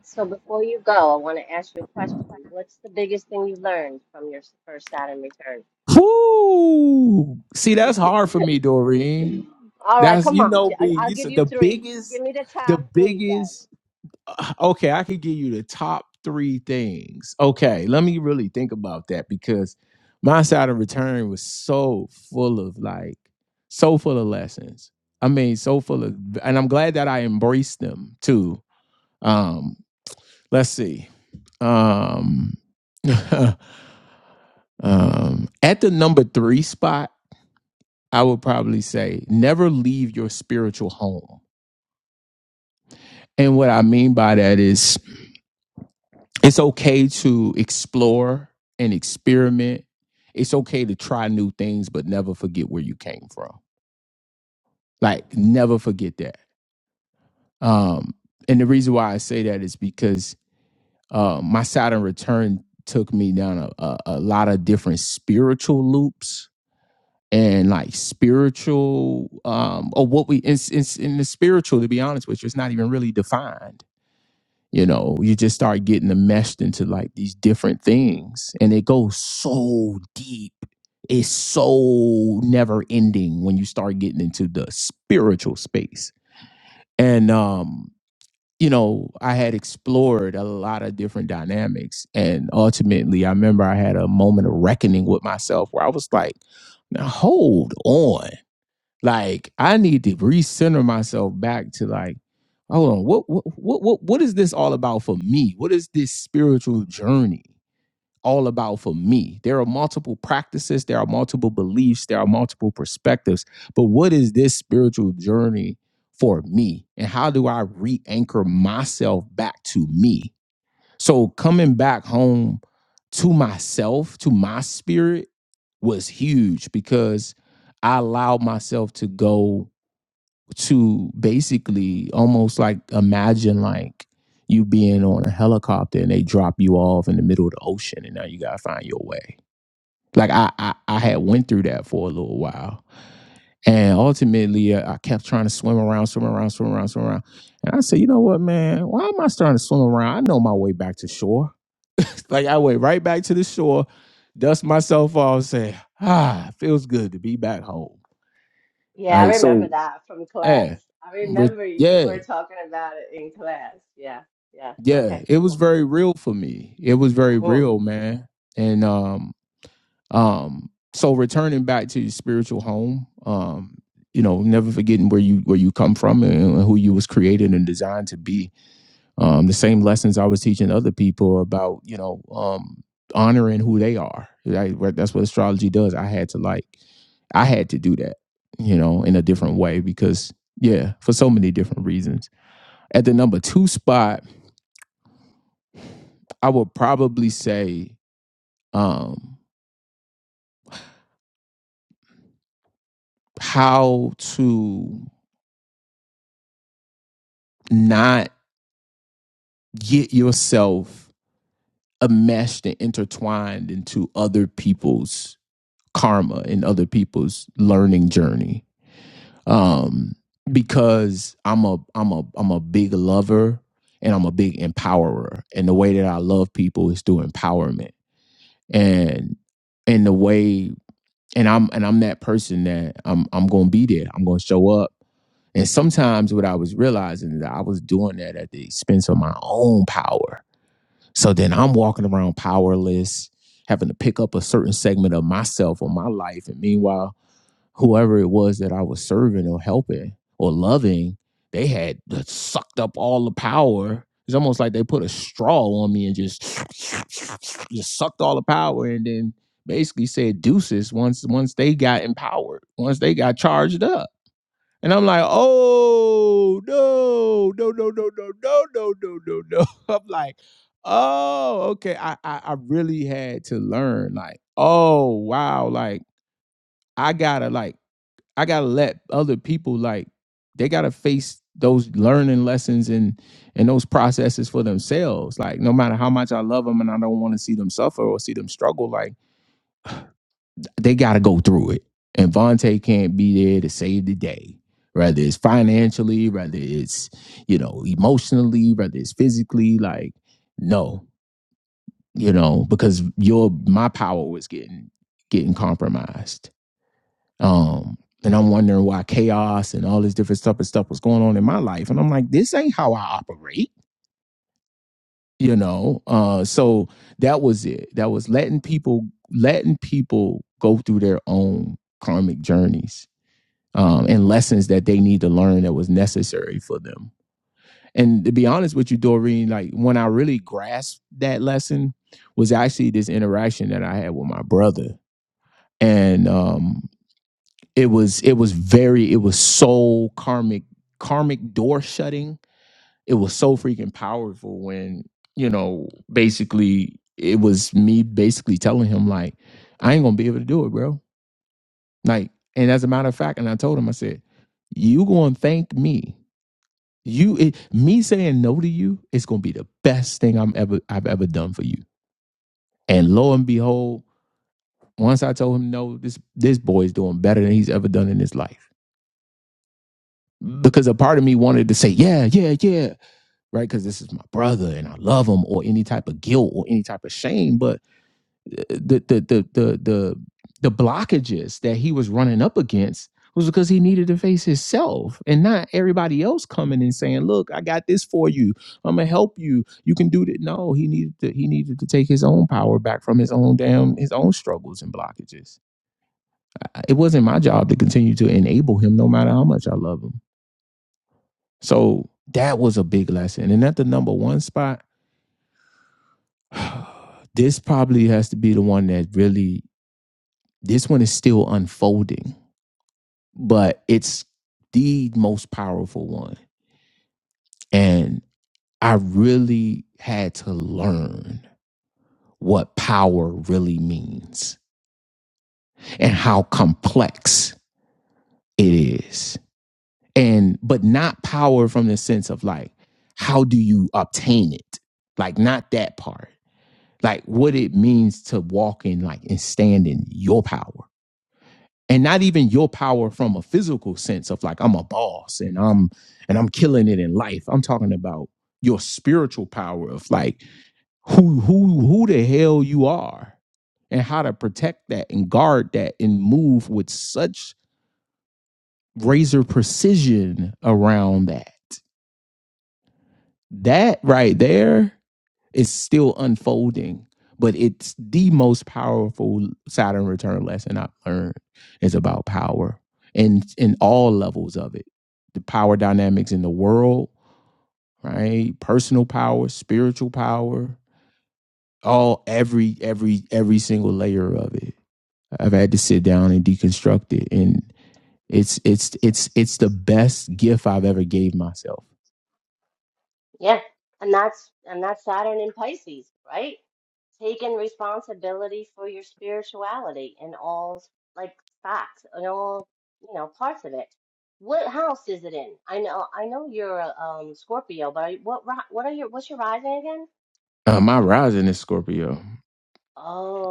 S6: So before you go, I want to ask you a question. What's the biggest thing you learned from your first Saturn return?
S1: Woo! See, that's hard for me, Doreen.
S6: All right,
S1: That's
S6: come
S1: you
S6: on.
S1: know
S6: J- I-
S1: me.
S6: I'll
S1: You
S6: give
S1: said
S6: you
S1: the
S6: three.
S1: biggest,
S6: Give me the
S1: the
S6: top three then.
S1: biggest uh, okay, I could give you the top three things. Okay, let me really think about that because my side of return was so full of like, so full of lessons. I mean, so full of, and I'm glad that I embraced them too. Um, let's see. Um, um, at the number three spot, I would probably say never leave your spiritual home. And what I mean by that is It's okay to explore and experiment. It's okay to try new things, but never forget where you came from. Like, never forget that. Um, and the reason why I say that is because uh, my Saturn return took me down a, a, a lot of different spiritual loops and like spiritual um or what we in, in, in the spiritual to be honest with you it's not even really defined you know you just start getting enmeshed into like these different things and it goes so deep it's so never ending when you start getting into the spiritual space and um you know i had explored a lot of different dynamics and ultimately i remember i had a moment of reckoning with myself where i was like now hold on like I need to recenter myself back to like, hold on, what what what what, what is this all about for me? What is this spiritual journey all about for me? There are multiple practices, there are multiple beliefs, there are multiple perspectives, but what is this spiritual journey for me? And how do I re-anchor myself back to me? So coming back home to myself, to my spirit, was huge because I allowed myself to go to basically almost like imagine like you being on a helicopter and they drop you off in the middle of the ocean and now you gotta find your way. Like I I, I had went through that for a little while. And ultimately uh, I kept trying to swim around, swim around, swim around, swim around. And I said, you know what, man, why am I starting to swim around? I know my way back to shore. like I went right back to the shore, dust myself off, say, ah, feels good to be back home. All
S6: Yeah, I
S1: right.
S6: remember
S1: So
S6: that from
S1: yeah.
S6: class. I
S1: Re-
S6: remember you
S1: yeah.
S6: were talking about it in class. Yeah, yeah.
S1: Yeah.
S6: Okay,
S1: It was
S6: cool.
S1: very real for me. It was very real, man. And um, um, so returning back to your spiritual home, um, you know, never forgetting where you where you come from and who you was created and designed to be um, the same lessons I was teaching other people about, you know, um, honoring who they are. Right? Right, That's what astrology does. I had to like, I had to do that, you know, in a different way because, yeah, for so many different reasons. At the number two spot, I would probably say um, how to not get yourself enmeshed and intertwined into other people's karma and other people's learning journey um, because I'm a I'm a I'm a big lover and I'm a big empowerer. And the way that I love people is through empowerment. And and the way and I'm and I'm that person that I'm I'm gonna be there. I'm gonna show up. And sometimes what I was realizing is that I was doing that at the expense of my own power. So then I'm walking around powerless, having to pick up a certain segment of myself or my life. And meanwhile, whoever it was that I was serving or helping or loving, they had sucked up all the power. It's almost like they put a straw on me and just just sucked all the power and then basically said deuces once once they got empowered, once they got charged up. And I'm like, oh no, no, no, no, no, no, no, no, no, no. I'm like, oh, okay. I, I I really had to learn, like, oh wow, like I gotta like I gotta let other people like they gotta face those learning lessons and and those processes for themselves. Like no matter how much I love them and I don't want to see them suffer or see them struggle, like they gotta go through it. And Vontae can't be there to save the day. Whether it's financially, whether it's, you know, emotionally, whether it's physically, like, no, you know, because your my power was getting getting compromised Um, and I'm wondering why chaos and all this different stuff and stuff was going on in my life. And I'm like, this ain't how I operate, you know. Uh, so that was it. That was letting people letting people go through their own karmic journeys um, and lessons that they need to learn that was necessary for them. And to be honest with you, Doreen, like when I really grasped that lesson was actually this interaction that I had with my brother. And um, it was it was very it was so karmic karmic door shutting it was so freaking powerful when you know basically it was me basically telling him like i ain't gonna be able to do it bro like and as a matter of fact and i told him i said you gonna thank me you it, me saying no to you is gonna be the best thing i'm ever i've ever done for you and lo and behold once i told him no this this boy is doing better than he's ever done in his life because a part of me wanted to say, yeah, yeah, yeah, right? Because this is my brother and I love him, or any type of guilt or any type of shame. But uh, the the the the the, the blockages that he was running up against was because he needed to face himself and not everybody else coming and saying, "Look, I got this for you. I'm gonna help you. You can do that." No, he needed to, he needed to take his own power back from his own damn his own struggles and blockages. I- It wasn't my job to continue to enable him, no matter how much I love him. So that was a big lesson. And at the number one spot, this probably has to be the one that really, this one is still unfolding, but it's the most powerful one. And I really had to learn what power really means and how complex it is. And, but not power from the sense of like, how do you obtain it? Like, not that part like what it means to walk in like and stand in your power and not even your power from a physical sense of like i'm a boss and i'm and i'm killing it in life i'm talking about your spiritual power of like who who who the hell you are and how to protect that and guard that and move with such razor precision around that that right there It's still unfolding, but it's the most powerful Saturn return lesson I've learned is about power and in all levels of it. The power dynamics in the world, right? Personal power, spiritual power, all every every every single layer of it. I've had to sit down and deconstruct it and. It's it's it's it's the best gift I've ever gave myself.
S6: Yeah, and that's and that's Saturn in Pisces, right? Taking responsibility for your spirituality in all like facts and all you know parts of it. What house is it in? I know I know you're a um, Scorpio, but I- what ri- what are your what's your rising again?
S1: Uh, my rising is Scorpio.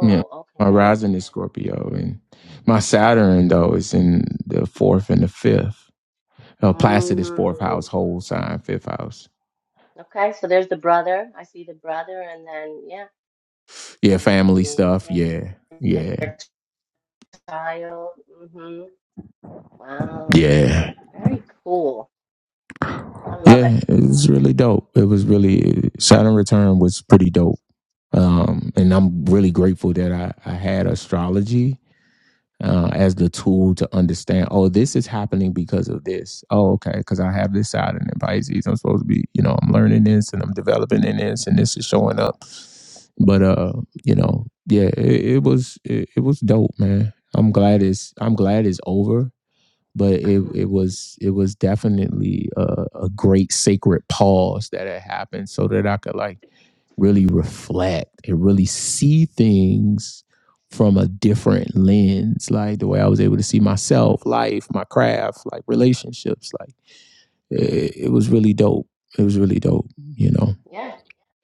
S1: Yeah, my
S6: okay.
S1: rising is Scorpio, and my Saturn though is in the fourth and the fifth. Uh, Placid is fourth
S6: Mm,
S1: house, whole sign, fifth house.
S6: okay, so there's the brother. I see the brother, and then yeah,
S1: Yeah,
S6: how you
S1: family
S6: create
S1: stuff.
S6: it,
S1: Yeah, yeah,
S6: your child. hmm Wow,
S1: yeah,
S6: very cool. I love it.
S1: yeah. It was really dope. It was really Saturn return was pretty dope. Um, and I'm really grateful that I I had astrology uh, as the tool to understand, oh, this is happening because of this. Oh, okay, because I have this side in Pisces. I'm supposed to be, you know, I'm learning this and I'm developing in this, and this is showing up. But uh, you know, yeah, it, it was it, it was dope, man. I'm glad it's I'm glad it's over. But it it was it was definitely a, a great sacred pause that had happened, so that I could like really reflect and really see things from a different lens like the way i was able to see myself life my craft like relationships like it, it was really dope it was really dope you know
S6: Yeah,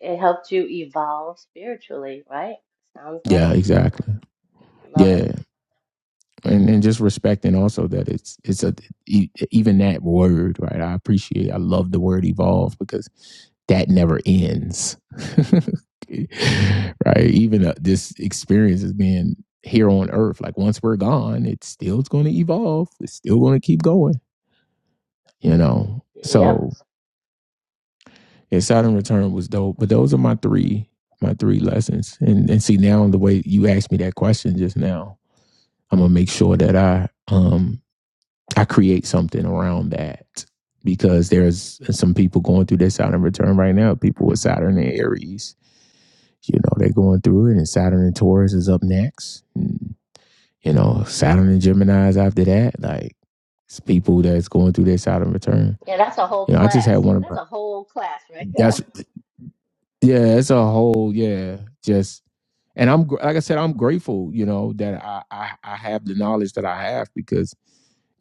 S6: it helped you evolve spiritually, right? Sounds like.
S1: yeah exactly
S6: Love it.
S1: yeah and and just respecting also that it's it's a e- even that word right i appreciate i love the word evolve because that never ends right even uh, this experience is being here on earth like once we're gone it's still going to evolve it's still going to keep going you know
S6: Yep.
S1: so yeah saturn return was dope but those are my three my three lessons and and see now the way you asked me that question just now i'm gonna make sure that i um I create something around that because there's some people going through their Saturn return right now. People with Saturn and Aries, you know, they're going through it, and Saturn and Taurus is up next. And, you know, Saturn and Gemini is after that. Like, it's people that's going through their Saturn return.
S6: Yeah, that's a whole
S1: You know, I just had
S6: class.
S1: one of my
S6: That's a whole class right
S1: that's
S6: there.
S1: yeah, it's a whole yeah, just and I'm gr- like I said, I'm grateful, you know, that I, I I have the knowledge that I have because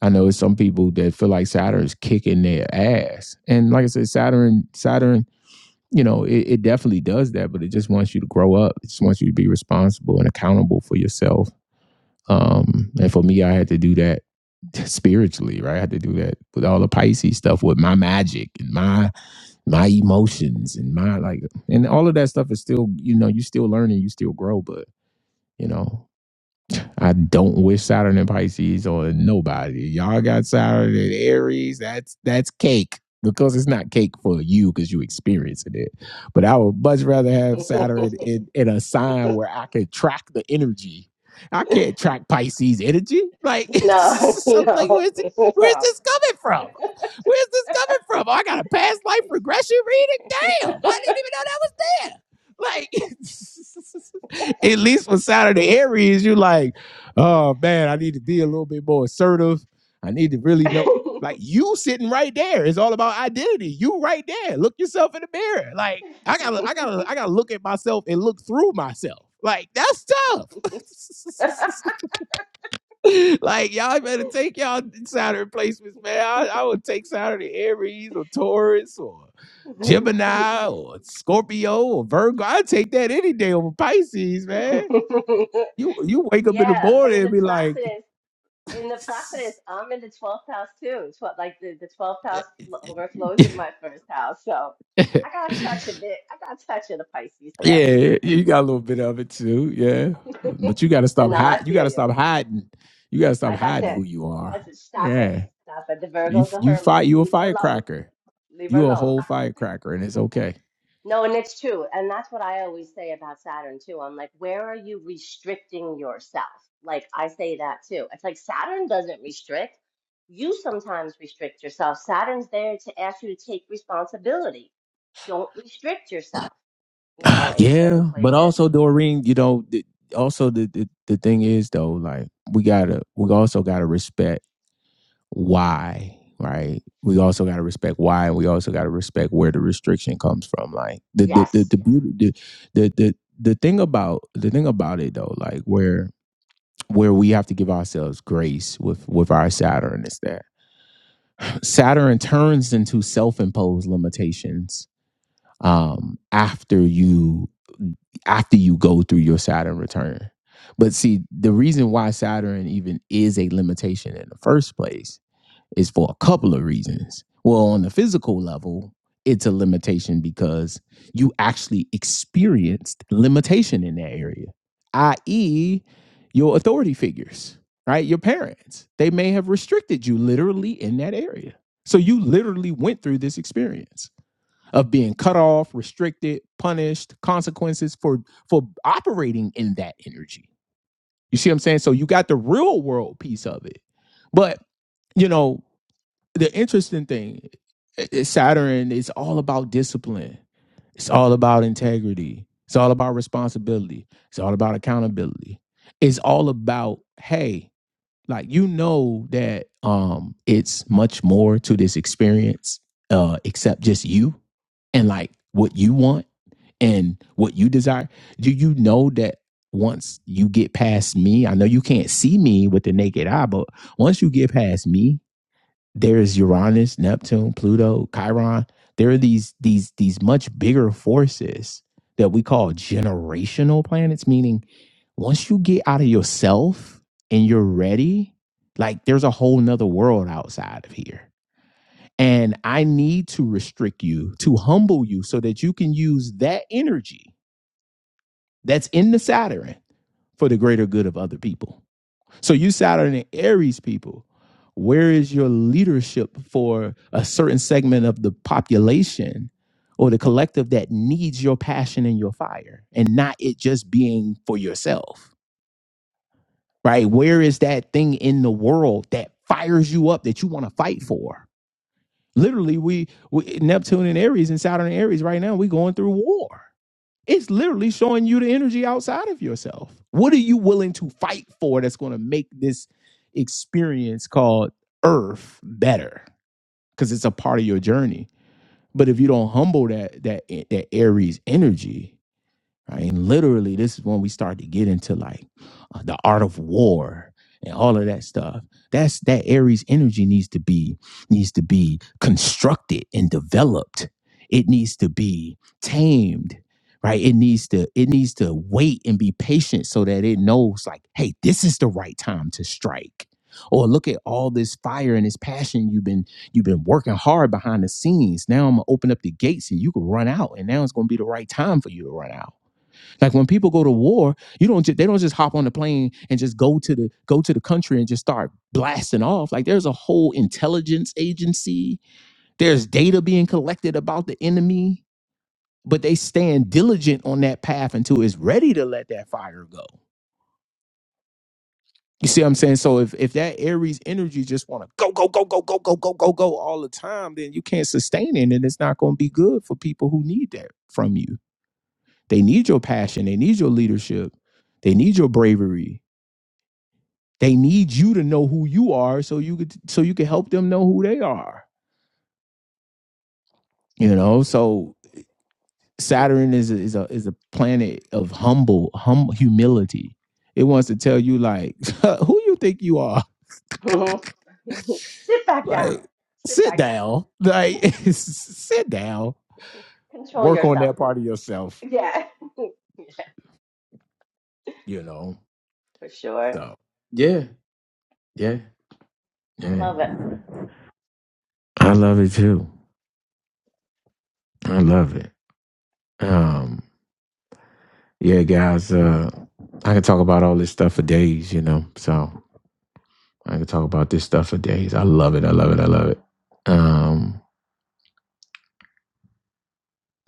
S1: I know it's some people that feel like Saturn's kicking their ass, and like I said, Saturn Saturn, you know, it, it definitely does that, but it just wants you to grow up. It just wants you to be responsible and accountable for yourself. Um, and for me, I had to do that spiritually, right? I had to do that with all the Pisces stuff, with my magic and my my emotions and my like and all of that stuff is still you know you still learning you still grow but you know I don't wish Saturn in Pisces on nobody. Y'all got Saturn in Aries. That's that's cake because it's not cake for you because you experiencing it. But I would much rather have Saturn in, in a sign where I can track the energy. I can't track Pisces energy. Like,
S6: no,
S1: it's so- like
S6: no,
S1: where's this, where's this coming from? Where's this coming from? Oh, I got a past life regression reading. Damn, I didn't even know that was there. Like, at least with Saturn in Aries, you like oh man, I need to be a little bit more assertive. I need to really know, like you sitting right there. It's all about identity. You right there. Look yourself in the mirror. Like I gotta, I gotta, I gotta look at myself and look through myself. Like that's tough. like y'all better take y'all Saturn placements, man. I, I would take Saturn in Aries or Taurus or Gemini or Scorpio or Virgo. I'd take that any day over Pisces, man.
S6: no.
S1: You you wake up in the
S6: yeah, but
S1: morning
S6: in
S1: and
S6: the
S1: be like.
S6: process, in the process, I'm in the 12th house too. Twelve, like the, the 12th house fl- overflows in my first house. So I got a touch of it. I got a touch of the Pisces there.
S1: yeah, you got a little bit of it too. Yeah, but you got to
S6: but
S1: stop
S6: no, I
S1: hiding. You got
S6: feel
S1: to
S6: you.
S1: stop hiding. You got to stop
S6: Like I
S1: hiding
S6: said,
S1: who you are.
S6: let's just stop it.
S1: Yeah,
S6: Stop it. The
S1: you
S6: Virgo's a
S1: you
S6: hermit.
S1: fight. You a
S6: Leave her alone.
S1: firecracker.
S6: Leave her
S1: You a
S6: alone.
S1: whole firecracker, and it's okay.
S6: No, and it's true. And that's what I always say about Saturn too. I'm like, where are you restricting yourself? Like I say that too. It's like Saturn doesn't restrict. You sometimes restrict yourself. Saturn's there to ask you to take responsibility. Don't restrict yourself, you know, in certain
S1: Yeah, but
S6: places.
S1: also Doreen, you know, th- also the, the the thing is though, like we gotta, we also gotta respect why, right? We also gotta respect why, and we also gotta respect where the restriction comes from. Like the the the
S6: Yes.
S1: the beauty, the the the, the thing about the thing about it though, like where where we have to give ourselves grace with with our Saturn is that Saturn turns into self imposed limitations um, after you after you go through your Saturn return. But see, the reason why Saturn even is a limitation in the first place is for a couple of reasons. Well, on the physical level, it's a limitation because you actually experienced limitation in that area, i.e., your authority figures, right? Your parents. They may have restricted you literally in that area. So you literally went through this experience of being cut off, restricted, punished, consequences for for operating in that energy. You see what I'm saying? So you got the real world piece of it. But you know, the interesting thing is Saturn is all about discipline. It's all about integrity. It's all about responsibility. It's all about accountability. It's all about, hey, like you know that um it's much more to this experience uh except just you and like what you want and what you desire do you know that once you get past me i know you can't see me with the naked eye but once you get past me there is Uranus, Neptune, Pluto, Chiron. There are these these these much bigger forces that we call generational planets, meaning once you get out of yourself and you're ready, like there's a whole nother world outside of here. And I need to restrict you, to humble you, so that you can use that energy that's in the Saturn for the greater good of other people. So you Saturn and Aries people, where is your leadership for a certain segment of the population or the collective that needs your passion and your fire and not it just being for yourself? Right? Where is that thing in the world that fires you up that you want to fight for? Literally, we, we Neptune and Aries and Saturn and Aries right now, we going through war. It's literally showing you the energy outside of yourself. What are you willing to fight for that's going to make this experience called Earth better? Because it's a part of your journey. But if you don't humble that that that Aries energy, right? And literally, this is when we start to get into like uh, the art of war and all of that stuff. That's that Aries energy needs to be needs to be constructed and developed. It needs to be tamed, right? It needs to it needs to wait and be patient so that it knows like, hey, this is the right time to strike. Or look at all this fire and this passion you've been you've been working hard behind the scenes. Now I'm gonna open up the gates and you can run out, and now it's gonna be the right time for you to run out like when people go to war, you don't ju- they don't just hop on the plane and just go to the go to the country and just start blasting off. Like there's a whole intelligence agency. There's data being collected about the enemy, but they stand diligent on that path until it's ready to let that fire go. You see what I'm saying? So if if that Aries energy just want to go go go go go go go go go all the time, then you can't sustain it, and it's not going to be good for people who need that from you. They need your passion. They need your leadership. They need your bravery They need you to know who you are so you could so you can help them know who they are. You know, so
S6: Sit
S1: Saturn is a, is a is a planet of humble hum humility. It wants to tell you like who you think you are.
S6: back down.
S1: Like
S6: Sit
S1: sit
S6: back down.
S1: down. Like sit down.
S6: Control
S1: Work on
S6: yourself.
S1: that part of yourself,
S6: Yeah. Yeah,
S1: you know.
S6: for sure.
S1: So yeah, yeah,
S6: I
S1: yeah.
S6: love it.
S1: I love it too. I love it. Um. Yeah, guys, uh, I can talk about all this stuff for days, you know. So I can talk about this stuff for days. I love it. I love it. I love it. Um,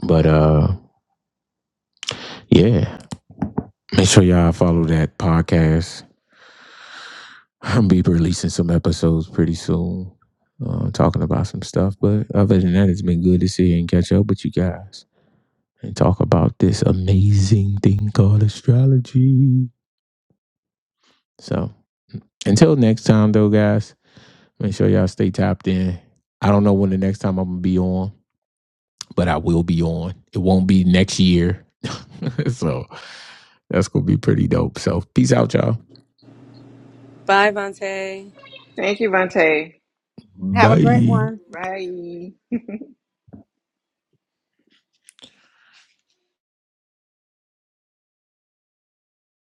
S1: but uh, yeah, make sure y'all follow that podcast. I'll be releasing some episodes pretty soon, uh, talking about some stuff. But other than that, it's been good to see and catch up with you guys and talk about this amazing thing called astrology. So until next time, though, guys. Make sure y'all stay tapped in. I don't know when the next time I'm gonna be on, but I will be on. It won't be next year. so that's gonna be pretty dope. So peace out, y'all.
S2: Bye, Vante.
S3: Thank you, Vante.
S7: have a great
S1: Bye.
S7: one
S3: Bye.